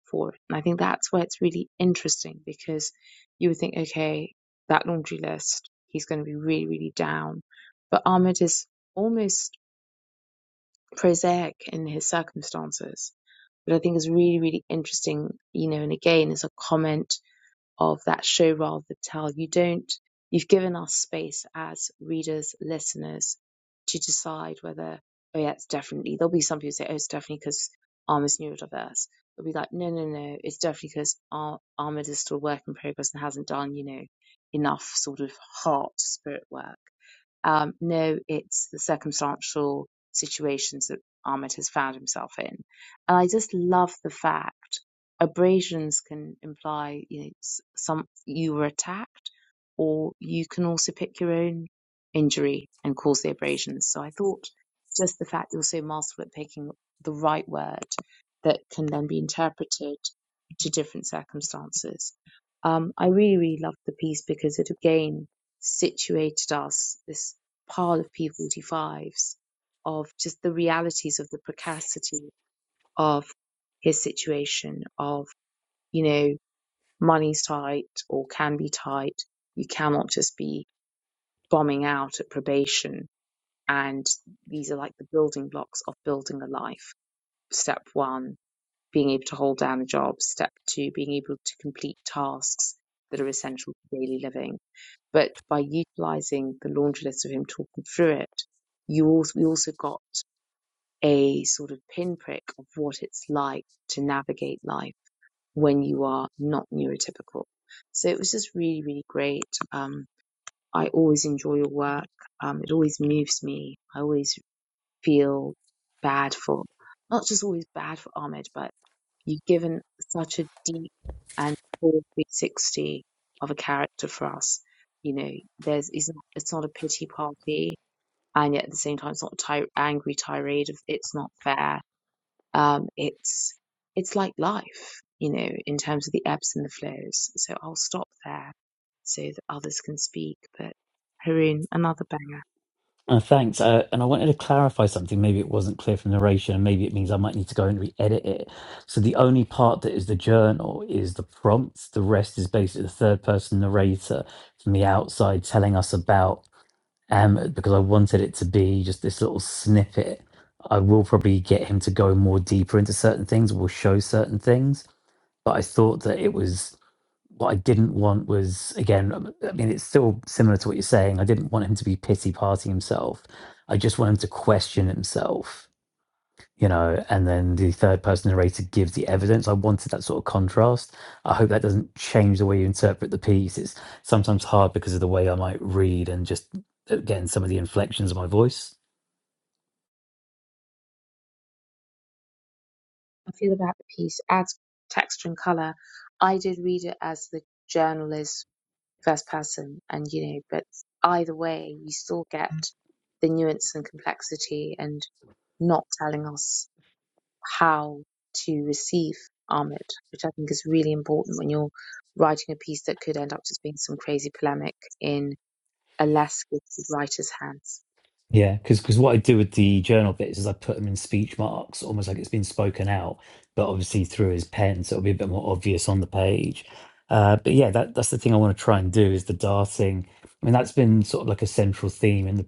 for it. And I think that's where it's really interesting because you would think, okay, that laundry list, he's going to be really, really down. But Ahmed is almost prosaic in his circumstances But I think it's really, really interesting, you know, and again, it's a comment of that show rather than tell. You don't, you've given us space as readers, listeners to decide whether, oh yeah, it's definitely, there'll be some people who say, oh, it's definitely because Arm is neurodiverse. They'll be like, no, no, no, it's definitely because Ar- Ahmed is still a work in progress and hasn't done, you know, enough sort of heart spirit work. Um, no, it's the circumstantial situations that Ahmed has found himself in. And I just love the fact abrasions can imply, you know, s- some you were attacked, or you can also pick your own injury and cause the abrasions. So I thought just the fact you're so masterful at picking the right word that can then be interpreted to different circumstances. Um, I really, really loved the piece because it again situated us. This pile of P45s of just the realities of the precarity of his situation of, you know, money's tight or can be tight. You cannot just be bombing out at probation. And these are like the building blocks of building a life. Step one being able to hold down a job, step two, being able to complete tasks that are essential for daily living. But by utilizing the laundry list of him talking through it, you also, we also got a sort of pinprick of what it's like to navigate life when you are not neurotypical. So it was just really, really great. Um, I always enjoy your work. Um, it always moves me. I always feel bad for, not just always bad for Ahmed, but You've given such a deep and full 360 of a character for us. You know, there's it's not, it's not a pity party, and yet at the same time, it's not a ty- angry tirade of it's not fair. Um, it's it's like life, you know, in terms of the ebbs and the flows. So I'll stop there so that others can speak. But Haroon, another banger. Uh, thanks. Uh, and I wanted to clarify something. Maybe it wasn't clear from the narration, and maybe it means I might need to go and re edit it. So, the only part that is the journal is the prompt. The rest is basically the third person narrator from the outside telling us about Ahmed because I wanted it to be just this little snippet. I will probably get him to go more deeper into certain things, will show certain things. But I thought that it was what I didn't want was again, um, I mean, it's still similar to what you're saying. I didn't want him to be pity party himself. I just want him to question himself, you know, and then the third person narrator gives the evidence. I wanted that sort of contrast. I hope that doesn't change the way you interpret the piece. It's sometimes hard because of the way I might read and just again some of the inflections of my voice. I feel about the piece adds texture and color. I did read it as the journalist first person and you know but either way you still get the nuance and complexity and not telling us how to receive Ahmed, which I think is really important when you're writing a piece that could end up just being some crazy polemic in a less gifted writer's hands. Yeah, because because what I do with the journal bits is I put them in speech marks, almost like it's been spoken out, but obviously through his pen, so it'll be a bit more obvious on the page. Uh, but yeah, that that's the thing I want to try and do is the darting. I mean, that's been sort of like a central theme in the,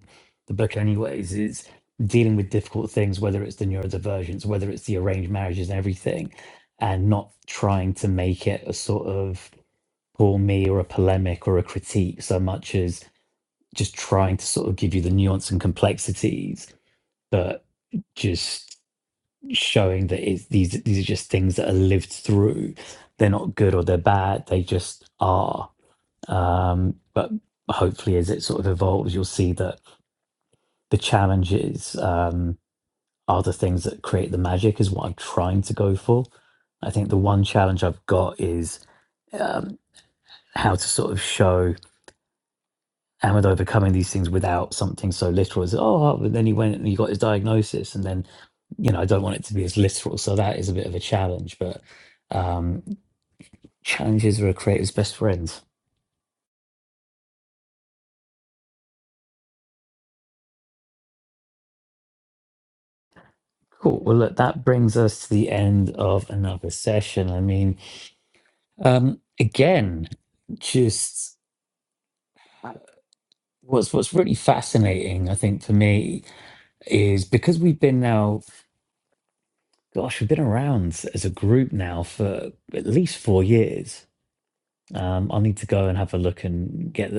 the book, anyways, is dealing with difficult things, whether it's the neurodivergence, whether it's the arranged marriages and everything, and not trying to make it a sort of call me or a polemic or a critique so much as just trying to sort of give you the nuance and complexities, but just showing that it's, these these are just things that are lived through. They're not good or they're bad. They just are. Um, but hopefully, as it sort of evolves, you'll see that the challenges um, are the things that create the magic. Is what I'm trying to go for. I think the one challenge I've got is um, how to sort of show and with overcoming these things without something so literal as oh well," but then he went and he got his diagnosis and then you know i don't want it to be as literal so that is a bit of a challenge but um challenges are a creator's best friends cool well look that brings us to the end of another session i mean um again just uh, what's what's really fascinating i think for me is because we've been now gosh we've been around as a group now for at least four years Um, I'll need to go and have a look and get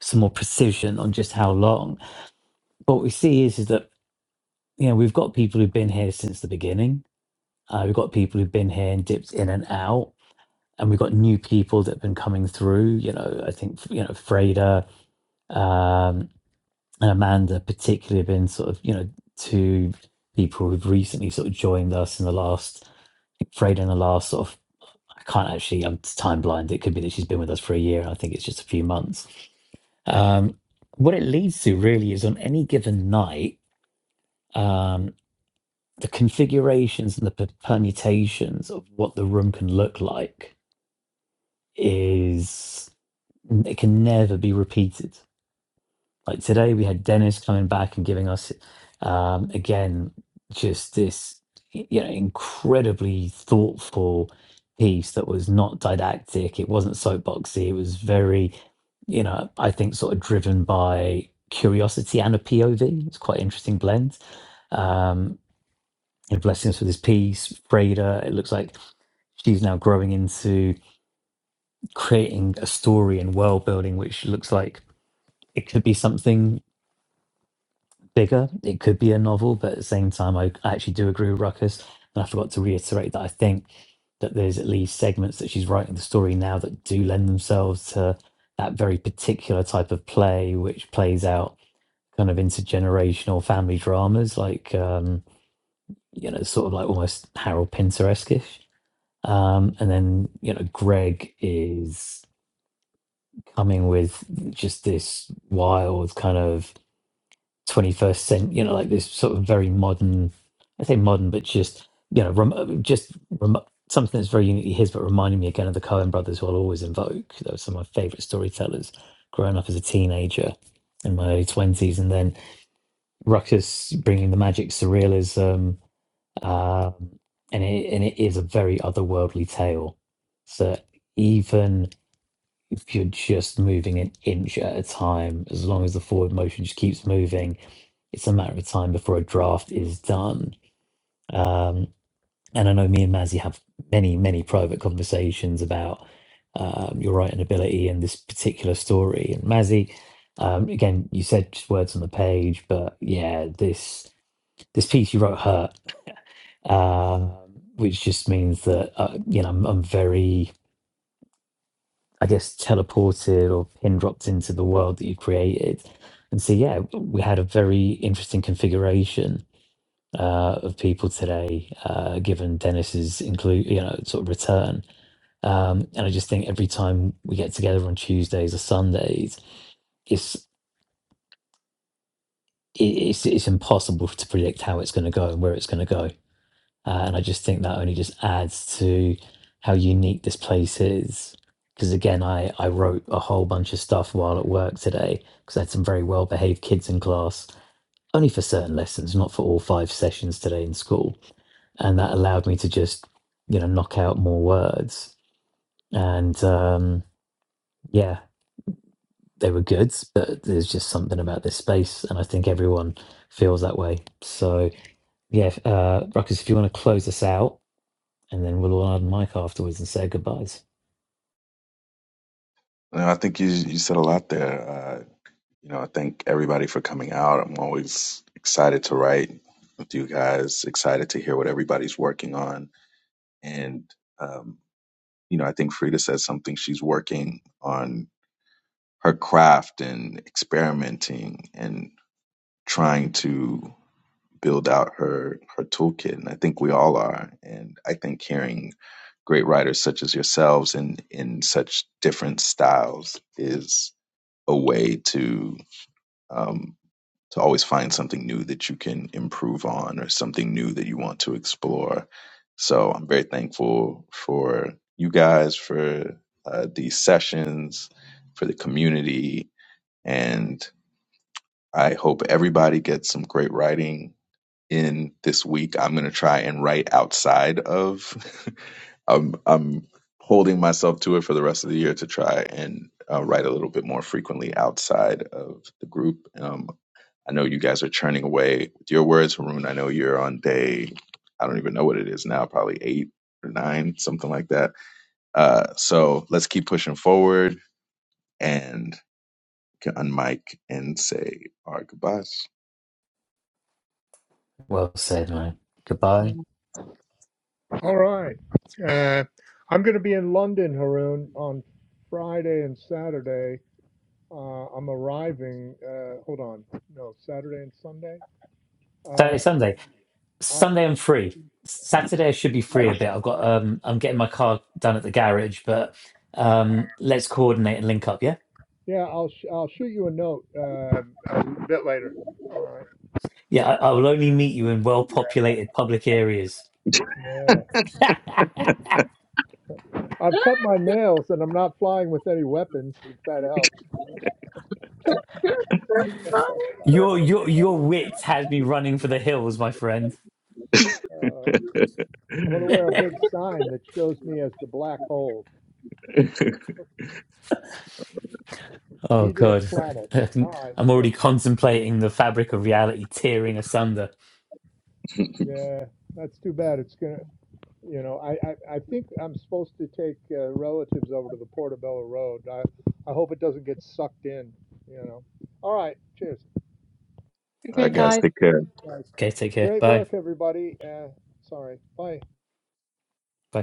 some more precision on just how long. But what we see is, is that you know we've got people who've been here since the beginning. Uh, we've got people who've been here and dipped in and out, and we've got new people that have been coming through. You know, I think you know Freda um, and Amanda particularly have been sort of you know two people who've recently sort of joined us in the last. I think Freda in the last sort of I can't actually I'm time blind. It could be that she's been with us for a year. I think it's just a few months Um, what it leads to really is on any given night, um, the configurations and the p- permutations of what the room can look like is it can never be repeated. Like today, we had Dennis coming back and giving us, um, again, just this, you know, incredibly thoughtful piece that was not didactic. It wasn't soapboxy. It was very, you know, I think sort of driven by curiosity and a POV. It's quite an interesting blend. Um, and blessing us with this piece, Freda. It looks like she's now growing into creating a story and world building, which looks like it could be something bigger. It could be a novel, but at the same time, I I actually do agree with Ruckus. And I forgot to reiterate that I think that there's at least segments that she's writing the story now that do lend themselves to that very particular type of play, which plays out kind of intergenerational family dramas, like um, you know, sort of like almost Harold Pinter-esque-ish. Um, and then you know, Greg is coming with just this wild kind of 21st century, you know, like this sort of very modern, I say modern, but just, you know, rem- just rem- something that's very uniquely his, but reminding me again of the Coen brothers who I'll always invoke. They were some of my favorite storytellers growing up as a teenager in my early 20s. And then Ruckus bringing the magic surrealism. Um, and, it, and it is a very otherworldly tale. So even if you're just moving an inch at a time, as long as the forward motion just keeps moving, it's a matter of time before a draft is done. Um, and I know me and Mazzy have many, many private conversations about um, your writing ability and this particular story. And Mazzy, um, again, you said just words on the page, but yeah, this this piece you wrote hurt, um, which just means that uh, you know I'm, I'm very I guess, teleported or pin dropped into the world that you created. And so, yeah, we had a very interesting configuration uh, of people today, uh, given Dennis's include, you know, sort of return. Um, and I just think every time we get together on Tuesdays or Sundays, it's it- it's it's impossible to predict how it's going to go and where it's going to go. Uh, and I just think that only just adds to how unique this place is. Because again, I, I wrote a whole bunch of stuff while at work today because I had some very well behaved kids in class, only for certain lessons, not for all five sessions today in school. And that allowed me to just, you know, knock out more words. And um, yeah, they were good, but there's just something about this space. And I think everyone feels that way. So yeah, uh, Ruckus, if you want to close us out. and then we'll all have a mic afterwards and say goodbyes. No, I think you you said a lot there, You know, I thank everybody for coming out. I'm always excited to write with you guys, excited to hear what everybody's working on. And, um, you know, I think Frida said something she's working on her craft and experimenting and trying to build out her, her toolkit. And I think we all are. And I think hearing great writers such as yourselves and in such different styles is a way to, um, to always find something new that you can improve on or something new that you want to explore. So I'm very thankful for you guys, for uh, these sessions, for the community. And I hope everybody gets some great writing in this week. I'm going to try and write outside of, I'm, I'm holding myself to it for the rest of the year to try and uh, write a little bit more frequently outside of the group. Um, I know you guys are churning away with your words, Haroon. I know you're on day, I don't even know what it is now, probably eight or nine, something like that. Uh, so let's keep pushing forward and can unmic and say our goodbyes. Well said, man. Goodbye. All right. Uh, I'm going to be in London, Haroon, on Friday and Saturday. Uh, I'm arriving. Uh, hold on. No, Saturday and Sunday. Saturday, Uh, Sunday. I, Sunday I, I'm free. Saturday I should be free a bit. I've got um I'm getting my car done at the garage, but um let's coordinate and link up, yeah? yeah, I'll sh- I'll shoot you a note um a bit later. All right. Yeah, I, I will only meet you in well populated public areas. Yeah. I've cut my nails and I'm not flying with any weapons. If that helps. Your your your wit has me running for the hills, my friend. Uh, I'm going to wear a big sign that shows me as the black hole, Oh eater god. of planets. All right, I'm already good. contemplating the fabric of reality tearing asunder. All Yeah, that's too bad. It's going to, you know, I, I, I think I'm supposed to take uh, relatives over to the Portobello Road. I, I hope it doesn't get sucked in, you know. All right, cheers. okay, right, Hey, guys. guys, take care. Guys. okay, take care. Great Bye. work, everybody. Uh, sorry. Bye. Bye.